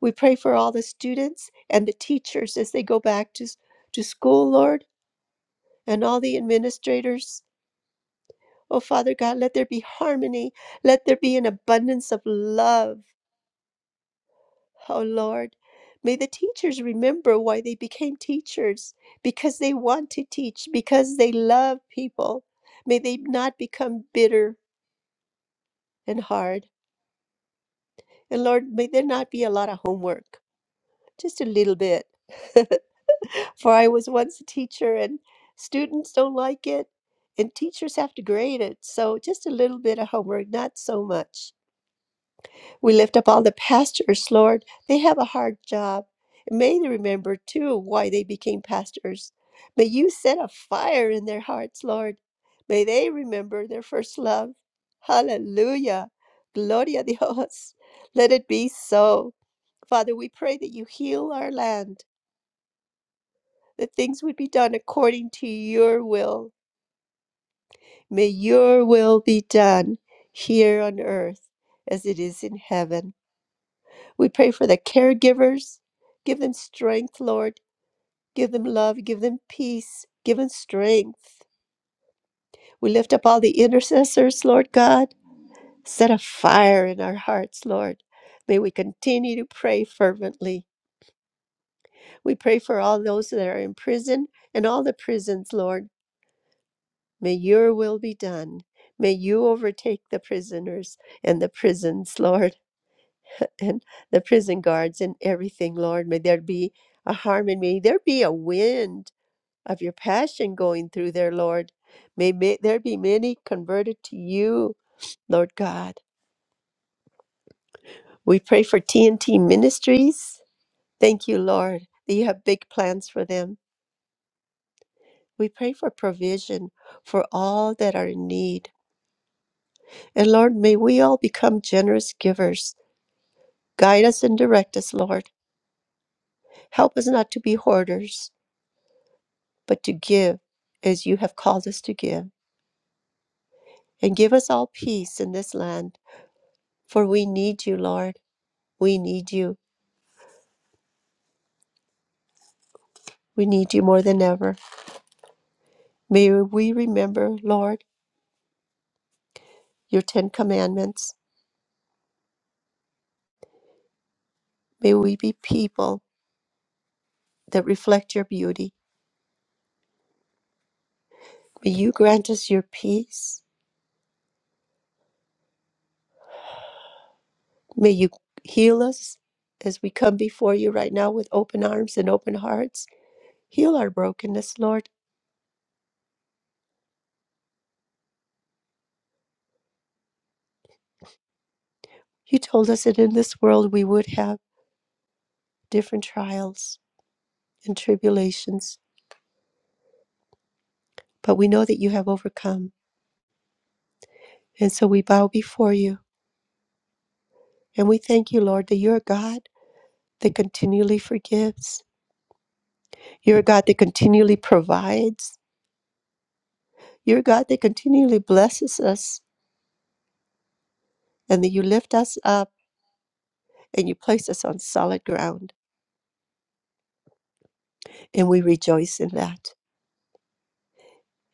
We pray for all the students and the teachers as they go back to, to school, Lord, and all the administrators Oh, Father God, let there be harmony. Let there be an abundance of love. Oh, Lord. May the teachers remember why they became teachers because they want to teach, because they love people. May they not become bitter and hard. And Lord, may there not be a lot of homework, just a little bit. For I was once a teacher, and students don't like it, and teachers have to grade it. So just a little bit of homework, not so much. We lift up all the pastors, Lord. They have a hard job. May they remember, too, why they became pastors. May you set a fire in their hearts, Lord. May they remember their first love. Hallelujah. Gloria a Dios. Let it be so. Father, we pray that you heal our land, that things would be done according to your will. May your will be done here on earth as it is in heaven. We pray for the caregivers. Give them strength, Lord. Give them love. Give them peace. Give them strength. We lift up all the intercessors, Lord God. Set a fire in our hearts, Lord. May we continue to pray fervently. We pray for all those that are in prison and all the prisons, Lord. May your will be done. May you overtake the prisoners and the prisons, Lord, and the prison guards and everything, Lord. May there be a harmony. May there be a wind of your passion going through there, Lord. May, may there be many converted to you, Lord God. We pray for TNT Ministries. Thank you, Lord, that you have big plans for them. We pray for provision for all that are in need. And Lord, may we all become generous givers. Guide us and direct us, Lord. Help us not to be hoarders, but to give as you have called us to give. And give us all peace in this land, for we need you, Lord. We need you. We need you more than ever. May we remember, Lord, your Ten Commandments. May we be people that reflect your beauty. May you grant us your peace. May you heal us as we come before you right now with open arms and open hearts. Heal our brokenness, Lord. You told us that in this world we would have different trials and tribulations, but we know that you have overcome. And so we bow before you and we thank you, Lord, that you're a God that continually forgives You're a God that continually provides. You're a God that continually blesses us and that you lift us up and you place us on solid ground. And we rejoice in that.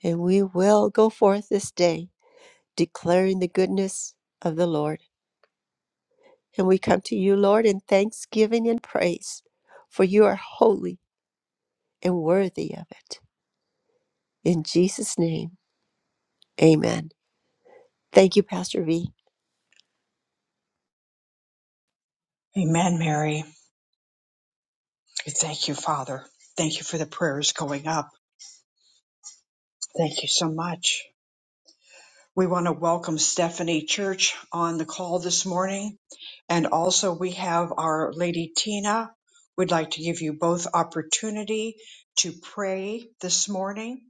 And we will go forth this day declaring the goodness of the Lord. And we come to you, Lord, in thanksgiving and praise, for you are holy and worthy of it. In Jesus' name, amen. Thank you, Pastor V. Amen, Mary. Thank you, Father. Thank you for the prayers going up. Thank you so much. We want to welcome Stephanie Church on the call this morning. And also we have our lady Tina. We'd like to give you both opportunity to pray this morning.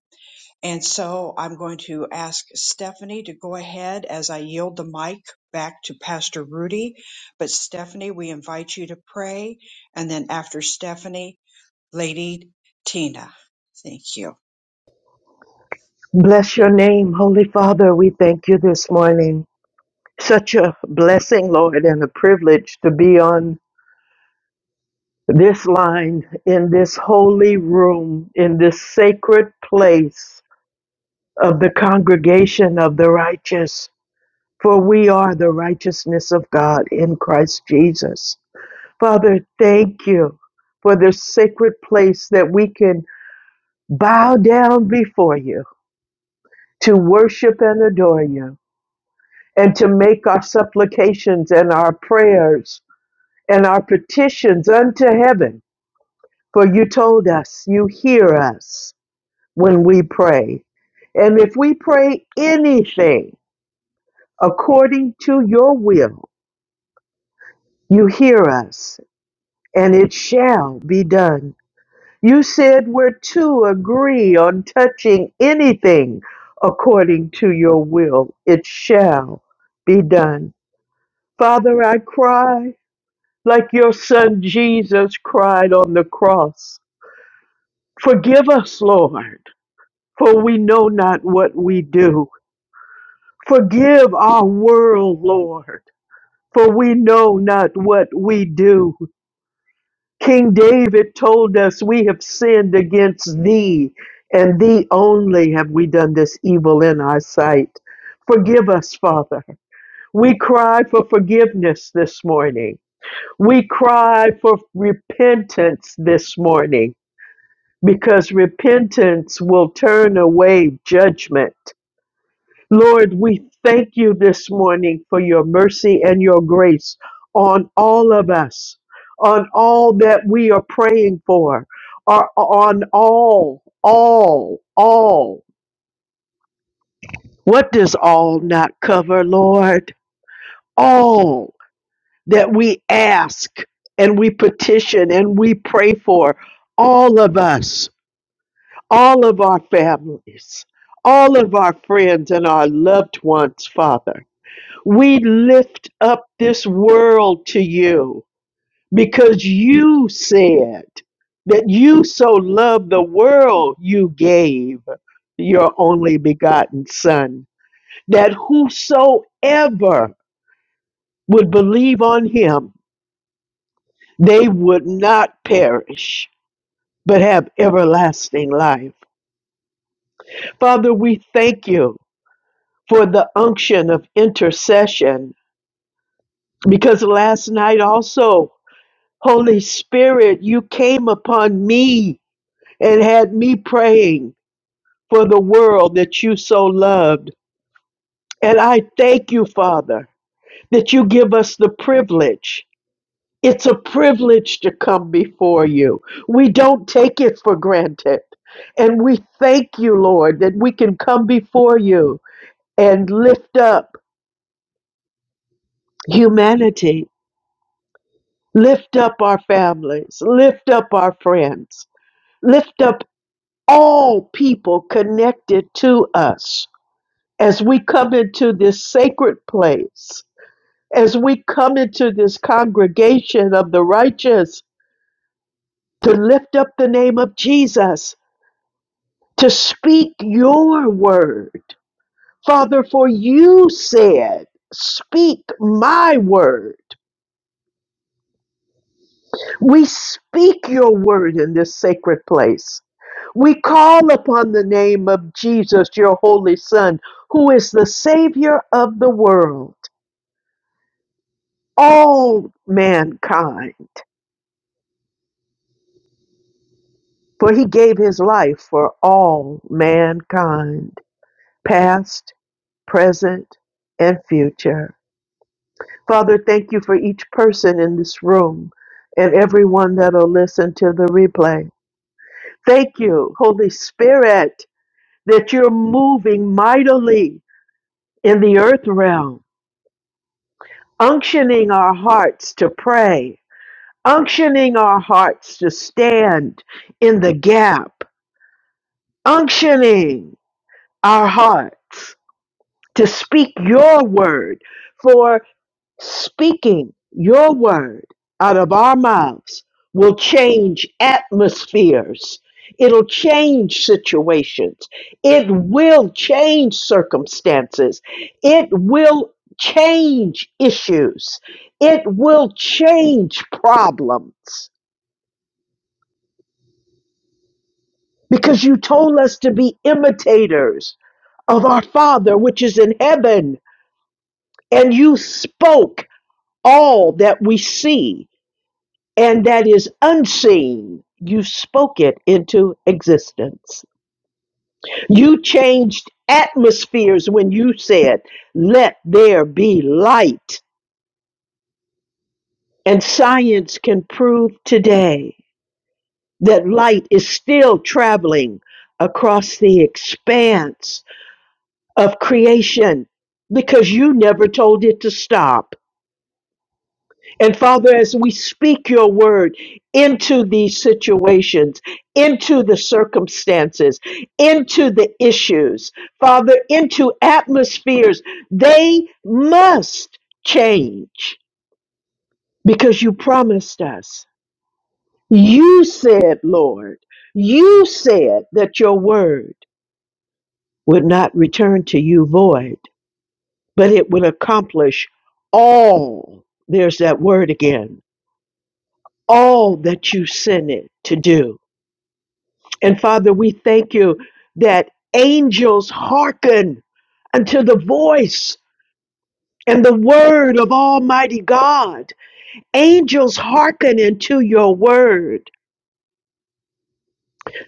And so I'm going to ask Stephanie to go ahead as I yield the mic back to Pastor Rudy. But Stephanie, we invite you to pray. And then after Stephanie, Lady Tina. Thank you. Bless your name, Holy Father. We thank you this morning. Such a blessing, Lord, and a privilege to be on this line, in this holy room, in this sacred place of the congregation of the righteous. For we are the righteousness of God in Christ Jesus. Father, thank you for this sacred place that we can bow down before you to worship and adore you. and to make our supplications and our prayers and our petitions unto heaven. For you told us, you hear us when we pray. And if we pray anything according to your will, you hear us, and it shall be done. You said we're to agree on touching anything according to your will, it shall be done. Father, I cry like your son Jesus cried on the cross. Forgive us, Lord, for we know not what we do. Forgive our world, Lord, for we know not what we do. King David told us, We have sinned against thee, and thee only have we done this evil in our sight. Forgive us, Father. We cry for forgiveness this morning. We cry for repentance this morning. because repentance will turn away judgment. Lord, we thank you this morning for your mercy and your grace on all of us, on all that we are praying for, or on all, all, all. What does all not cover, Lord? All that we ask and we petition and we pray for, all of us. all of our families, all of our friends and our loved ones, Father. We lift up this world to you because you said that you so loved the world, you gave your only begotten Son, that whosoever would believe on him, they would not perish, but have everlasting life. Father, we thank you for the unction of intercession. Because last night also, Holy Spirit, you came upon me and had me praying for the world that you so loved. And I thank you, Father, that you give us the privilege. It's a privilege to come before you. We don't take it for granted. And we thank you, Lord, that we can come before you and lift up humanity Lift up our families, lift up our friends, lift up all people connected to us as we come into this sacred place, as we come into this congregation of the righteous to lift up the name of Jesus, to speak your word. Father, for you said, Speak my word. We speak your word in this sacred place. We call upon the name of Jesus, your holy Son, who is the Savior of the world, all mankind. For he gave his life for all mankind, past, present, and future. Father, thank you for each person in this room and everyone that'll listen to the replay. Thank you, Holy Spirit. that you're moving mightily in the earth realm, unctioning our hearts to pray, unctioning our hearts to stand in the gap, unctioning our hearts to speak your word. for. Speaking your word out of our mouths will change atmospheres. It'll change situations. It will change circumstances. It will change issues. It will change problems. Because you told us to be imitators of our Father which is in heaven, and you spoke all that we see and that is unseen. You spoke it into existence. You changed atmospheres when you said, Let there be light. And science can prove today that light is still traveling across the expanse of creation because you never told it to stop. And Father, as we speak your word into these situations, into the circumstances, into the issues, Father, into atmospheres, they must change because you promised us. You said, Lord, you said that your word would not return to you void, but it would accomplish all. There's that word again all that you sent it to do. And Father, we thank you that angels hearken unto the voice and the word of Almighty God. Angels hearken unto your word.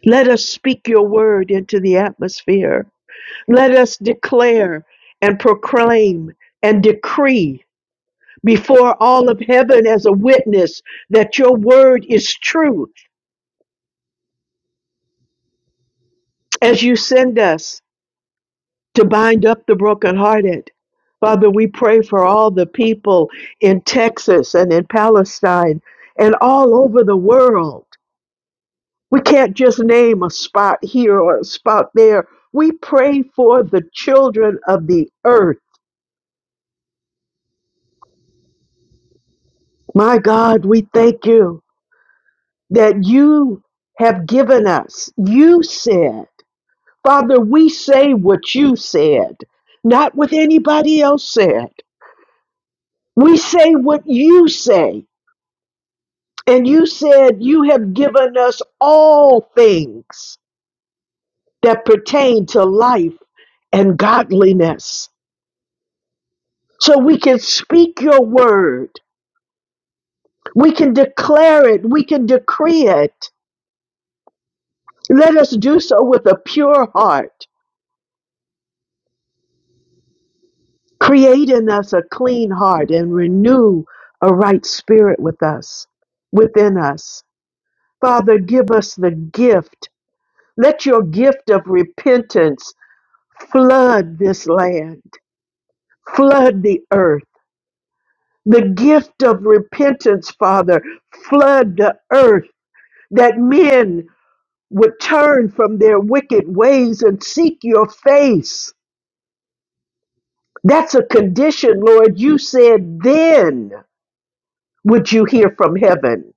Let us speak your word into the atmosphere. Let us declare and proclaim and decree before all of heaven as a witness that your word is truth as you send us. to bind up the brokenhearted. Father, we pray for all the people in Texas and in Palestine and all over the world. We can't just name a spot here or a spot there. We pray for the children of the earth. My God, we thank you that you have given us. You said, Father, we say what you said, not what anybody else said. We say what you say And you said, You have given us all things that pertain to life and godliness. So we can speak your word, we can declare it, we can decree it. Let us do so with a pure heart. Create in us a clean heart and renew a right spirit with us, within us. Father, give us the gift. Let your gift of repentance flood this land. Flood the earth. The gift of repentance, Father, flood the earth that men would turn from their wicked ways and seek your face. That's a condition, Lord. You said, then would you hear from heaven.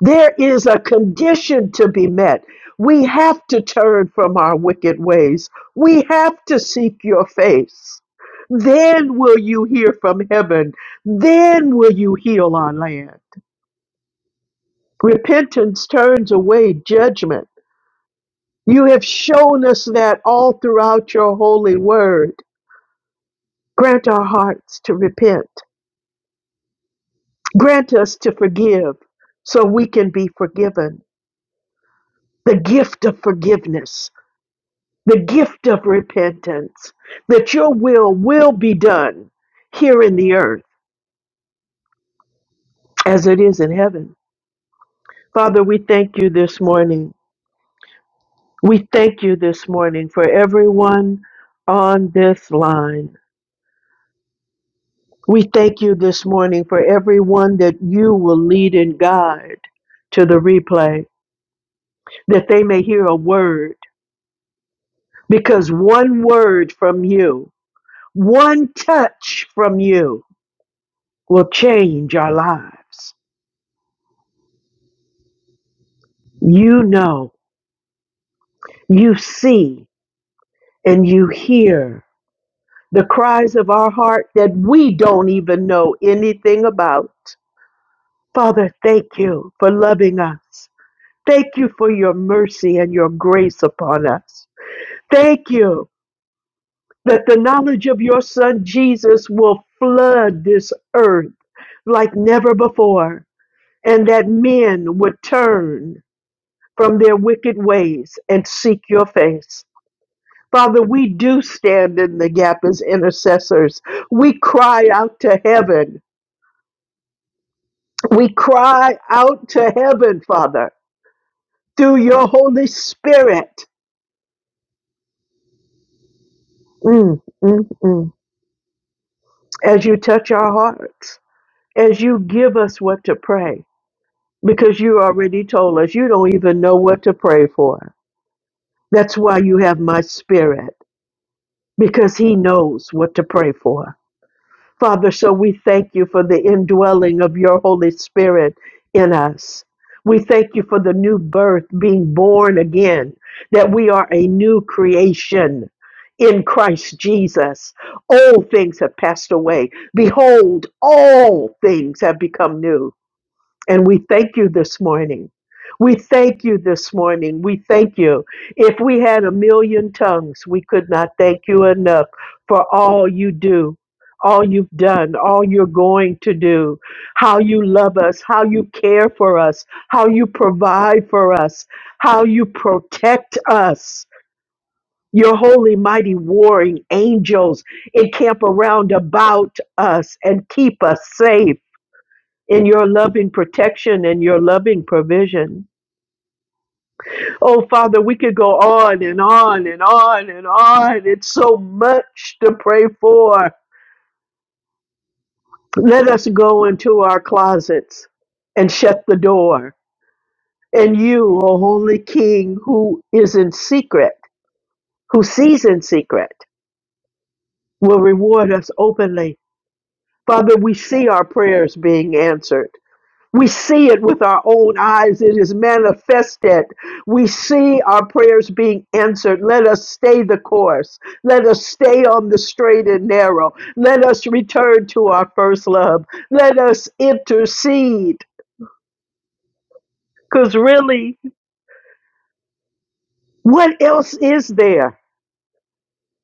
There is a condition to be met. We have to turn from our wicked ways. We have to seek your face. Then will you hear from heaven. Then will you heal our land. Repentance turns away judgment. You have shown us that all throughout your holy word. Grant our hearts to repent. Grant us to forgive so we can be forgiven. The gift of forgiveness, the gift of repentance, that your will will be done here in the earth as it is in heaven. Father, we thank you this morning. We thank you this morning for everyone on this line. We thank you this morning for everyone that you will lead and guide to the replay, that they may hear a word, because one word from you, one touch from you will change our lives. You know, you see, and you hear the cries of our heart that we don't even know anything about. Father, thank you for loving us. Thank you for your mercy and your grace upon us. Thank you that the knowledge of your son Jesus will flood this earth like never before, and that men would turn from their wicked ways and seek your face. Father, we do stand in the gap as intercessors. We cry out to heaven. We cry out to heaven, Father, through your Holy Spirit. Mm, mm, mm. As you touch our hearts, as you give us what to pray because you already told us you don't even know what to pray for. That's why you have my spirit, because he knows what to pray for. Father, so we thank you for the indwelling of your Holy Spirit in us. We thank you for the new birth, being born again, that we are a new creation in Christ Jesus. Old things have passed away. Behold, all things have become new. And we thank you this morning. We thank you this morning. We thank you. If we had a million tongues, we could not thank you enough for all you do, all you've done, all you're going to do, how you love us, how you care for us, how you provide for us, how you protect us. Your holy, mighty, warring angels encamp around about us and keep us safe in your loving protection and your loving provision. Oh, Father, we could go on and on and on and on. It's so much to pray for. Let us go into our closets and shut the door. And you, O Holy King, who is in secret, who sees in secret, will reward us openly. Father, we see our prayers being answered. We see it with our own eyes. It is manifested. We see our prayers being answered. Let us stay the course. Let us stay on the straight and narrow. Let us return to our first love. Let us intercede. Because really, what else is there?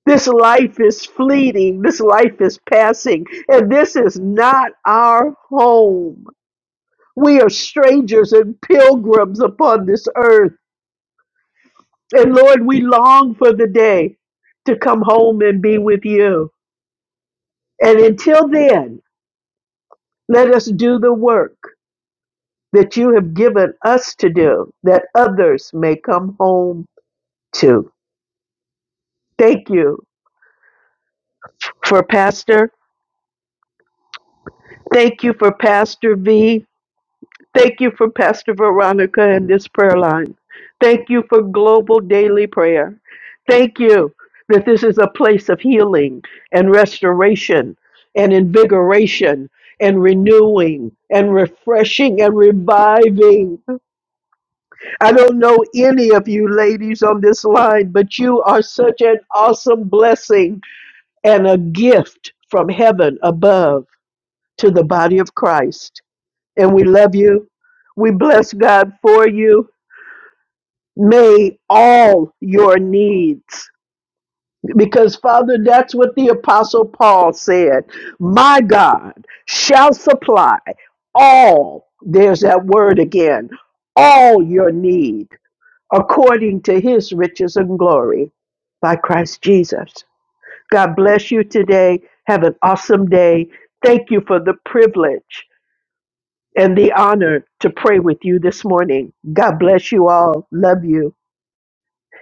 This life is fleeting. This life is passing. And this is not our home. We are strangers and pilgrims upon this earth. And Lord, we long for the day to come home and be with you. And until then, let us do the work that you have given us to do that others may come home to. Thank you for Pastor. Thank you for Pastor V. Thank you for Pastor Veronica and this prayer line. Thank you for global daily prayer. Thank you that this is a place of healing and restoration and invigoration and renewing and refreshing and reviving. I don't know any of you ladies on this line, but you are such an awesome blessing and a gift from heaven above to the body of Christ and we love you. We bless God for you. May all your needs, because Father, that's what the Apostle Paul said. My God shall supply all, there's that word again, all your need according to his riches and glory by Christ Jesus. God bless you today. Have an awesome day. Thank you for the privilege and the honor to pray with you this morning. God bless you all. Love you.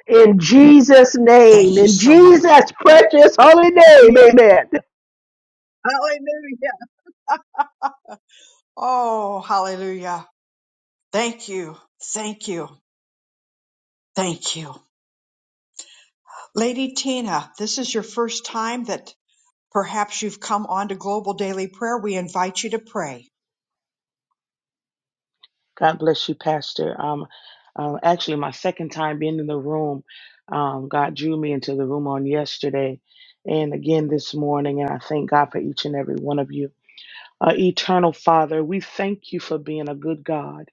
In Jesus' name, Thank you in so much. Jesus' precious holy name, Yeah, amen. hallelujah. Oh, hallelujah. Thank you. Thank you. Thank you. Lady Tina, this is your first time that perhaps you've come on to Global Daily Prayer. We invite you to pray. God bless you, Pastor. Um, uh, actually, my second time being in the room, um, God drew me into the room on yesterday and again this morning. And I thank God for each and every one of you. Uh, Eternal Father, we thank you for being a good God.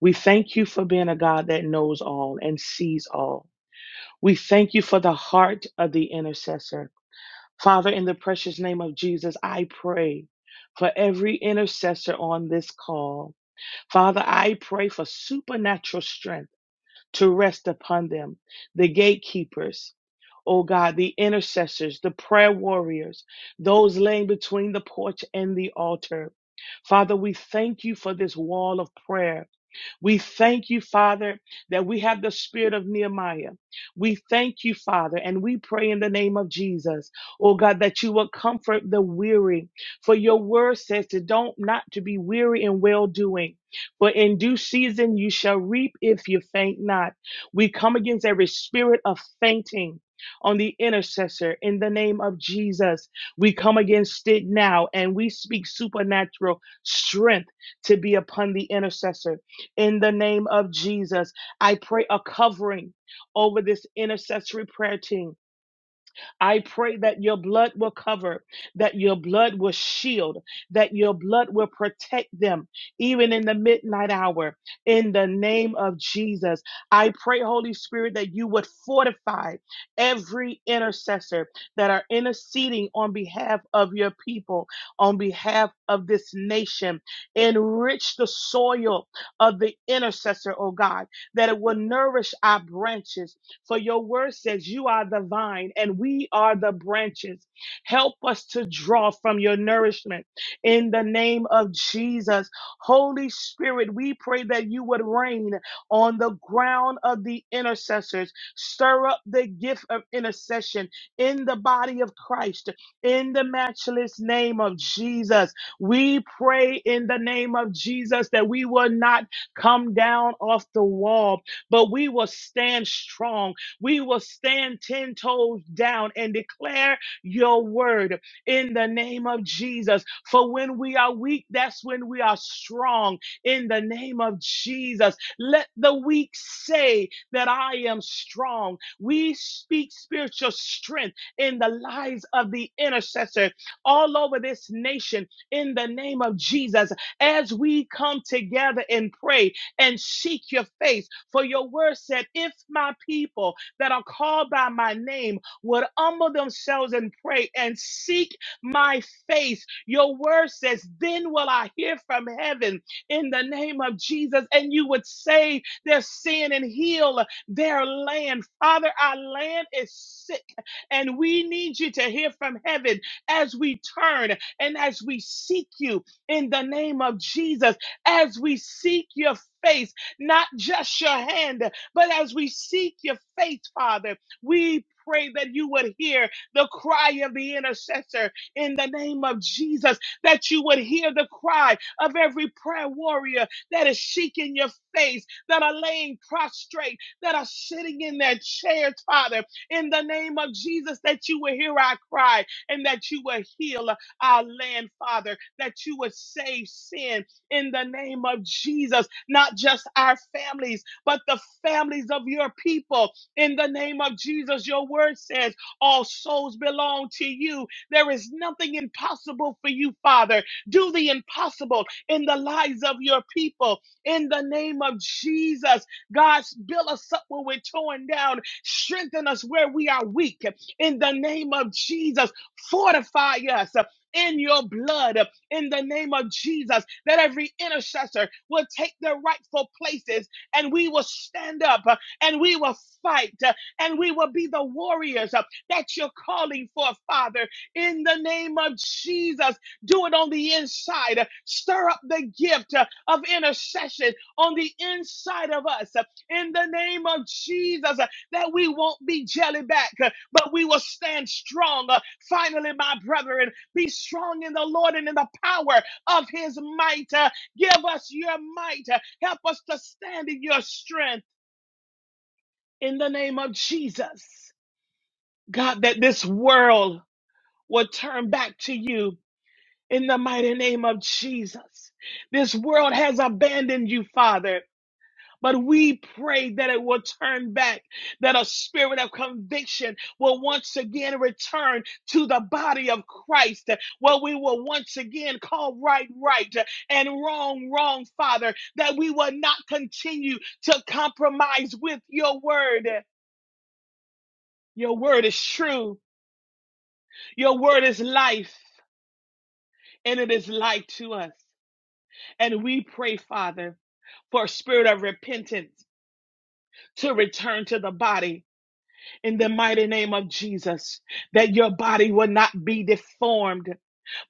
We thank you for being a God that knows all and sees all. We thank you for the heart of the intercessor. Father, in the precious name of Jesus, I pray for every intercessor on this call. Father, I pray for supernatural strength to rest upon them, the gatekeepers, oh God, the intercessors, the prayer warriors, those laying between the porch and the altar. Father, we thank you for this wall of prayer we thank you, Father, that we have the spirit of Nehemiah. We thank you, Father, and we pray in the name of Jesus, oh God, that you will comfort the weary. For your word says to don't not to be weary in well doing. For in due season you shall reap if you faint not. We come against every spirit of fainting on the intercessor in the name of Jesus. We come against it now and we speak supernatural strength to be upon the intercessor in the name of Jesus. I pray a covering over this intercessory prayer team. I pray that your blood will cover, that your blood will shield, that your blood will protect them, even in the midnight hour. In the name of Jesus, I pray, Holy Spirit, that you would fortify every intercessor that are interceding on behalf of your people, on behalf of this nation. Enrich the soil of the intercessor, oh God, that it will nourish our branches for your word says you are the vine and we are the branches. Help us to draw from your nourishment in the name of Jesus. Holy Spirit, we pray that you would reign on the ground of the intercessors. Stir up the gift of intercession in the body of Christ in the matchless name of Jesus. We pray in the name of Jesus that we will not come down off the wall, but we will stand strong we will stand 10 toes down and declare your word in the name of Jesus. For when we are weak, that's when we are strong in the name of Jesus. Let the weak say that I am strong. We speak spiritual strength in the lives of the intercessor all over this nation in the name of Jesus as we come together and pray and seek your face. For your word said, If my people that are called by my name would humble themselves and pray and seek my face. Your word says, Then will I hear from heaven in the name of Jesus, and you would save their sin and heal their land. Father, our land is sick, and we need you to hear from heaven as we turn and as we seek you in the name of Jesus, as we seek your face, not just your hand, but as we seek your face, Father, we pray that you would hear the cry of the intercessor in the name of Jesus, that you would hear the cry of every prayer warrior that is seeking your face, that are laying prostrate, that are sitting in their chairs, Father, in the name of Jesus, that you would hear our cry and that you would heal our land, Father, that you would save sin in the name of Jesus, not just our families but the families of your people. In the name of Jesus, your word says, All souls belong to you. There is nothing impossible for you, Father. Do the impossible in the lives of your people. In the name of Jesus, God, build us up when we're torn down. Strengthen us where we are weak. In the name of Jesus, fortify us in your blood in the name of Jesus, that every intercessor will take their rightful places and we will stand up uh, and we will fight uh, and we will be the warriors uh, that you're calling for, Father, in the name of Jesus. Do it on the inside. Stir up the gift uh, of intercession on the inside of us uh, in the name of Jesus uh, that we won't be jelly back, uh, but we will stand strong. Uh, Finally, my brethren, be strong in the Lord and in the power of his might. Uh, Give us your might. Help us to stand in your strength in the name of Jesus. God, that this world will turn back to you in the mighty name of Jesus. This world has abandoned you, Father. But we pray that it will turn back, that a spirit of conviction will once again return to the body of Christ, where we will once again call right, right, and wrong, wrong, Father, that we will not continue to compromise with your word. Your word is true, your word is life, and it is life to us. And we pray, Father, for a spirit of repentance to return to the body in the mighty name of Jesus, that your body will not be deformed,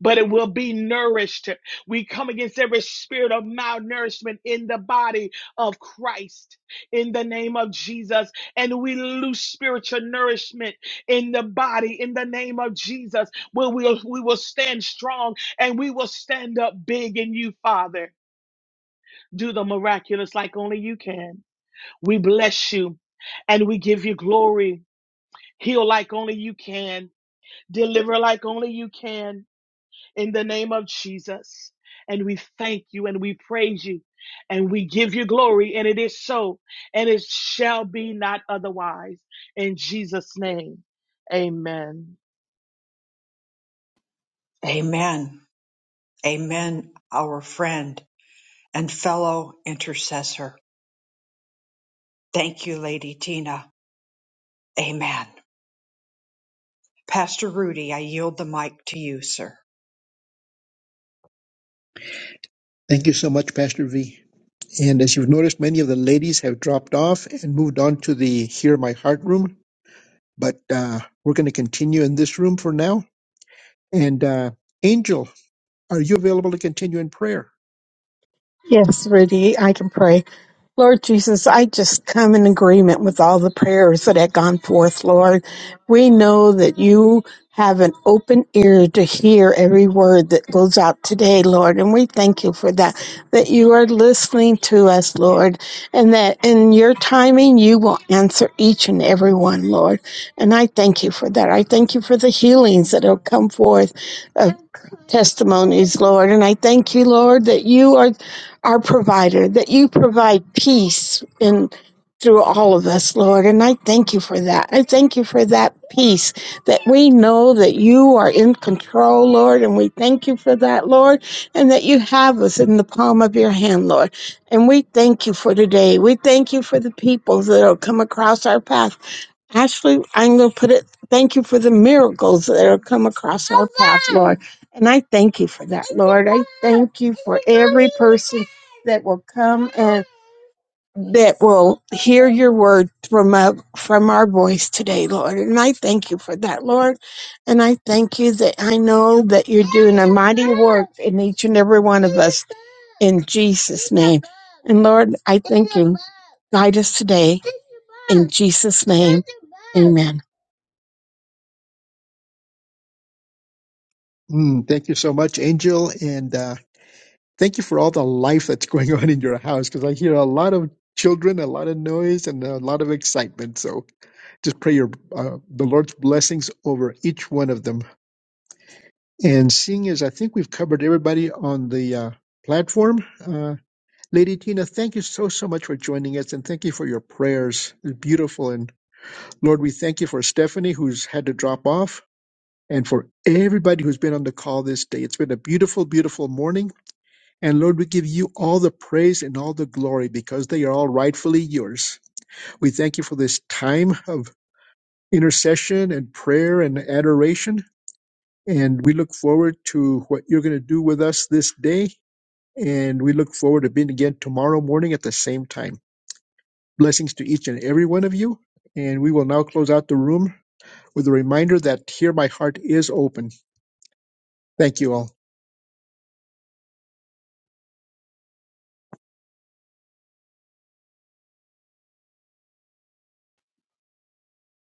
but it will be nourished. We come against every spirit of malnourishment in the body of Christ in the name of Jesus. And we lose spiritual nourishment in the body in the name of Jesus, where we'll, we will stand strong and we will stand up big in you, Father. Do the miraculous like only you can. We bless you and we give you glory Heal like only you can. Deliver like only you can. In the name of Jesus. And we thank you and we praise you and we give you glory. And it is so. And it shall be not otherwise. In Jesus' name. Amen. Amen. Amen, our friend and fellow intercessor. Thank you, Lady Tina. Amen. Pastor Rudy, I yield the mic to you, sir. Thank you so much, Pastor V. And as you've noticed, many of the ladies have dropped off and moved on to the Hear My Heart room. But uh, we're going to continue in this room for now. And uh, Angel, are you available to continue in prayer? Yes, Rudy, I can pray. Lord Jesus, I just come in agreement with all the prayers that have gone forth, Lord. We know that you have an open ear to hear every word that goes out today, Lord, and we thank you for that, that you are listening to us, Lord, and that in your timing you will answer each and every one, Lord. And I thank you for that. I thank you for the healings that have come forth of testimonies, Lord, and I thank you, Lord, that you are our provider, that you provide peace in through all of us, Lord. And I thank you for that. I thank you for that peace that we know that you are in control, Lord. And we thank you for that, Lord, and that you have us in the palm of your hand, Lord. And we thank you for today. We thank you for the people that will come across our path Ashley, I'm going to put it, thank you for the miracles that have come across our path, Lord. And I thank you for that, Lord. I thank you for every person that will come and that will hear your word from our, from our voice today, Lord. And I thank you for that, Lord. And I thank you that I know that you're doing a mighty work in each and every one of us in Jesus' name. And Lord, I thank you. Guide us today. In Jesus' name, amen. Mm, thank you so much, Angel. And uh, thank you for all the life that's going on in your house because I hear a lot of children, a lot of noise, and a lot of excitement. So just pray your uh, the Lord's blessings over each one of them. And seeing as I think we've covered everybody on the uh, platform, uh, Lady Tina, thank you so, so much for joining us and thank you for your prayers. It's beautiful. And Lord, we thank you for Stephanie who's had to drop off and for everybody who's been on the call this day. It's been a beautiful, beautiful morning. And Lord, we give you all the praise and all the glory because they are all rightfully yours. We thank you for this time of intercession and prayer and adoration. And we look forward to what you're going to do with us this day. And we look forward to being again tomorrow morning at the same time. Blessings to each and every one of you. And we will now close out the room with a reminder that here my heart is open. Thank you all.